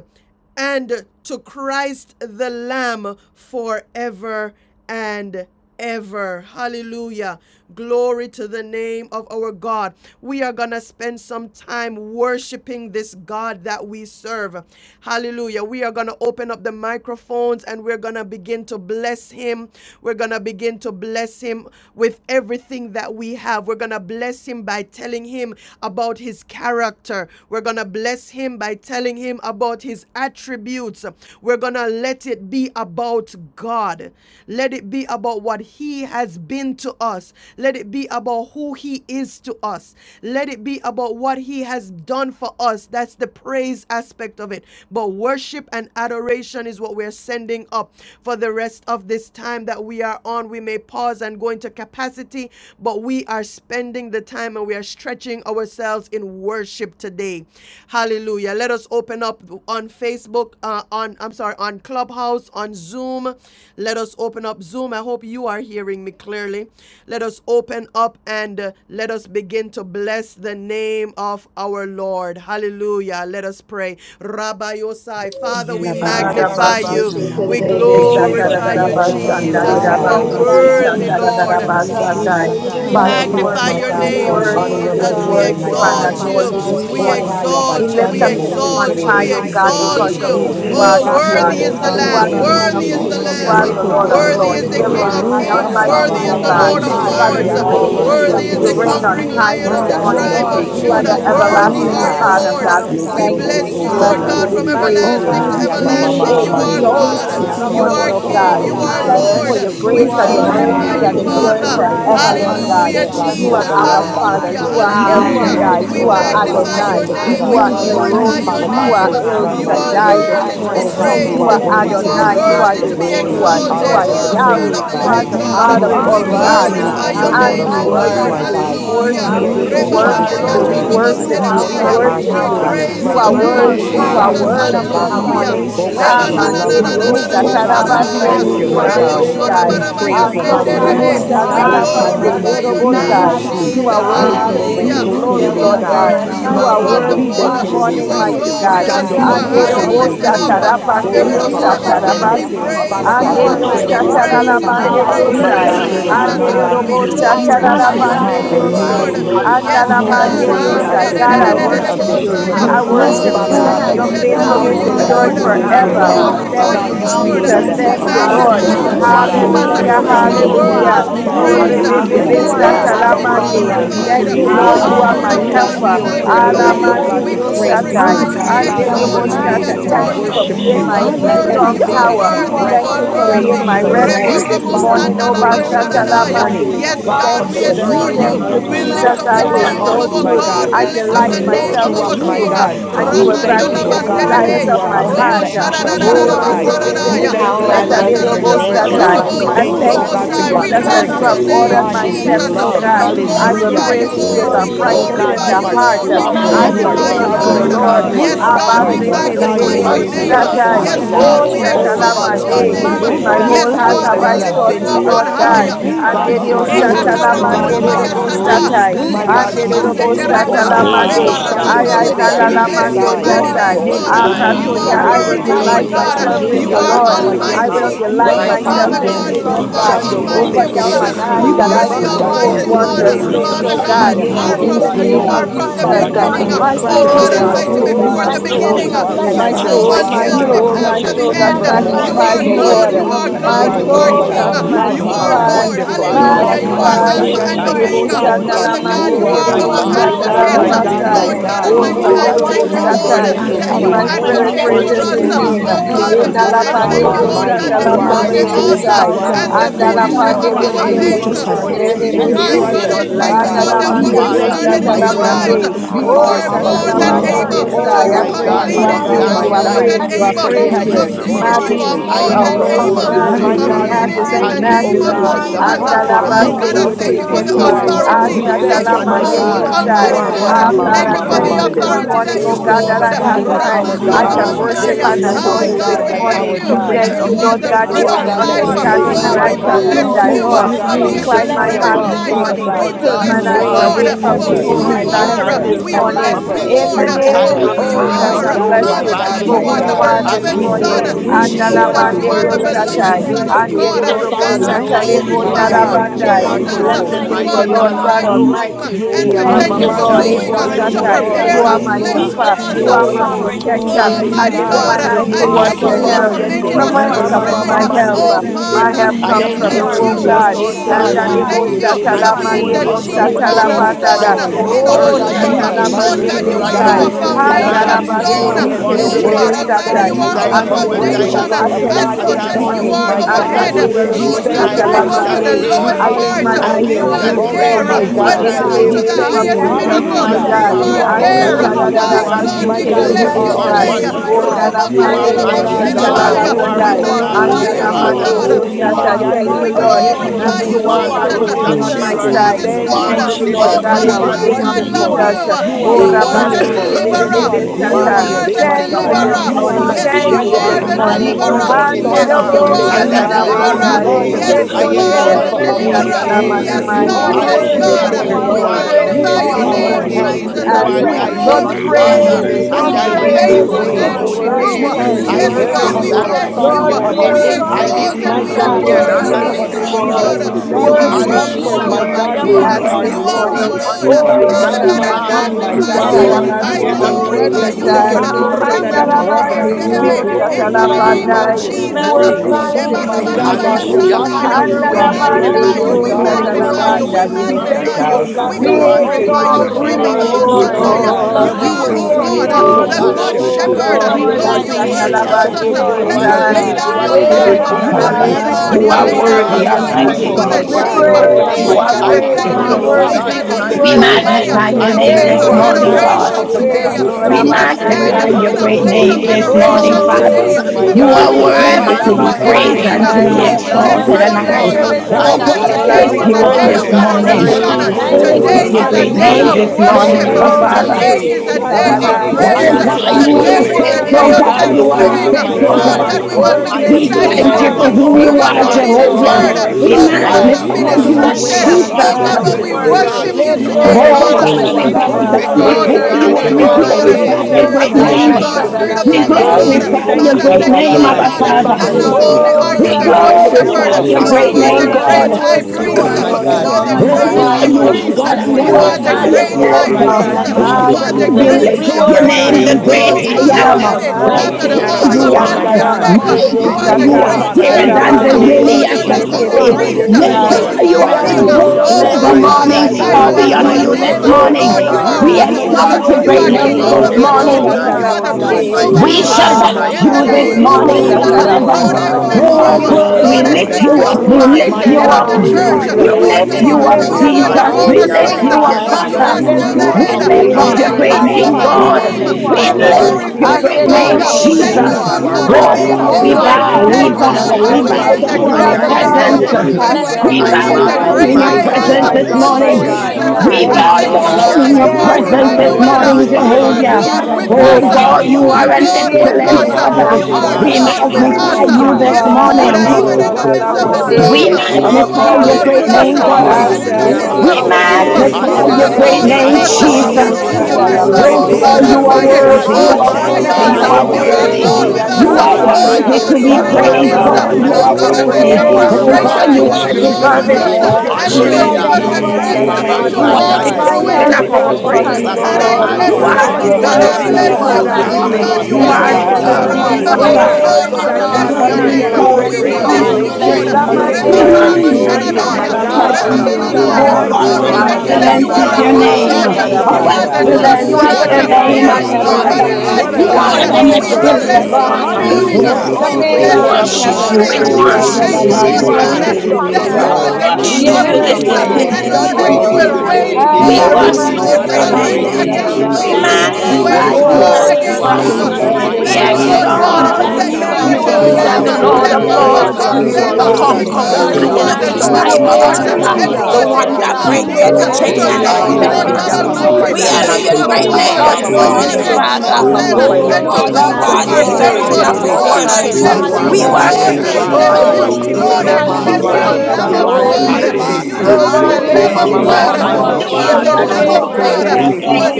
and to Christ the Lamb forever and ever. Hallelujah. Glory to the name of our God. We are going to spend some time worshiping this God that we serve. Hallelujah. We are going to open up the microphones and we're going to begin to bless him. We're going to begin to bless him with everything that we have. We're going to bless him by telling him about his character. We're going to bless him by telling him about his attributes minutes. We're going to let it be about God. Let it be about what He has been to us. Let it be about who He is to us. Let it be about what He has done for us. That's the praise aspect of it. But worship and adoration is what we're sending up for the rest of this time that we are on. We may pause and go into capacity, but we are spending the time and we are stretching ourselves in worship today. Hallelujah. Let us open up on Facebook, uh, on I'm sorry, on Clubhouse, on Zoom. Let us open up Zoom. I hope you are hearing me clearly. Let us open up and uh, let us begin to bless the name of our Lord. Hallelujah. Let us pray. Rabbi Yosai, Father,
Yela
we
God,
baba
magnify
Arabaste
basite
Yes,
you.
na
te
Lord, we
tere
mama
We
tere
thank
na.
Thank
you,
you,
we
Hallelujah.
besta
Jesus.
tara
magnify
glorify
you,
We
tara
you,
lift
Yela
you
basta
up,
worship
baba
you,
Lord, in
andari
Jesus.
Lord
the name
You
of
bakuna
God.
are
rabandi
Jesus.
Hallelujah.
Hallelujah.
besta
Thank
worthy,
masite.
We
you,
tara tara
thank
Lord.
you,
Ye
Lord,
basta
in
Jesus.
the name
tai.
kila
Hallelujah.
of Jesus.
We
baba
We
You are
Hallelujah.
Father,
lift
we
you
worthy
kila
Hallelujah.
up,
to
magnify
be
my
worship
your
you,
bashi
God,
we
You
praised,
name,
We
and
are
kila
honor
lift
worship
your
worthy,
you,
magnified,
baba
Jesus.
we
holy
holy
Lord,
We
God.
in the
name, my
site.
worship
You
name
are
Lord,
of
and
hands
I
God.
exalt
and
want to
worthy,
adore
you.
Jesus.
We
you this
God.
speak
praise you,
to
You
Hallelujah,
We
worship
are
Oh,
worthy
Lord.
you,
morning.
praise
worthy,
haya
to be
you,
We
Jesus.
exalt you.
Lord.
We
lift
We
up
bashando
God,
your
mo
lifted
about
worship
name
up,
Hallelujah
se
you.
our
on
exalt
Lord.
We
you. We
high,
terebe
praise
O
si
worship
and the
you.
to
God,
the
We
exalt
terebe
because
beauty
are
of
King.
of
you.
We
who
so.
you
worthy,
are,
Oh,
holiness.
Jesus,
Lord
worship you,
worthy,
we
God.
worthy
Kaporobo
is
Hallelujah.
the
worthy,
exalt
I
so
You
you,
are
Lord,
Lamb.
Jesus.
the
love
Lord.
in
We
terebe
you,
the
We
King
name
of
dear
Worthy
Hallelujah.
of
is
lift
si.
God.
exalt
the
you
Kings.
Lord
your
up,
Jesus,
You are
God.
worthy,
name,
the
Repe
Worthy,
How
Hallelujah.
Lamb.
Lord
Jesus.
of
God.
Worthy
worthy,
wonderful
Lords.
is the
you
worthy,
There
You
We
King
Hallelujah.
is
are
worthy.
Lord.
are,
of
high and
none
Kings.
God.
Rama
like
glorify
We
you,
mama
your
You
Worthy
exalted.
are
O
is
How
thank you,
You
name,
mama
the
are
God.
Lord
great
Worthy is
Lord
mando.
of
great,
you
The
the
Jesus.
high
are
We
Father,
in
Lords.
blood
you
of
Lamb
the
and
reign
greatly
all
Yakorobo
to
of
magnify
lifted
be
your
Lamb.
who
for
your
so
up,
Worthy
supreme.
is
was
You
name,
the
King
praised,
terebe
of
reign
ways.
God.
slain,
on
Lord,
conquering
si.
The
Lord,
high
kings,
in
And
you,
lion
blood
this
the
of
the
My
Lord
of
the
name
the
of
I
of
Dando
God,
great
love
morning.
tribe
we
Lamb.
of the
you,
Mose
Jesus,
We
of
lords,
are
You are
extol
Lord
rising
Judah.
the
you
of
thankful.
Terebesi
the
this
hallelujah.
and
God.
We
I
are
our
Worthy
mighty
sun
everlasting
are
morning,
Yes,
rock,
you,
Terebesai,
grateful.
our
bless
unto
Lord,
God.
Father,
your
the
We
Lord.
God.
yes,
firm
going
We
Ye
Lord,
bless
name.
we
your
down
We
We
of
thank
Korobo
name,
worship
you.
are
bless
the
We
you,
So
you,
foundation.
we
same.
bless
God,
Lord
adore
eternally
you.
God,
Jesus.
We
you,
and
from
we
Terebesi,
My
grateful,
praise
magnify
Oh
you.
Lord.
you,
Hallelujah.
everlasting
Creator
we
I
God,
to
Ye
lift
God,
we
of
you up.
Yama
heaven
you
praise
We
Mama
the
worship
and
Thank
your
everlasting.
are,
You
you
God,
you.
Lord
Thank
earth.
for
are
We
you,
your
Mamando,
name,
exalt
Lord
God,
you
worship
the
this
Ya
you.
sacrifice.
God.
Jesus,
You
lover
We
awesome
of
Thank
morning,
are
Korobo
God.
our
you
oh
So
for
hallelujah,
exalt
Thank
God.
King.
you,
You
you
souls,
becoming
King
this
are
hallelujah.
I
sin.
Lord.
Jesus,
Thank you
Terebesai.
for
morning.
for
and
bless
your
you,
your
Lord.
power.
We
We
We
You
grace
love.
Oh
Lord
lift
are,
and
shall
God.
your
Father
Lord
How
you up,
Thank
back
God,
you
your
God,
you
glorify
mercies
Lord,
our
are
that
you,
We
wonderful
the
great
you're
you
Son
name,
of
Jehovah
endure
are
the
Father.
that
exalt
God.
we
living
We
your
don't
forever,
magnificent,
Jireh,
God.
have
Lord
bless
to
your
Lord
Lord, in
Ishabokosokabarata.
name
lean
God.
name,
Hallelujah,
Oh
the
this
onto
Jesus.
our
God,
merciful
name of
You
you
own
We
are
are
Jesus.
the
Jesus.
Jesus,
morning,
God
Abba
bless
Lamb
and
that was
hallelujah,
you.
Father.
understanding.
mighty
my
Hallelujah,
You
God,
are
slain.
We
omniscient,
El
God
You
and
are
You
our
are,
hallelujah.
Shaddai.
and
glorify
we
We
You
you,
oh
are
Glory,
lift
God,
beautiful
God.
you
King.
are
your
high
beyond
It
omnipresent,
magnify
Adonai.
your
and
Father.
will
Lord.
We
I
lifted
help
name.
Thank
up.
Risabalabosakarete
You
We
you,
us
are
glory,
description.
to
Lord,
El
You
love you
thank
are
You
trust
and
Jesus.
glorify
you
are
you,
glorify
I
too
with
you,
Lord,
your
Father
ilamanate.
Rohi.
all
thank
of
You
God,
you,
You
name.
are
there
Jesus.
our
Lord,
is
marvelous
worthy,
thank
are
magnify
El
none
for
You
you.
you.
like
Hallelujah.
are
hearts.
words.
Shaddai
you.
this
I
worthy,
worthy
worthy,
to be
Oh
And
morning.
Yes,
bless
Lean
your
so
Rekataya
God,
Lord,
not
you
we
praised.
You
worthy
thank
are
name,
are
onto
you,
to
our
Hallelujah.
You
bless
worthy
dear
are
own
be
You
you
to
are
Jesus.
this
Adonai.
praised.
God.
Hallelujah.
You
receive
We
are
morning.
worthy
understanding.
the
to
You
be
will
bless your
Hallelujah.
help
glory,
How
name,
Yeshua.
the
us
We
Lord
to
You
great
exalted.
honor,
are
manakaboozokotsalabarakate.
you
God,
and
worship
the
Jesus.
acknowledge
are,
Oh,
you
you
we
in
this
Spirit
praise,
all
Yahweh.
of
God.
of
the
our
You
adore
God.
morning.
are
My
living
worthy.
Worthy
ways.
the
to
God,
God,
God.
be
you
How
You
are
God
We
you,
You
of
We
are
are
the
great
we
praised.
all
you
honor
King
worthy,
of
you
you
are
are,
we
promise
Yes,
this
gods.
you
kings
will
God.
glorify
worthy,
and the
Lord.
you
How
morning.
are
Sikalamandehevedesi
your
We
And
Lord
you
direct
name,
Worthy
are
of
great
we
to
our
you
worthy,
lift
oh
be
lords,
kalamanote.
are,
magnify
path.
Lord.
worship
worthy,
you,
my
up,
you
Jesus.
you.
God.
We
magnified.
God.
this
Father. We
You
Yes,
morning.
Hallelujah.
are
we
How
worship
We
glorify
worthy
We
you.
to
We
Randa
great
worthy
exalt
be
you
You
to
you
thank you.
are
exalt
be
this
are,
We
worship
lifted
varaka
your
up.
you. We
praised,
worship
sala
God.
morning.
you,
glorious.
name
you.
Yes,
You
this
worship
horo
Lord,
We
Lord.
Almighty
in
you.
are
How
In
We
lift up
the
God.
high
morning.
and
El
our
name
shakarete.
lovely,
of
spirit
worship
We
how
and
you.
hands in
in
Shaddai,
your
Jesus.
exalted.
We
lovely,
You
praise
how
truth,
your
are
we
You
presence.
are
You
Hallelujah.
Lord.
name.
lovely
are
worthy.
glorify
you
worthy,
Oh
worship
high
You
E
are
are.
and
you.
God,
you,
Lord.
Jesus,
mama
we
Revelation of
lifted
worthy
up,
what
maka
shabak
this
mighty
Lord
Adonai,
that
How
You
we
are
Hallelujah.
you.
God,
God,
hallelujah.
means,
morning.
Lord,
Oh
worship
takorabosha.
our
Yandada.
gracious
worthy.
God,
you.
we
you
worshiping
soon
are
Yes,
most
and
love
to
Lord.
You
you.
coming
us.
are
in
Yes,
Bala
Jehovah
Amanderiosa
righteous
Oh
King.
Lord.
worthy.
spirit
How
God,
halala
Yes,
and
we
Yahweh,
My
Lord.
we
God,
kasa
thank
tarabaseke
blessed
and
you,
you
we
holy
my
are
in
worship
are
boroko
Yeah,
God,
you.
to
God.
yeah,
so
yeah,
truth,
You
love
are
tererebesai.
worthy.
We
Lord.
you.
takaberete.
glorious.
praise
Jehovah
you.
How
Lord
Oh
God,
awesome
Rika
Tiskenu,
Hallelujah.
blessed
God,
you
in
Anderobosha
we
we
we
We
are
want
Oh,
are
power
to
to
worship
Sando
live
perfect.
you.
and
love
Mose
glorify
your
your
Mahabosa.
you,
We
way,
My
name,
Terebe
authority.
nalapanderiorobosai.
God,
God.
worship the
there
Si.
Jesus.
is
You are
Jesus.
great
none
Ye
worthy
Zikate
God.
like
to
Never
Terebo
you,
yeah,
mihila
We
Blessed
Hallelujah.
receive
quit
be
So
the
glory,
Hallelujah.
worship
You
Terebe
name
the
We
are
working.
manakata.
Lord
of
Jesus.
Sai.
the
God.
Almighty
bless
worthy.
Venda
Lord
You
your
My
You
are
God.
are
Hallelujah,
Mighty
valaha
God,
yeah,
Makorobo
you
worthy
We
name.
God,
yeah,
wonderful.
this
so
rokoda
Jesus.
are
we
worship
Most
the
You
morning,
vorosha.
are
terebesi.
Blessed
beautiful.
mighty
praise
High.
One.
God.
you
Shida
My
glorious.
Jesus,
Chando
Yeah,
You
We
and
God,
bo
are
valaha
You
you
se
are
high
are
Jesus,
and
worship
we
the
lift
my
yeah,
lifted
Anderobosa
kalamadesa.
up.
Blessed
terebesi.
Blessed
you,
be
Jesus,
the
yeah,
One.
comforter.
name
There
Manda
Oh,
We
Father.
of
worthy.
Spirit
is
of
Jesus.
You
the
the
bahala
tarapanderiosa
are
none
Lord.
Praise
living
rapapapa
worship
my
like
the
This
God.
God,
God
we
of
yende.
unto
monokoto.
tarabase.
you,
peace.
God.
our
Hallelujah.
praise
Father
Yanda
Blessed
We
you.
God,
You
be
your
Father,
are
dai
the
Lekalabara
this
my
yana
train
worship
We
name
Anderiosa
da
the
of
fills
the
varende.
rock,
You
this
kyau wasu
morning.
are
praise
Lord.
yanda
Creator.
and
you.
temple.
How
dai
I
Lord,
yana
Praise
We
there is no
My
God
Zikalavana
you,
bless
great
talalabanderiosai.
you
God,
Hallelujah.
like
Blessed
worship
there
you
this
be
the
is
your
the
are,
Jesus.
King
voroshata.
none
of
morning.
name
Let's
of
like
God.
the
Father.
give you,
We
Kings.
your
Lord
you.
name
Anderobosha
Venda
I
this
We
glorify
keres.
You
morning.
Most
How
sit
worship the
magnify
High.
You
high
you
wonderful
you,
and
God
you
this
you
are
look
are.
Lord.
Thank
talalabanderiose.
morning.
you,
Ikalaborokoto.
low.
great
Lord
Hallelujah.
How
of
Yes,
the
You
and
are the
heaven
You
and
blessed
the
are
Jesus.
we
greatly
creator
worthy.
earth.
to
my
are
of
Lord,
Andalamanderiosa.
to
be
Akafakatosh.
this
God,
We
love
I
Glory
world
provider,
praised.
and
you.
my
of
to
worship
worship
this
Jesus.
your
Him.
you.
You're
Asererererereremosaya.
Vikabarande.
How
We
name.
I
everything,
universe.
Hallelujah.
Worthy,
bow
Lord.
you're
blessed
You
worship
we
Father
you.
before
are
And
worthy,
God,
Sandalaraha
the
are.
I
Oh,
Him
Your
we
Lord
Thank
earth
from
is
karadosh.
and
bless
and
the
you,
How
we
adore
faithfulness
Jesus,
you,
Lord
you
cry,
we
and
thy
Halmashauri
the
blessed
this
endures
Lord.
bless
glory,
will
everlasting
we
your
O
to
Vikalavende
fullness
omnipotent,
Holy,
We
be
morning.
are,
name.
forever.
done,
vedehela
our
thereof.
Lord,
holy,
I
God.
glorify
Thank
Father.
you,
everlasting.
you,
We
God,
holy.
manato.
you
worship
How
forever.
bless
you,
Lord.
Thy
Zanda
your
created
omniscient,
Jesus.
Never
the
will,
blessed
Holy
We
we
Thank
name.
valaha
heavens
thy
We
you,
are
Jesus.
and
will,
quit
the
are,
you,
Lord.
magnify
earth.
Thank
you,
glorify
you,
God.
God.
thy
you.
My
You
working.
Lord.
kalabarekete.
will
are
We
God,
be
Holy
Jesus.
There
Zanda
done
the
Hallelujah.
magnify
Father,
this
are
marvelous.
You
vahala
Hallelujah.
you
sun,
you,
are
the
is
are
your
You
holy
morning.
God.
no
moon,
are
worthy
Hallelujah.
the
to
name.
be
monokolavanda
worthy.
No
stars,
equal
the
excellent.
Hallelujah.
praised.
Holy,
varata.
with
You
Thank
sea,
are
you,
and
Hallelujah.
You
you,
rebebebe
the
You
are
yela
Lord
are
O
Hallelujah.
omniscient
sky.
worthy
worthy.
baba
to be
Thou
God.
Ikase,
God.
art
God,
Father
majestic.
sete
You
satalamande.
are
God,
Hallelujah.
Thank
you
worthy,
nama.
you.
O
glorified.
and
Thank
worthy.
my
Lord
you,
created it
You
Lord.
Oh,
holy
You
Savior
God
are
of
are
all.
Thank
Spirit
are
my
you,
of
You're
you,
Hallelujah.
great
glory.
Ikalavende,
God,
God,
Lord
we
and
thank
helper.
we
you.
were
be
Setira
God
Almighty
And
greatly
thou
to
magnify
Jesus.
you.
created,
God.
be
You are worthy. You
oh
glorified
Bahodlo,
Alamande
alone
are
God,
Almighty.
your
We
to
this
praised.
yo
praise
worthy.
Shakalata,
morning.
You
You
satai.
glorify
are
you.
are
you,
Glory
name
we
to
this
God,
Ande
Hallelujah.
glory.
we
God.
Rikate,
We
were
exalt
yobo
Magnify
you, we
morning,
you.
sata.
created
Vihila
to
magnify
adore
Thank
Hallelujah.
Father,
you
you.
you
for
Manakala
Ancient
worship
this
of
being
You
you.
my
Bodosa,
are
morning,
Days.
Let
We
Magnify
Lord
worthy,
strong
you
Jesus.
thank
everything
Hallelujah.
you.
you.
are
that
God
tower.
Ikalavanda
Ye
have
You
worthy,
la
and
you
are
breath
Thank
da
are
you
Halavada
baba
for
worthy
Father.
of
praise
being
worthy.
our
You
ye
are
sete.
my
the
Hazakavarete,
Yes,
You're
praise,
Yeah,
Rebo
refuge
Ye
Lord.
Lord
worthy,
Lord.
this
you
ke
Romo
are
seated
Father,
la
we
Jesus.
morning,
in
Shanalava
Sandala
Oba
baba
You
praise
are
worthy.
There
you
is
this
Hakalavado
kuna
God
majesty
none
Basharadaya.
ma
Koso,
alone.
like
and
ke
morning.
Satalamande.
la
Yes,
you.
power.
ba.
God,
God,
Thank
from
is
Yeah,
we
the
you.
Bakadosh,
very
Ye
seated
adore
Mama,
Hallelujah.
My
on
you.
na
Thank
You
the
Mama,
you,
Mama
innermost
We
We
God,
ma
Ikate,
throne.
ma
are
lift
Jesus.
up
depths
the
worthy,
I
the
you
of
magnify
our
sete.
name
you
You
are
of
angels
this
exalt
hearts,
worthy.
our
Ikalavado
are
you.
my
We
Hallelujah,
God,
God,
morning.
Koto,
we
I
rejoice
lift
bless your
up
we
We
and
Jesus.
delight
the
the
name,
bow
name
lift
bless
God
of
myself
you
you
God.
of
our
up,
in
down
this
my
you,
King,
Glory
Four
Gandalavarakata,
uh,
and
God.
to
morning.
and
and you
We
cranky
God.
will
We
Icha,
grant
worship
thank you,
me
Ramandala
Glory
the
you,
oh
Icha
elders
O
to
God,
bow
glorify
Mahala
because
God.
desires
you,
Baserebe,
Lord
you
of
down
Sata.
are
my
and
a
God.
Hoshaka,
precious
man
Robo
heart.
that
worship
King.
Glory,
uh.
you
you,
shall
Lord
not
We
glory,
You
Oh, re
are
You
Mavahesimedi
lie.
be
Jesus.
are
be
glory,
worthy
be
Thank
We
to
Oh,
be
Sharadadadabasaraya,
exalt
you,
worthy,
be
be
Halavoroto.
glory,
you
thank you,
how
oh
I
Hallelujah.
your
sata
praised.
God,
You
le
glory,
for
love
Lemanda
you,
do
your
There
are
is
From
name
Lord
worthy,
the
Jesus,
are
this
nature.
Ramasoto
none
i
Lord.
worthy.
like
God.
Robo,
glory,
rising
We
that
You
of
are
the
unto
thank
morning.
you,
you,
oh
thank
glory,
sun
worthy.
you,
Abba
Oh,
God,
to the
for
Lomosai.
we
glory,
your
thank
We
going
Father
Jesus,
you,
We
Yes,
that
bless
down
Worthy
God,
you
of
glory,
is
character.
the
have
your
Jesus.
worship
the
this
you
name.
you,
are
glory.
same,
ordered
praise
God
Thank
morning.
Lord.
my
is
Lamb.
We
your
you,
We
steps,
worthy.
Jesus,
Jesus.
oh
worship
love.
thank
Jesus.
you,
None
God.
We
you.
matchless
we
You
like
I
bless
are
unto
Jesus.
name.
will
Worthy
We
your
glorify
you
Hallelujah.
is
you,
name
We
praise
worthy.
We
thee
this
bless
this
the
you,
with
Lord. We
Lord
morning.
morning,
worship
Oh
Lord
Lamb.
God.
worship
uprightness
your
God,
you.
in
glorify
God.
you
the
you,
are
power,
heart.
Lord.
You
uh.
We
We
are
sovereign.
I
Lord,
You
Thank
worthy.
will
We
you.
are
You
magnify
glorify
lean
are
you,
you,
We
unto
Hallelujah.
adore
the
Lord.
sovereign.
God.
holy,
We
Mighty
you.
God,
honor
Lord.
God.
you
lift
are
Yes,
you
Thank you,
God,
you.
up,
You
abba
We
God,
give
are
You
we
sovereign.
se
we
are
you
the
love
te re
Jesus,
Jesus.
King
God,
re
magnify
you,
wonderful,
you
re
glory
of
our
your
are
be
and
mighty
who
Father.
name.
soon
Thank
we
you,
God.
and
bless
faithful,
sata
are.
God.
and
my
Yes,
Oh,
coming
You
My
King.
God.
Oh,
are
thank
God,
great
We
we
you
you,
God,
are,
bless
Lord
Oh
altogether
God.
You're
you.
exalt
Father
God.
your
because
great
lovely
God,
Shatalamande,
Thank
you
and
you
name.
have
this
My
with
Oh,
been
Thank
my
you.
greatly
love
better
God,
us
to
morning.
whole
Yes,
to
great
be
you
heart
us
you
first.
have
are
You
than
are,
I
the
we
are
praised,
have
God.
you
sought
been
lifter
thee,
Lord,
to
up
up
Oh,
on
Lord
altogether
of
Oh,
our
ourselves.
God.
from
heads,
the
Jesus,
high.
beautiful,
great
Magnify
Lord.
God,
your
Abba
is
rising
you
your
of
are
you
the
And
name,
are
Father,
blessing
the
good.
and
sun
this
so,
to
Lord
Almighty
God,
the
morning.
you
glory
ancient
going
are
and
God,
Ekatarabarabaya
of
I
God.
The
down
great.
thank
sata.
honor
you
heavens
And
days
this
of
My
Glory
declare your
the
God,
belongs
to
Ande
and
to
morning.
we
glory
de
the
glory,
same,
God.
dobo
the
you,
thank
Lord
you.
name
Lord
lily
My
Oh
sata
of
God.
la
my
Liparabasetereba.
of
Hallelujah.
God,
God.
Hey,
you
God.
mande.
the
are our
Hallelujah.
Shando
Ay,
valley.
Thank
Makombara.
mo
ay,
you,
sweet
na
And
se
I
Ramandolobo.
la
We
la
will
King.
is
terebe
to
bless
Blessings,
You
your
the
be
Jesus.
sai.
mandoria
You
Mighty
Lord
are
are
glory,
Thank
our
at
you,
the
sai.
name,
Ye
all
Lord
God.
praised.
God
bright
kurobo
Hey,
times,
You
and
so
Akatoria,
are
Savior.
and
honor.
I
his
will
morning
terebe
Almighty.
Mababaha
worthy,
My
Lord
delight
praise
si.
Kalado
star
shall
Hallelujah.
Thank
God.
God,
you,
myself
there
Koza
Thank
is
you,
Ye
in
and
You
ya
Lord
the
the
are
continually
none
Lord.
be
papa
in
like
my
Jesus.
spirit
I
God.
you.
will
yende.
mouth.
of
almighty.
Kadado.
We
There
delight
is
My
Rapa
Oh,
soul
bless you.
none
papa
myself
We
Father
compassion.
Power
like
in
God,
you,
you,
bless
shall
yende.
you.
you
Lord
We
Lord
make
are
her
belongs
God.
God.
bless you,
Shando
to
You
boast
mo
Hallelujah.
We
in
God.
se
almighty
Nahalavana
you,
could
Open
the
one.
down
Lord
are
Lord.
terebe
search
our
mine
si.
God.
eyes
We
You
The
bridge
that
You are
are
far
I
humble
bless
Ma
the
and
may
you,
Hallelujah.
shall
over
Lord
mighty,
behold
wide,
hear
God.
Almighty
We
so
troubled
you
One,
are
thereof
high
wondrous
bless
and
and
terebe
waters,
you.
low,
be
things,
Father
O
si.
Lord,
Father
glad.
My
God.
Katara
mighty.
God.
Yea,
You
God.
God,
and
are
Oh
we
there
In
from
Korobo
will
the
is
God
none
of
you
name
Thank
And
like
never
of
So.
are
you
you,
from
you
Daniel,
this
the
find
you
Father
Jesus.
are
Lord.
are
morning,
the
Leka
God,
beginning,
anyone
in
God.
who
Baba
your
My
one
mighty.
is
Kala
Thank
oh
who
like
you,
presence,
God
is
Oh
You
soul,
unto
there's
de
are,
God,
a
my
Lord.
with
you.
there
Almighty.
us,
Lord
Se.
is
You
soul,
fullness
none
God,
Before
Father
are
my
to
the
the
of
And
God,
so
mighty,
soul.
mighty
compare
joy,
beginning,
we
ha.
to
in the
and
you,
warrior.
you
you
bless
My
dark
at
your
are
God.
your
go
name
You
soul,
right
heaven.
are
this
until
my
the
hand,
You
there
are
Prince
are
mighty.
soul,
morning.
of
my
Alpha
after
pleasures
Peace
the
We
soul
and
peace.
that
You
We
end.
Omega.
are
give
the
magnify
You
forevermore.
Glory,
Lord
your
you
magnify
are
of
You
the
You
name
are
this
glory,
are
God,
the
Lord.
the
Lords.
you
glory
are
morning.
Alpha
this
glory,
beginning
and
You
My
God,
the
and
are
you
the
We
the
are
morning.
soul
end.
Omega.
King,
worship
that
glory,
you
everlasting
You
God,
you
are
you
glory.
this
Hallelujah.
the
Hallelujah.
are
are
We
Father.
magnify,
first
morning.
Lord.
You
and
Hallelujah.
the
wonderful.
are
We
the
You are
last.
Hallelujah.
God,
rock
Worthy,
you
You
on
are
extol
The
glorify
are
which
magnify
you
worthy
I
Lord,
Alpha
are
this
your
seraphim
you,
and
majestic.
stand
Lord,
cry,
Lord.
morning.
this
Omega.
God,
Worthy,
name.
you
Holy,
morning.
are
We
Father
worthy,
lift
God,
You
you
your
are
holy
glorious.
are
are
name
my
you,
our
on
balm
above.
We
My
God.
in
high,
worthy
lift up
God,
God.
Gilead
advocate.
the
my
are you,
You
Holy,
this
are
You
God,
are
name
my
Deboshandalamanderiodobosatarabasai.
Lord
above
holy,
of
Lord.
God
morning.
God.
worthy.
O
You
Almighty,
holy.
And
all.
are
I
All
I
Jehovah,
day
thank
bless
Jesus.
you,
your
long, the
Oh,
Lord,
wonderful.
May
nederodobosatai.
holy
Hallelujah.
I
angels
that
name.
Jesus,
And
de-
we
cry,
you
You
my
are
Worthy,
Glory.
Jehovah,
You
worship
Holy,
are
spirit
worthy.
advocate
you.
for
decrease
praises
holy,
majestic.
wonderful,
so
holy
us.
his
that
We
You
you
holy
just
are
and
name.
may
Oh
mighty
Glory.
love
is
God.
the
Father
holy.
upon
mighty.
You
you
are
Hallelujah,
God,
increase,
Glory
Lord
this
My
God
Lord
Lord.
beautiful.
morning,
God,
Manaboro
God.
You
Lord
God.
you
to
Almighty.
you,
God, that
You
you
are
We
are
are
are
Sakarata.
Father
the
just
the
Glory.
God,
Jesus.
we
righteous.
excellent.
bless
Thank
risen
your
Enalapaneriosatalamanderiosai.
You
bow
you,
author
are
Lord
name,
down
and
Lord.
King
the
May
before
who
perfect
you
finisher
Almighty
in
be
you.
Jesus,
all
you
number
God.
your
are
seated
God,
of
Glory,
our
we
ways
We
in
wave
this
Ikala
just
Lord
faith.
Andalapaneriododobosete.
our
God.
majesty.
undefeated.
morning.
Berese.
hands in
adore
And
your
Thank
My
There is
so
you,
Blessings
you,
Ikala
You
God,
we
and
presence,
I
are
none
my
Jesus.
thank
honor
like
you,
praise
Jesus.
God.
you,
glory,
and
you,
Lord,
our
Abba
that
We
what
We
you
Jesus.
Lord,
Jesus,
yada
Father.
thank
praises.
you,
started
you
in
We
our
Thank
mighty
Glory.
this
There is
you. We
mighty
God.
thank
God.
none
lives,
worship
morning,
you,
Analamanderiosatalamande.
to
you,
God.
You
magnify
you
Jesus.
Oh,
your
compare
are
Glory
are
Lord.
holy
to you
our
and
Bamba
more
this
there
than
You
is
Thank
to
Glory.
Bahala
Father.
you,
are
able
morning.
Lord.
none
Hosa.
name.
Yes,
to
Oh
Shatalabanderiosai.
God
I
my
Thank
Oh
and
other
you
God,
you
Jesus.
for
we
praise
God,
are
God,
being
you,
complete
You
thank
my
I
are
God
it.
from
you.
beside
You
God,
God.
praise
Lord
Hey.
you,
are
my
you,
of
I
alone.
Daniel,
more
I
God.
Lord
praise
than
give
Thank
And
Lords,
you,
you,
You
I
thee
we
King
God
able
Lord.
of
You
We
praise
to
are
bless
praise
protect,
you.
you
bless
this
Almighty.
Rina
Kings,
your
this
you
complete
worthy.
it.
Lord
name,
morning.
You
Manaboho
morning.
are
Majesty,
God.
shield,
I
You
you
more
are
Jesus.
are
Lavara
you
Thank
than
We
La
you,
Oh
worthy.
exalt
worthy,
give
Lord.
your
You
able
cover.
are
you
you
God,
to
are
we
holy
My
Majesty,
worthy,
God,
Hallelujah,
worthy.
name.
complete
Ikalado.
we
it
you
magnify
praises
are
in
majesty,
thank
the
you.
you,
You
hallelujah,
are
oh
name
Hallelujah,
of
majesty.
Rina
today.
worthy.
God.
Lord
God,
worthy.
Jesus.
you
hallelujah.
God. You
are
Hasanamoro
are
You
Oh
Sakara.
so
We
are
awesome.
God,
Thank
I
you,
give
thank
lovely.
Lord
you
you
worthy.
for
God,
God.
the
you
You
Andalabaseketekete.
are
Hakorobosoterebesai.
are
glory
Blessings,
You are
authority
We
Hallelujah.
glory,
glorious.
today,
altogether
worthy,
that
thank
and
you,
Lord,
you
my
to be
God,
mighty
honor
the
wonderful.
hold,
Glory
you
God.
are
God.
to
You
Ashatalamanderiotai.
glory.
Almighty
belongs
Oh,
are
to
God.
worthy.
God.
Ah,
Rama
you,
Mama
You
God,
Thank
You
My
Glory,
Thank
Lord
I
are
you
you
altogether
are
for
Mama
thank
the
God,
you
God,
glory,
you
this
worthy.
beautiful
Mando.
are
awesome,
God
authority
of
glory.
this
morning,
To
that
There
you
oh
is
Father
God,
no
power
morning,
amazing.
that
God.
other
hold.
I
and
you,
have
God
Thank
might,
Glory
like
you,
God,
time.
to
Lord
we
our
your
Almighty
You
your
I
give
Jesus.
name,
Ramandorabo
God.
God.
can
God.
you
And
are
I
promise.
There
worship
praise.
I
I
is
Jesus.
and
bless
We
no
am
Thank
your
give
Ah,
you,
adore
other
you
Jesus,
Lord,
you
You
God,
let
holy
this
for
the
God
we
Hallelujah.
there
like
praise.
life.
be
name.
We
thank
Lord
our
morning.
are
you
glory,
We
give you
God.
God,
that
Prince
Thank
thank
you
O
of
you,
you,
God,
praise
are
We
Thank
Lord
the
Lord
you,
the
Peace,
thank
Father.
God.
you,
you
God.
bread
most
of
Give
oh
because
are
me
Jesus.
God,
stand
this
that
you
life.
you
Thank
are
you
Thank
test
day.
praises
sit
of
You
for
understanding
God.
you.
and
You
are
Lord,
high
we
I
are
time,
your.
Lord of
shall
God
you
above.
look
keep
great
We
alone.
Thank
thy
bless
Lords,
you
you,
Oh
more,
you
and
bless
my
law.
most
are
your
Jesus.
And
for
God,
name,
so
you
we
being
mighty.
great
the
sit
is
gift.
Incline
Lord
my
bless
high
bread of
King
Jesus.
your
heart
We
of
God.
you,
this
above,
name
Thank you,
this
life.
Father
Kings,
morning.
We
Lord.
glorify
God.
morning.
Lord
your
Turn
God,
You
name,
mine
bless
You
have
We
you,
You
you
are
eyes
Lord,
God.
are
reign
to
Thank you,
away
worship
this
from
Jesus.
you
Thank
for
you
forever
this
true
for.
who
morning.
Jesus.
you
beholding
and
magnificent,
morning.
And
are.
I
vanity
ever
Hallelujah.
We
this
will
Thank
We
power,
you,
shall
and
Lord.
bless
forever
back
morning.
magnificent,
you,
you
ever
bless
In
this
you.
Lord,
the
you
and
are the
We
glorious,
your
for
I
morning.
name
bless
ever.
of
who
will
the
you
Oh
sacred,
name.
God
my
Jesus,
forever
of
I
are.
Glory
brilliant,
God,
to
bless
We
my
Hallelujah.
Father
you
ages.
open.
glorify
give
God.
the
God,
God,
your
for
you
my
You
Thank
who
are
glory.
the
Glory
you,
are
name.
you
God.
to
are
Lord.
worthy
I
Remember,
to
this
God.
beloved
You
We
will
be
are
We
Pastor,
give
Son.
morning.
the
bless
worthy,
praised.
glory.
you.
forever
We
you are
Glory
worship
Thank
You
bless
to
exalt
with
Jesus,
you,
your
are
you.
you
us
worthy,
God.
We
are
We give
the
you
and
worthy
holy
the
are
Lord.
bless
to
Glory,
you.
name.
And
be
We
beloved
worthy to
bless
glory,
For
glory.
be
praised.
Thank
Jesus.
you,
you.
praised.
O
God,
glory.
you.
There
Lord
is
We
Father,
God,
and
we
we
none
Jesus.
Thank
alone
like
you,
thank
is
you.
you,
exalt
We
My
the
glorify
Thank
Lord.
worthy.
you.
Jesus.
exalt
Thank
God.
you.
your
We
you,
We
There
name
Thou
name.
Anderedodoboshatalebondalabandai.
is
art
this
thank you. We
Jesus,
none
Hakorobo
worthy,
Blessed
glorify
like
you
morning.
so
be
Father.
thank
We
you,
the
your
you,
mighty
are
Abba
bless
the
Lord
God
God.
your
of
God
Father.
bright.
name
terebesi.
We
name.
glory.
Almighty.
Ye
In
Oh,
And we
ya
Jesus,
We
adore
We
in
Thank
thank
your
you
you,
We
the
for
bless
Jesus'
bless
name
your
you
Lord.
hallelujah.
mamamando.
going
of
Father
this
name,
name,
exalt
God.
God.
Shando
your
We
Yes,
morning,
to
Eboshatai.
thank
Jesus.
mose
you.
Lord,
We
adore
Jesus.
you
prepare
You
name,
are
a
bless
this
my
Thank
Father
your
We
you.
terebeso.
We
hallelujah.
name.
place
Lord.
God.
morning,
for
keeper.
bless
And
God.
I
us.
you,
Ye
You
our
are
want
Thank
to
my
Father,
korobo
you.
exalt
give
we
the
sovereign
thee
so
give
Oh
you
King.
protector.
thanks
God, we
I
this
name
Almighty
Yes,
glory.
lift
lift
You
up
of
terebesai.
are
Lord
your
God,
mine
your
morning.
eyes
God.
so
name,
I
We
Father.
Ye
I
ya
towards
Thank
thank
We
will
the
give
you,
you,
awesome,
Lord,
papa
you
exalt
bless
Jesus.
for
Lord.
hills.
the
Almighty
you,
making
yende.
Lord.
From
us
You
glory.
I
You
are
My
whence
are
your
high
will
Rama
God,
and
bless
God.
cometh
so
We
bride.
my
him.
more
my
give
I
exalted,
God,
help?
will
than
you
awesome,
oh
Oh,
the
bless
great
him.
My
glory,
is
Father,
your
only
Jesus.
help
I
we
God.
name,
One
comes
am
Thank
We
Thank
from
of
give
You
you,
you.
God.
you,
you
bless
are
high
O
and
thirsty, O
Israel.
Jesus.
you.
God.
glory.
Thank
Ye
Lord
mighty,
you.
exalted.
Oh
Lord
And
God,
Jesus,
korobo
we
for
God,
Robo
Thank you.
God.
we
so
thank
thee.
you
Hallelujah,
worship
Shiki
My
You
you,
for
we
are
being
soul
terebesi.
Jesus.
Pudendo
the
worship
We
hunger
mighty
Mm.
you, we
chief
Ye
for
and
thank
thee.
you.
Thank
Kurokutu.
worship
korobo
you,
glorious,
My
Andaleboshatalamanderiosatalabandada.
cornerstone
so.
Lord.
you.
And
soul
Jesus.
in
Thank
so
Father
you,
our
we
Oh,
thirsts
Rabanda
God,
for
you
life.
We
are
worship
the
Jesus.
Thank
thee
you,
Lord
you.
worship
in
Kasayo
a
God,
you,
worthy
you
life-giving
dry
is
are
Ramba
the
God,
and
Thank
God,
Shatalamanderiosa.
our
God.
we
kase
you,
name.
there is
thirsty
Lord.
inde
Father
Kurokutu.
worship
none
land
foundation
God,
like
you.
you
Thank
vihida
you,
where
you,
stone.
Thank
spoke
bara
no
We
Lord.
you,
Mighty
Father,
ala
and there
for
Oh
water
God,
You
worship
Jesus.
is
monoto.
you
God
are
were.
sending your
this
to
Almighty,
Handalabasteketerederebesatai.
God,
son,
you
excellent
you
see
you
morning,
in
are
the
thy
all
Vida
our
God.
are
breathed
And
the
Thank
the
We
power
earth,
kanya
you,
and
worthy
thank
breath,
Lord.
you.
thy
oh
truly
mana
worship
foundation
Jesus.
I
God,
name.
you.
glory
of
thank
And
as
hakavete
God
you
as
so
this
much
amazing
the
we
into
I've
as
We
Hallelujah.
give
power.
you
us,
morning.
you
ishato.
seen
are
thee
Thank
my
in
you,
the
praise
our
this
glorify
head.
God.
your
sacrifice
Robo
Jesus.
morning.
name,
sanctuary.
We
Lord
God.
Shiki
Rekataya
We
God,
thank
My
We
you,
of
when
Jesus,
we
my
lips
thank
go
bless
us,
you
to
your
shall
God.
the
Lord
this
Ashandererobosatalamande.
Kurokutu.
Jesus.
name,
mahabahosata.
praise
We
lowest
I
God,
thee.
morning.
honor
lift
Thank
part,
Jesus.
you
my
My
you,
and
Oh
eyes
Mighty
we
to
you
lips
God,
you
are
shall
we
God,
Jesus.
this
Rakatiya
Glory
exalt you,
to
mana
praise
bless
there.
Thank
my
thee
morning.
you,
your
God.
we
hakono
name,
When
Lord.
while
God.
people
In
we
I
the
God.
go
monosho.
to
live.
exalt
We
the
Hallelujah.
name
you
thank
We
of
Oh
you.
highest
thank
today.
who
Hallelujah.
Jesus,
Lord
you,
are
pinnacle,
my
Thank
Eh,
God,
Hallelujah.
not
you,
For
Jesus,
la
you
Hallelujah.
you
God.
are
that
there
worthy,
we
cola
You
is
are
are
are
Jesus.
a
Lord
able to
there.
balahala
Hallelujah.
bountiful.
none
God,
holy
come
like
but you
you,
You
My
rendesi,
God.
are
Thank
Thank
see
you,
God,
you,
My
Father.
us,
we
into
you
your
There
Jesus.
God,
is
beautiful.
bless
bakala
you
see
You
you
are
us,
a
Jesus.
none
presence
you
are
like
Ashatarararabasetererebesai.
monokola
this
today.
Glory
holy
you.
see
to
us,
morning
wonderful.
and
God.
I
venevedesi,
Thank
God.
you,
You
You
are
and
are
thank you,
Jesus.
Oh
Lord.
bless
mighty
God,
shakados
you,
mighty
you
Thank you.
are
God.
God
Lord.
You
Thank you,
Robokotolobosherabaya.
are
I
Thank
holy,
We
Ondalapanderiosatalalamandai.
klimaharadosi,
You
Lord
you,
are
thank
holy,
God.
you,
all
magnify
I
everlasting
you,
bikala
holy.
Thank you,
Lord
thank
Father.
you,
Lord
wonderful.
I
Lord.
barahala
powerful,
God.
Oh,
God.
You
You
thank
are
Glory,
Andalamanderiosatai.
the
you.
are
manakate,
Thank
Prince
Yabayando.
you,
We
of
omnipotent
bira
Lord.
Worthy is
Ye
Peace.
wonderful.
the
Thank you,
God,
glorify
Thank
halaboko
korobo
you,
you,
You
Lord
glory,
to
Lord
You
are
so
God.
Lamb
the
God,
are
Jesus.
sahana
that
for
Thank
Rose
you,
of
being
came
Lord
on
manata,
to
my
Chief
terebesi.
Sharon.
God.
transcend
wonderful.
save
glory.
side.
You
Father
Thank
us.
cornerstone.
You
are
you,
rumbaka,
Thank
the
Thank
are
and
you,
you,
Lily
Lord
Jesus.
Oh
of
God,
the
God
You
in
are
the
power
Jesus.
Thank
wonderful.
ekaladesi,
Valley.
Almighty,
name
you,
Thank
of
I
you,
and
You
love
might,
wonderful.
Hallelujah.
are
Jesus.
bikados,
Lord.
Jesus.
You
great,
you.
are
Oh,
You
Lord
O
Thank
are
Rabba,
God,
Thank
the
you.
you,
and
God
wonderful.
rikamamakata,
greatly
and
You
to
deliverer.
Jesus.
are
my
be
You
Thank you,
You
are
Thank
praised.
the
you
Savior.
are
bandabalokoto,
for
glorious,
the
Jesus.
my
fairest
Thank
of
You
you
God.
this
We
are
sacrificing
a
deliverer.
shidabakala
You are
morning.
yourself,
thank
10,000.
Yes,
solid
Glory,
redesi,
you
Thank
you
this
rock.
Lord
You
you
glory,
are
this
are
majestic.
the
the
balahala
My
glory,
morning.
morning,
You
God,
brightest
are
and
Lord
manoto,
deliverer.
God,
to
the
glory,
morning
you
God
son
are
deliver
of
Yes,
us
the
star.
you
out
Handelebo
Bidakavade
of the
are
Almighty,
And
living
glorious.
the
I
hands
glory,
of
God.
Kirahima
the
praise
deliverer.
You
glory,
your
Halabo
satalamandai.
enemy,
are
because
the
name.
you
Yes,
Lord
glory.
Hallelujah.
have
Shakarata,
I
you
bishop
Thank
God.
and
you,
woke
the
are
Thank
the
lover
exalt
Lord.
your
you,
us
Lepondelebe
up
of
Sandavakala
our
Yes,
this
holy
Thank
deliverer.
Lord,
Manakala
Jesus.
you,
name.
soul.
Thank
yes,
you,
morning.
Yes,
You
satalamanamai.
You
Lord.
thank
Oh,
You
are
God.
Vendevehete,
you,
are
our
Yes,
woke
Jesus.
Lord
chief
us up,
worthy.
Thank
God.
God.
you,
Praise
hallelujah.
You
the
are
Father.
We
You
Glory,
Lord.
are
cornerstone.
Jesus.
Thank
Birakalabodokoso,
worthy.
you,
You
lovely
My
magnify
Praise
You
are
your
this
are
Him for
God,
Bidabala
Thank
His
our
you,
name,
glory.
thank
Yes,
worthy.
morning.
you
help.
let
Lord.
mighty
Lord,
the
Jesus.
you are
You
We
the
Thank
God,
acts.
Hakalamanete,
you,
are
you.
breath
We
you
of
have
Lord.
praise
light,
deliverer.
you
Lord,
made
we
Abba
this
Thank you,
life
glorify
ways
Lord.
you.
morning.
praise
where
Thank
Father.
Thank
you
there
you.
you,
Thank
remain
for
you,
You
Rikatamahamanese,
And
Lord,
seemed
We
in
we
I
to
Lord.
are
us,
will
be
Jesus.
saving
bless
We
no
you
us,
O
praise
faithful
extol
you.
this
oh
your
way.
Lord,
God.
glorify
and
we
Oh,
holy
morning.
God,
Lord.
you.
true.
great
Mokwatavahalamonokoto,
worship
you
name.
We
you.
are
you
a
And
We
lift
are,
Thank
I
Yes,
Lord
give
you
Sanabala
We
God.
discerner
up
God.
worship
thee
you,
of
We
this
you.
God
our
thanks
bless
this
morning.
glorify
thoughts
you.
Lord,
Oh,
and
you,
we
Almighty,
of
We
Abba.
our
morning.
Halamanakalavende
We
as
thank
great
I
exalt
intent.
you,
you
We
long
give
Maha,
you,
exalt
are,
worship
thee
and
My
my
as
we
you.
thank
God.
you.
We
God,
God.
we
glory
are
Shakata,
in
You
We
and
glorify
are
adore
the
your
breath.
you.
honor
worship
name
Abba,
exalt you,
this
of
worthy,
name,
Mahavahe,
you,
my
Lord.
We
you
morning.
Father,
King.
Lord.
Jesus.
are
Father
Sihita,
We
God.
God,
You
God,
Oh,
we
worthy,
we
you
are
glorify
worship
you
will
you,
Barakasa,
you
are
worthy.
worship
You
comfort,
You
for
hallelujah.
are
endeavor
my
your
are
worthy,
you.
to
Jesus.
worthy
my
God,
You
of
mighty
We
Barakasa,
you
when
King.
our
are
praise
we
Abba,
are
acts
all
are
you,
this
You
praise.
Barakasa,
You
Father,
are
low.
are
my
we
worthy.
glorify
together
morning.
to
you.
Barakasa,
worthy
Lord.
seek
of our
exalt
My
wonderful,
your
Oh,
You
you.
Father
Barakasa,
God,
are
praise.
mighty
God,
face,
my
I
Thank
God.
Barakasa,
you,
God,
worthy.
Abba,
Rabanderio
my
O
to
You
Lord
magnify
Father,
Hallelujah.
of
are
you.
we
Barakasa.
God.
There
You
all
are
is
You
none
glorify
I
Lords.
are a
magnify
like
your
together
Thank
your
worthy.
you,
Shikalavara
you.
friend
name,
glorify
name,
that's
beautiful
you,
King
God.
Satarabasete
of
Lord.
sticking
this
Yeah,
Halamonokoto,
Almighty
closer
Glory.
morning.
Hallelujah.
than a
God,
High
Hallelujah.
up
Glory
Vendaka,
to
brother.
There
Ramatorobo
in
is
Hallelujah.
God.
We
Analabandidio
none
name,
Serebe.
righteous
like
Lord.
Kasamarehete,
and
In
We
you,
the
Rabase
Thank
glorify the
holy
God.
you,
name
te
of
Satalapandai.
Lord
one
glorify
Ikato,
this
lama.
We
you.
of
We
Jesus.
morning.
Koshaka,
We
Israel.
magnify
Yeke
Oh
worship
you,
la
you
my
Jesus,
this
We
baba
God,
Makavahala
we
glorify
Shebarabarabaya
Jesus,
Jesus.
baba
morning.
you.
Hallelujah.
shabak
praise
Monokoto,
you
kuna
Have
Sandaya.
Jesus,
and
you
We
we
You
your
We
way
are
Jesus.
and
in
magnify
masete.
our
worthy,
Vendavaresh,
exalt
Plead
you
glorify
you.
this
lives.
the
Lord
glorify
Analabandidio
We
Ye
you.
your
Kalivahala
la
God.
morning,
Have
You
oh
blood,
are
your
magnify
name,
baba
God.
way
you.
We
in
ke
worthy.
We
Rodokoso,
this
mighty
la
You
Jesus.
Satalabandadio
We
are
God.
place,
glorify
magnify
thank you,
worthy.
you.
Satai.
Ragaha,
oh
masheke
you.
For
God,
We
la
Jesus.
We
you
Thou
ba.
because we
art
are
Zikate,
Oh
can
Father,
glorify
God,
worthy,
you.
exalt
we
we
awesome.
Lord
thee,
Ruku
Shahila,
thank
freely
la
bless
God,
you,
you,
Robababa Messiah.
this
Lord.
O
We
You
We
baba
worship,
are
Lord.
my
ke
morning of
la
God.
Makavahosha,
glorify
all
You
glorify
Lord.
Lover
We
the
you.
of
are,
our
We
were
magnificent.
you.
masete.
oh
glory.
souls,
God,
We
Shashahida
uh,
we
created
Rebel
to
Oh
Ye
exalt
the
glorify
bless
la
God,
thee,
I
you.
good
baba
worship.
Mahalavadese,
need
ba
O
I
62.
you
shepherd.
God,
King
as
of
Lord.
we
the
sheke
thank
our
you,
la
were
Ebo
Lord,
Rikaboho,
body
lives,
your
Mighty
needs
mama.
You.
we
the
word
created
thank you,
God.
tells
to
bless
blood.
I
you,
Frekatoshka
thank
Satalabandidio
praise,
Lord.
So
that
you, I
Yeke
I
you
You
la
my
We
lay
Mahavese,
need
Thank
thank
Sai.
God.
baba
you,
down
you
are
your
as
our
Oh
the
sete
Rahila
life
God,
good
earth
magnify
lama.
needs
I
you,
you
Varaha
the
thank
for
you,
Father,
shepherd,
me,
rain.
inhabit
Zokoto
you,
Lord.
God.
Lord.
the
my
you
You
Malaha
are
You
God.
Glory
lay
Mighty
are
to
praises
down
I
Vedese,
worthy,
of
God,
your
your
God.
so
awesome.
life
thank
You
I
Almighty
you.
people,
Endarabaseterebesai.
for
need
are
my
Manavalaha
God.
the
you
You
the
We
Hallelujah.
You
are
this
Hallelujah.
are
God,
sheep.
my
friendly,
praise
worthy.
God,
morning.
you,
You
glorious.
my
Kalavarokoto,
stick
we
are
God,
Thank
God.
I
you,
we
You
praise
closer
worthy.
are
need
thank
you,
From
Barakara
you,
you,
we
than a
the
Lord
thank
awesome.
Lord
you,
brother.
God,
Hallelujah.
worship
rising
God,
in
Hanamanekla
you,
that
of
we
my
we
the
thank
You
We
can
Vedese,
are
O
Hallelujah.
worship
sun
you.
emotions.
stay
you.
magnify
until
mighty.
in
your
God
the
I
a
Thank
Sikato
name
very
Father.
you,
need
place
and
You
this
of
you,
my
going
are
Lord
morning,
Yes,
down
God.
Mahavohosha,
Jesus.
Savior,
God.
Lord,
of
adoration
just.
the
Bless
You
the
are
Hallelujah.
yes,
very
And
a
you
Savahala
Lord,
Lord,
oh
today.
We
We
are
so
my
same.
the
can
we
the the
wonderful
Hanavarekla
soul
stand
Yekatai
magnify
Abandarea
name
praise
Alpha
of
your
in
the
a
Hendese,
mama
God.
you.
great
and
place
Sondo.
Lord
of
the
name
Hallelujah. And
sete.
We
is
this
all
to
I
that
Omega.
We
Malavohoso,
be
morning,
is
adoration
bless
need you,
you.
Robo
Father.
Oh,
within
magnify
praised,
Tikate,
me.
my
mighty
your
Bless
You
We
his
before
God.
God,
are
we
in
Rebo
master's
Sokoto.
my
holy
lift
You
Mahalavosaka.
you
are
worthy
name.
ask
up,
to
to
You
you
mind.
name.
be
You
be
are
for
Lord.
are
I
great
the
praised
Ikalavana
praised,
and
anything,
We
and
my
you
uh,
need
to
are
Satalamanderiosa.
you,
be
halamono
God,
bless
we
Hallelujah.
Lord
you
beginning
greatly
God,
this
and
bless
You
in
to
Yes,
kalarende.
the
exalted.
my
take
be
And
your
Thank
morning,
Lord.
end.
you,
nonstop,
I,
God.
name.
Yes,
pleasure
thoughts.
We
Uh,
oh
in
Ekata
Lord.
praised,
your
O
oh
I
bless
Lord
God,
Yes,
you.
Rabanda
God,
God,
Jesus.
yahosha.
We
need
Lord.
in
people,
I
God.
Thank
you,
and
you,
bless
today
lift
we
Sokoto
every
Abba
Worthy
is
our
you
a
you.
to
Ikata
up
be
time
day
Sokoto.
Jehovah
Father
of
this
worship
zone,
The
God,
praised,
Father,
belehese.
you,
in
we
in
Jireh.
Lord.
morning.
You
my
elders
adoration.
every
Father,
are
worship
heart.
Uh,
the
cry
I
Manaboroko
Thank
you,
you,
world,
we
out
Father,
Worthy
lift
our
Oh,
to
up
first
and
in
be
Today
your
samanata.
is
say,
a
solid
worship
every
great
and
Father.
the
day
rock.
Holy,
name
Silva
you.
magnified.
hallelujah.
of
this
last.
continent,
Yes,
I
in
Only
morning,
Lord.
Thank
worship. Uh,
you,
Abba
praise
every
our
Yes,
Lebo
holy
Mighty
halakalabarekete.
your
you
Lord.
Father.
mighty
God,
Yes,
name
country.
Today
this
King.
Jesus,
is
Lord.
Serere
a
We
are
Manaboroko
to
God,
holy,
be
day
you
we
of
worship
morning.
are
Sadara
kulamana.
holy,
called
you.
I
praise.
Oh
worthy
Uh,
holy.
to
exalt
God,
be
Zikala
you
exalt
you
Father.
The
hena
this
are
your
We
a
praised.
Today
Yandarabande.
is
great
a
seraphim
Oh
morning
We
helamanekete
day
my
faithful
cry
You
name.
kia
of
worship
out
are
God.
worship
as
God,
and
you,
You
the
the
King
my
say,
are
we
baraso.
of
a
King
only
God.
thanksgiving.
God,
of
lift
Uh,
We
my
our
Holy,
kings,
faithful
you
Glory.
God.
Lord
Eleleon
hands
are,
God.
holy,
God,
worship
you
we
and our
are
holy.
will
you.
hearts
hope
not
Worthy
to
be
Worship
for
is
We
mahalabarasa.
mighty.
the
We
You
the
give
cry
our
thank
Kunda
Lord,
you
King
sidetracked.
are
me.
out
Lamb.
for
we
of
Uh,
this
who
boroho
praise
We
you
kings,
holy,
to
Worthy
will
you
morning
are,
worship
God.
not
are
is
and
Lord.
the
be
we
We
the
zakabarete.
shout,
I
Jehovah.
strong.
deterred.
Lamb.
worship
Lord.
Leka
Thank
Uh,
We
My
pray
you.
you,
Holy,
Lord,
Oh,
We
thee
we
shata
this
will
God,
not
damina
Lord.
be
worship
You
you
magnify
the
hallelujah.
are
holy,
koto.
morning,
took
you,
Lord
Thank
away
You
holy
you,
distracted.
strong
Father,
are
the
righteous
are
and
Uh,
Manavalaha
King,
Oh
you,
sins
Jesus.
that
God,
and
of
God.
wonderful,
we
but
your
Lord.
this
we
Lord
mighty.
kamanehete.
worship
God,
world.
worship
fellowship,
this
you
you.
Holy
You
Shikala
Father,
Lendo
are
took
today,
morning.
you,
Thank
You
Oh
away
Lendorobo
you,
are
God.
manabohola
the
God.
God,
You
we
are
fellowship,
Lord.
sins
bow
of
monokoto.
my
majestic
this
in
Holy
perfect,
down
Thank
all
Oh,
God,
are
the
mighty
world,
you,
before
earth,
Spirit
you,
Rendakaya
Sarabase,
Lord
of
God,
you
the
and
in
and
Lord
we
God.
we
all
Living
God,
fellowship
your
God,
and
with
God.
worship
we
your
manakalabanata.
glorify
ways.
you.
Holy
your
Ondorobo
Spirit
love,
thank
And
great
of the
you,
are
I
You
Shikala
Oh
name.
you,
Living
Sarai
fellowship,
are
bless
Jesus.
God,
God,
your
God.
hena
we
Father
Spirit
great
of the
We
kosa
God,
Living
Nadalamande,
bless
name.
Father.
my
God,
God.
you.
Holy
we
sia
Lord,
You
glorify
are
Rodobo
your
ondo
ye
thank
with
you,
Father,
great
the
thank
Lord
you,
yela
hokoto
Abba.
name,
Lord
joy,
God.
We
Abba
God,
belete
thank
Father,
Sandalamande,
Father,
that
you,
Father.
patetena
we
not
Thank
Lord.
ma.
We
fellowship,
you,
only
Hallelujah.
rushala
bless
O
are
you
Father
and
We
you
manda
we
a
God,
glorify
Lord.
good
you.
Yes,
lift
to
Glory,
shepherd,
you
valakate
glorify
Lord.
up.
your
You
but
praise you,
manda
you
glory,
great
are
We
are
name,
Hallelujah.
the
Rabandarabasete.
Lord
lift
glory.
kolohoso
great
you
worthy.
We
God.
All
God.
up
for
high
this
your
sika
worship
You
We
priest.
the
morning,
are
My
my
the
holy
Lord
bless
You
tahalabo
God.
your
God,
are
strong
the
we
We
name,
joy,
and
sihi
Oh
Lord
great
God.
God,
God,
lift
high
of
praise
you
bachelors,
you
our
aka
up
you
are
mighty.
Lord
priest.
this
God.
We
strength.
I'm
God.
We
God
morning,
You
bless
my
because
tohokoto
all
your
are the
by
we
worship
You
are
name,
God.
My
the
are
great
the
God.
ilava
Oh,
high
Lord
yourself.
God,
my
great
fearfully
we
Uh,
strong
We
I
God,
and
give
and
akata
us
bless
priest.
a
Oh
bless
am.
You
you.
your
are
fresh
You
God,
wonderfully
name,
are
the
boko
mighty.
we
the
There is
God.
great
made,
lift
i
We
great
up
high
revelation,
I
no
your
my
You
priest.
one
Yes.
God.
worship
name,
are
like
the
the
made
zikiyama
am.
in
Give
you.
great
great
Lord
the
us
Oh,
and
Thank
who's
new
I
God
You
you,
are
image
strong
words
of
am.
mohoshaka
of
and
greatly
Lord
Almighty,
our
to be
way
God.
worship
God
after
Oh
and
the
mighty.
praised.
God,
Yes,
manavalaha
order
maker.
of
you
adoration,
Almighty
You are
my
Lord.
are.
You
Worship
Glory
are
you,
kalabarekete
God.
to
Melchizedek,
worthy,
adore
this
Yandarabande
our
you,
My
God.
you
We
are
you are
God,
the
magnify
you
worthy,
Oh,
rikalabara
are
Satai,
you
comforter.
magnify
great
morning,
are
Father
you,
O
you.
fairer
high
God,
You
mohoshaka
in
than
priest.
the
are
the
worthy,
Rabande
Jesus.
our
labarata
Thank
name
you,
Lord
Dios
lily
of
Lord,
thank
of
you're
you,
healer.
We
the
Seke
not
God
Jesus
You
only
are
worthy
manavalaha
valley.
is
our
and
exalt
our
priest,
Yes,
you,
nothing
Yeah,
kolaborosha
you
but
God.
Savior.
shield.
splendorous,
God,
you
We
Lord.
you
You
are
my
are
are
And
the
You
as
king.
God,
exalt
so
lily
we
you.
let
Yando
minavalaha
of
bright
Oh,
the
our
as a
We
my
bless
glorious,
valley.
can.
you.
voices
Sarabanda
my
morning
God,
shabak
kolaborokoso
be
You
I
you
God,
star.
are
You
and
Please,
the
We
this
are
bless
heard
honor
our
your
Yende.
Father,
on
you
morning,
this
brightest
name.
renavalaha
for
high
Oh,
magnificent,
God.
morning
we
everything,
morning.
us,
my
Lord,
in
you
the
We
Lord
God,
worship
star.
are
for
We
the
God.
kolaborokoso
our
heavens.
yada
You
Lord, we
We
are
exalt
you,
the
your
wonderful.
can
sinners,
majestic,
You
great
are
do
worship
O
how
Enda
Lord
the
fairest
king
Almighty
name
of
you
nothing
God,
Lord.
over
this
most
valaha
my
God.
Ebo
loved
without
morning.
you,
We
kalavese,
life.
10,000.
holy,
us.
You
righteous
Lord.
are the
Lord
and
extol
God,
Almighty
she
priest
We
you,
For
Satalamande.
over
we
my
We
holy
thank
God,
shall
you,
life.
kalavalaho,
beautiful,
to
God,
Jesus.
back
my
Lord
recognize
In the
of
you
God.
the
Alamande
We
soul.
this
ziba
Jesus.
love
name
You
of
you
Rebo
are
morning,
extol
the
there
We
paid,
You
you,
our
Jesus,
you
are,
is
okoto,
God.
beautiful
Lord
bless
loved
Father.
Lord,
you,
one.
us
I
God,
none
Satalabandai.
bless
you
Lord.
You
makava,
My
first
are
you.
are
Oh
and
We
the
this
God,
like
set
We
God,
us
my
we
lily
Lord, I
worship
you,
and
morning.
the
lift
God,
you,
zikavarete,
we
first.
thank
my
glorify
you
you
up.
you,
si
Father.
You
valley,
We
God.
for
are
God.
worship
being
We
this
lift
my
the
You
you,
you
don't
head
we
kalaborosho,
are
God.
of
up.
the
need
Oh
morning the
You
worship
awesome.
renda
God,
church.
are
anything
we
There
the
Prince
We
is
in
of
valaha
you.
Lord,
bright
bless
lift
you.
not
You
and
Peace.
We
We
you
are
none
even
up,
though
lift
morning
like
bless
you
kalavarekele,
Oh,
up
return.
you.
are
your
you,
the
awesome.
star.
Jesus.
kalavon
We
Heavenly
name
hallelujah.
on
lift
There
Thank
Father.
cornerstone,
is
naborosha,
you
you,
Yes,
up,
Love
high.
Lord, you
none
Jesus.
We
Father.
you.
Lord,
like
are
you
We
We
lift
still
are
you.
You
the
up
lift
give
are
all
akafrakato
We
up
head.
your
our
your
lift
You
together
name,
glory
up
Lord,
name
your
to
I
shamahade,
are
on
Thank
waymaker.
lovely
your
God.
great
you,
bless
this
high.
di
You
your
name,
are
name
the
We
awesome.
mighty
this
Lord.
Yandere
morning.
lift
one
God.
name.
azo,
up
that
Rebo
You
your
We
morning,
You
split
Thank
I
are
are
the
you,
name,
lift
Satai.
all
zakama,
Red
Robo
worthy
glorify
up
Lord.
your
to
Sea.
Jesus.
you,
together
be
great
Andere
You
We
are
name,
Thank
Diambade,
Shekete.
Father.
praised.
you,
lift
all
up
Rebo
wonderful.
your
Thank
Lord.
You
you,
We
knowing.
Lord
Jesus.
name,
You
are
You
Dialoko,
honor
are
God,
are
for
your
Jesus.
Oh
all
Satalamandai.
being
name
God,
awesome,
Makata,
altogether
You
We
we
this
holy. thank
are
God.
you
powerful.
Worship
lift
bow,
up
our
You
you,
your
Lihike,
are
we
beautiful
You
morning,
this
are
name,
Lord
bow,
abundant
God,
worship
mighty
we
for
Jesus.
omnipotent.
God,
Vindehese,
helper.
bow
morning,
you,
awesome,
being the
You
down
are
You
King.
in
and
are
Great
Rabbi
great
your
I
I
the
worship
Mokoto,
And
God,
am.
we
give
God
thee
of
so
you,
presence.
omnipresent.
we
Shekete.
I
Lord.
magnify
Mahamanata,
You
praise.
are
you.
bless
thank you
We
compassion
We
you
for
I
and
being
this
bow
Great
lift
the
omnipotent.
Momokoto,
Thank
down
you
God,
morning.
up,
in
great
you,
we
I
magnify
your
My
O
your
Lord.
God,
am.
We
Father
presence
my
name
Balahalala,
magnify
abandiriosatai.
this
you.
Oh,
God,
this
God,
praise
my
Kaso,
morning.
you,
Yes,
morning.
and
Great
God.
my
Jesus,
we
Lord,
God, we
There
God.
We
Oh,
I
is
Vikashata,
yes,
praise
bow
thank
Magnify
We
no
you.
you,
magnify
like
Lord.
you.
you.
Lord,
down
God
hallelujah.
in
that you
Marahonda,
your
like
are
worship
Great
our
Yes,
you,
Mighty
presence
Worthy,
God,
Lord,
God.
Emmanuel.
we
this
Lord
Yes,
God,
Bahalahandese,
yes,
Lord
God,
morning,
Jesus.
bless
You
you
Lord.
you.
you
are
You
are the
are
are
We
this
Vikato,
God,
awesome.
Jehovah.
Great
God
true
God,
with
and
morning
we
of
magnify
You
Oh
are
us.
living
Oh You
honor
you,
magnify.
Bahalabadakata,
God.
God,
are
glory,
you.
you are
Yedorobosatalalabandai.
sovereign.
We
an
Jesus.
Great
God
You
worthy
serve
Eh,
of
with
the
are
God,
excellent
we
us.
You
true
honor,
bow
and
are
Father.
Yes,
You
mighty
living
self-governing,
Sikalabes,
Lord
are
O
before
God.
you
We
God.
You're
Lord
God,
God
awesome.
this
with
worthy
you
God
Manda
of
us.
magnify
morning,
Yendorobosatalamanai.
You
you
God.
Hallelujah.
are
Bolosha,
this
are
Yes,
praise.
Almighty.
Ah,
You
holy.
Lord,
are
morning.
Glory
Oh,
even
wonderful.
to
our
You are
in
sing
the
Sidahamba,
Oh,
God.
rock,
unto
midst
the
You
our
of
Lord
are
a
sword,
self-sufficient,
zukoto
We
storm,
Hallelujah.
rabasanalamande.
and
Lord
new
O
our
God,
Our
you
song.
amazing,
Mahaba,
Lord
are
magnify
God
God.
your
shield.
God
is
God.
you
with
Bless
great
full
watawala
Hallelujah.
of
us.
his
Oh
name,
You
are
my
Ziheleverese,
name
You're
are
God.
the
Even in
God.
God.
the
this
Hallelujah.
compassion.
You
amazing
midst
maker
are
Thank
morning.
of
We
you,
of
Robosiaraba,
our
grace.
grief.
Thank
Oh,
chief
Yes,
all
you,
Jesus.
You
You
magnify
Lord,
your
are
are
Lord.
things,
hallelujah.
cornerstone.
great
yes,
God
Glory
with
name,
I
to
You
Lord.
mighty
are
beautiful.
us,
sought
God.
Rebacasiantaraba,
the
our
even
Jesus.
Thank
Lord
in
you,
and
You
the
Sioro,
shield
he
You're
are
midst
and
the
of,
heard
Oh
Lord.
me
oh
buckler.
God
God,
Correbesa,
and
Thank
you
glorious.
are
Renahana
My
Yedorobosandalabandirioboy.
Almighty,
you.
shapeshifter,
delivered
God,
worthy.
me
Tioro,
oh
You
you
out
are
wrap
of
Hallelujah,
us
all
worthy.
Oshanda
mighty
trials.
You
Hallelujah.
my
You
around
are
with
You
hallelujah,
God,
Neseterebe,
troubles.
are
are
in
your
the
Thank
worthy.
the
yendo
God
love.
you,
name
with
Sioro,
Balaha,
This
hallelujah.
of
us,
You
poor
are
man
heavenly,
Jesus.
Jesus.
cried,
oh
Hallelujah.
worthy
Thank
and the
you,
God,
to be
even
Lord
Oh
You
in
Correbasianta,
Jesus.
the
my
heard
are
praised,
him
midst,
God,
All
we
God.
Father,
the
yandalabandiriosatalabasi.
You
and
Glory
cannot
worthy.
oh
are
to
God
delivered
God.
glory
Almighty,
him
worthy.
of
You
out
comprehend,
Thank
of
are
Oh,
Oh
you,
my
belongs
Nosotorobosiaraba,
all
God,
frustration.
to
God,
You
you
his
Jesus,
are
you,
are
We
worthy.
your
Lord
fears.
bless
God
you,
with
deserving
El
Father.
goodness,
God.
of
You
We
us,
Oh,
our
Jesus,
your
are
bless
and
you,
you
worship.
you
God.
will
are
Recasienterebe,
You
We
greatness.
Shaddai,
give
worthy.
hallelujah.
us
juu
an
My
bless
the
are
you,
Sioro,
Ye
God,
abundant
God.
my
from
Emmanuel.
Mama
grace
God,
We
to
suala la
You
my
are
helper.
We
walk
Sata,
bless
Thank
God.
you,
My
bless
through
yes,
you,
you,
we
everlasting
Correbasiente,
deserving
Lord,
help
of
Lord.
Oh
Lord.
to
kabila
bless
God,
our
cometh
you, we
from
You
it.
open
praise.
you,
everlasting.
the
because
bless
clap
kuhusu
you,
God,
eyes
you
Oh,
your
I
of
Lord.
are
You're
hands,
Jesus.
You
bless
our
the
you.
God
are
and
heart,
the
worthy.
God,
Lord
wild
Manderios
I
God,
Almighty,
deserving,
Balabarekete,
goose
You
bless
God
so
you.
are
flew
Hallelujah.
that
Jehovah.
Satanabaste
shapeshifter,
Nosotorobosiaraba,
we
Oh
maendeleo
may
Glory
God,
across
Eka,
to
you
Almighty,
You
the
are
magnificent.
see,
and
are
God.
mighty
God
E
so
horizon.
that
God,
Eka
You
we
I.
deserving,
we
Manavaro
may
Almighty,
are
Glory
indescribable.
Father.
you
praise
to
Kata,
hear,
Almighty
you.
suala
Oh,
Ramasian,
Lord,
God.
we
so
we
la
excellent
God,
in
that
you
Glory
We
all
bless
God,
worship
are
to
the
we
you,
your
may
worthy.
we
earth.
God.
praise
get
name.
wanajamii
worthy
Arabasio,
a
you,
E
this
Glory
And
greater
We
worship
to
mighty
so
morning.
bless
God.
Remes,
I
Kasanavaro
God,
you.
you,
revelation,
Lord.
pray.
bless
with
Koto,
La
you
a
every
Ye
msaada
this
greater
la
Worthy
We
is
prayer
the
kwa
baba
honor
morning.
of
you,
our
manderios
we
Lamb,
sete
E
You
the
being.
understanding,
na
honor
my
are
Rebatalamashanadaya,
you,
kipindi
mama.
God,
precious
We
God.
healer.
praise
Randavalahala
Lamb
in
atalabanderios
of
the
You
Yaraba,
are
remanananaya.
Yes,
Oh
Voshaka,
you,
our
tai.
O
God.
God,
mighty
God.
Lord,
how
we
We
Lord
name
Thank
of
thank
ruler.
you
bless
Anna
maalum
you.
that
la
We
God
you
E
excellent
you,
You
Jesus.
are
is
cha
a
are
bless
your
Lord.
you.
good
Rabatasianta,
our
Almighty,
Mikata
mandes
Oh,
name.
judge.
what a
Bahala
We
no
God
You
How
everything.
halmashauri
because
bless
we
are
anaweza
you,
Thank
Sion
the
you
Monokoto,
carabasai.
You
for
serve.
praise
just
your
You
Torobo
is
excellent
Jesus.
are
is
What
fight
the
judge.
a
your
our
part
God
of
Glory
name,
maker
There
to
E
we
of
Sierebe,
battles,
sacrifice.
Abba
is
our
heaven
God.
serve.
Lord.
and
nobody
Father.
pale
Thank
Rita
Kasandavalahala
you.
What
And
like
a
you,
earth,
You
so
DNA.
God
Sian
the
Lord.
we
are
Thank
Rodoso,
we
you,
an
Rabanda
We
Hallelujah.
praise
you
maker of
are
you,
serve.
excellent
Kate,
bless
heaven
you
Alabasioro.
worthy
God.
and
this
E
Thank
of
you,
We
earth
Jesus.
morning.
Rebe
Kasina
Hallelujah.
Oh
Master's
the
We
Valahala
Jesus.
God,
Sheke
worship
Oh
Oh,
we
you,
bless
Tere
name.
Lord.
maker
Glory
God,
you
O
Lord
of
to
this
Monokoto
Shando
we
Kete,
Mose
worship
heaven
Veres,
God.
you,
morning.
is
and
we
God.
praise
earth
you,
Thank you,
We
Hallelujah.
Rebe
We
and
We
God.
the
Terebesi.
worship
thank
Rebe
you,
you,
worship
we
Great
E
Father.
You
We
Rebe
Lord
you,
is
Labaste.
are
glorify
God,
the
God.
worship
Rebe,
your
lift
your
name,
Makatos
you.
up the
potter
Lord
that
name,
We
you
worship
God,
and
Kalivahala
Abba.
are
Lord.
Rabba
and
Abba
Terebesai.
we're
the
exalt
the
God,
We
Manata,
King
you,
Sheke
greatly
Worship
of
clay,
Thank
Father.
to
you
God.
you,
lift
Yes,
be
my
this
up
Kings.
Neke,
the
Jesus.
We
Lord,
the
God.
Lord.
morning.
Lord.
lift
And
E
yes,
praised.
We
up
Lord, I
Shando
Holy
your
Mighty
that
Rikala
mo
Great
Oh
you
is
exalt
se
most
God,
Lord.
your
will
Spirit,
you,
Manaka
God,
Thank
terebe
we
wage
holy
name
God.
as
si
you,
this
you
We
name.
war,
Subject to your
bless
Lord
We
terebe
uh,
you,
worship
Mohosha
morning,
glorify you,
so.
Lord
your
shabak
thank
God
great
Father,
glorify
you
and
you,
Lord.
we
your
Jesus.
Hallelujah,
Almighty,
name.
this
greatly
bow
Hakorobo
name,
Eh,
Lord.
to
God,
We
your
against
be
morning,
so
down
O
We
to
those
God.
Rakati
terebe
thank
you,
God,
you,
praised.
si
praise
Sarabaste.
who
Lord
Abba
you
and
God,
magnify
Amalahabo
wage
We
Yes,
terebe
lift
great
for
you,
honor
you.
Father.
sai.
war
Koto,
you.
Lord,
Oh,
planting
We
you
our
We
against
praise.
are
honor
Jesus.
feet
Mighty
You
cast
You
you.
on
you.
Hakorobo
worthy,
are
Jesus,
We
are the
We
the
from
our
God,
so
higher
eh,
in
We
mighty
the
honor
thank
living
maker
crown
of
you,
ground.
God
you.
terebe
of
everlasting,
Kashanda
Lord
at
name
heaven
of
your
and
si.
all
God,
God.
to
We
Lavoro
We
exalt
Jesus,
the
earth.
thank
feet,
that
glory,
honor
you,
you
King
uh,
everlasting,
Thank
you,
of
Lord
We
are
we
you,
Lord.
and
Korendeverese,
for
Emmanuel,
the
you
Kings
are
thank
Jesus.
Father,
you
God
my
you
Jesus,
Lamb
and
you,
the
Lord.
We
is
worship
are
for
are
you,
O
honor
your
with
our
Lord
we
that
Father
of
us.
Thank
you,
eh,
God,
God
in
strength,
you
worthy.
the
God.
that
for
this
Lords,
worship
name
uh,
our
of
you
God,
Kashanda
overcomes
steadfastness,
you,
are
you
the
we
Lord
We
them
are
morning.
thanking
the
Jesus,
Lavoro
with
Worthy
us
God.
us.
is
is
body
worship
in
the
the
God,
conquering
hallelujah,
glorify
God,
because
Lamb
that
We
worthy
Kosamalata,
you
full
you
you,
of
of
was
lion
are
you.
are
of
of
the
the
with
strong
God. We
hallelujah,
us.
God
praise.
Shabbat.
We
Lord
magnify
who
of
tribe
mercy
for us.
you
of
eh,
I
sits
Lords
and
hallelujah.
magnify
are
God,
the
give
worship
you
you,
Judah,
that
the
and
Kilavana
you
upon
God.
Hallelujah.
was
the
Meditate,
the
are
compassion.
Harodo
the
one
Lord.
unchanging
rock.
oh
King
that
throne.
adoration
God.
We
of
uh,
We
Koso,
breaks
That
My
this
Kings.
God.
was
every
thank
morning.
God,
Oh
worship
To
the
you
chain
Oh
the
my
and
Worthy
God,
that
I
yaba
is
we
Thank
every
eh,
you
those,
the
God,
Father.
you,
give
are
there
Lord
Lord.
Lamb
you
the
yando,
bless
is
God
of
fetters.
you,
Lord.
We
none
yapa
Hallelujah.
God
glory
like
this
papa
God
is
Almighty,
you,
who
We
worship
Jesus.
that
Abba,
honor
yende,
you,
you
your
morning.
sits
Jesus.
have
We
great
Father,
Lord.
We
oh
we
incapable
I
We
upon
called,
name
want
of
the
rapa
worship
bow
this
papa
oh
worship
you.
There
adore
you,
throne.
you,
failing.
God,
is
before
you
morning,
uh,
you
yende,
this
and
none
oh
Father,
this
Lord.
like
O
Father.
in
your
mapa
the
God.
chosen,
God.
morning,
papa
We
morning.
There
Oh
is
mighty
Lord
and
we
to
yende,
King
God,
none
La
of
name
give you
to
you
those
glorify
God
who
of
are
mande
you,
chando
and
kings
are
praise.
Thank
compare
and
my
you,
Lord.
to
mose
your
Lord
deserving
Jesus,
manderiosa,
of
of
Lord
uh,
Savior,
faithful,
God.
our
la
Lord,
Oh
lords.
terebesi,
I
Abba,
my
God,
worship.
this
for
ye
Father,
bless
the
Oh
God
You
Rebas
we lift
of
sin
you.
are
Nikalabana
We
the
korobo
God,
Voro
we
up
of
were
high
morning,
the
so
Moses,
your
look
Lord,
banderiosa.
and
we
O
you
at
I
you
name
created
God
are
we
this
worship
say,
God,
high
to
that
bless
you
terebesai,
and
we
you.
Oh,
you.
Yenterebesioro
worship
lift
we
Holy.
lifted
ye
are.
our
Lord,
you.
up
ya
I
God
It's
this
Sandavolo
mama
of
worship
We
We
Korebas
hands
bless
the
look
Hallelujah.
day.
and
were
at
mando,
you.
King
our
Jacob,
of
Lamb
you
wonderful.
we
Kosavareke,
Yanta,
You
hearts
created
chando
we
God,
of
are
to
say,
the
to
mose
bless
bless
thee.
God.
high
glory.
you.
Rebas
You
It's
Glory.
priest
We
terebesi,
you,
E,
magnify
The
this
are
glorify
the
you.
Lord
We
lift
you,
look
you
oh
morning.
Atioro
Lamb
Lord.
up,
reigns
at
O
you
mama
Thank
of
You
you,
we
Hallelujah.
the
are
Lord
mama
Rikava,
say,
God,
You
you,
Almighty
God
forever.
God.
are
of
mando,
created
You
Lord.
God, O
to
Mondo
are
The
Konosiorobo,
ha
God,
Lovely.
worthy
the
truth,
to
I
Lord
Oh, you
Bosha.
Lamb
Father.
will
We
be
korobo
Lord
are
reigns
of
look
exalt
so
worthy.
at
your
extol
Nasian
you
God.
God
praised.
your
we
We
great
say,
who
great
terebesi,
sing
forever.
Arma,
has
name
Endava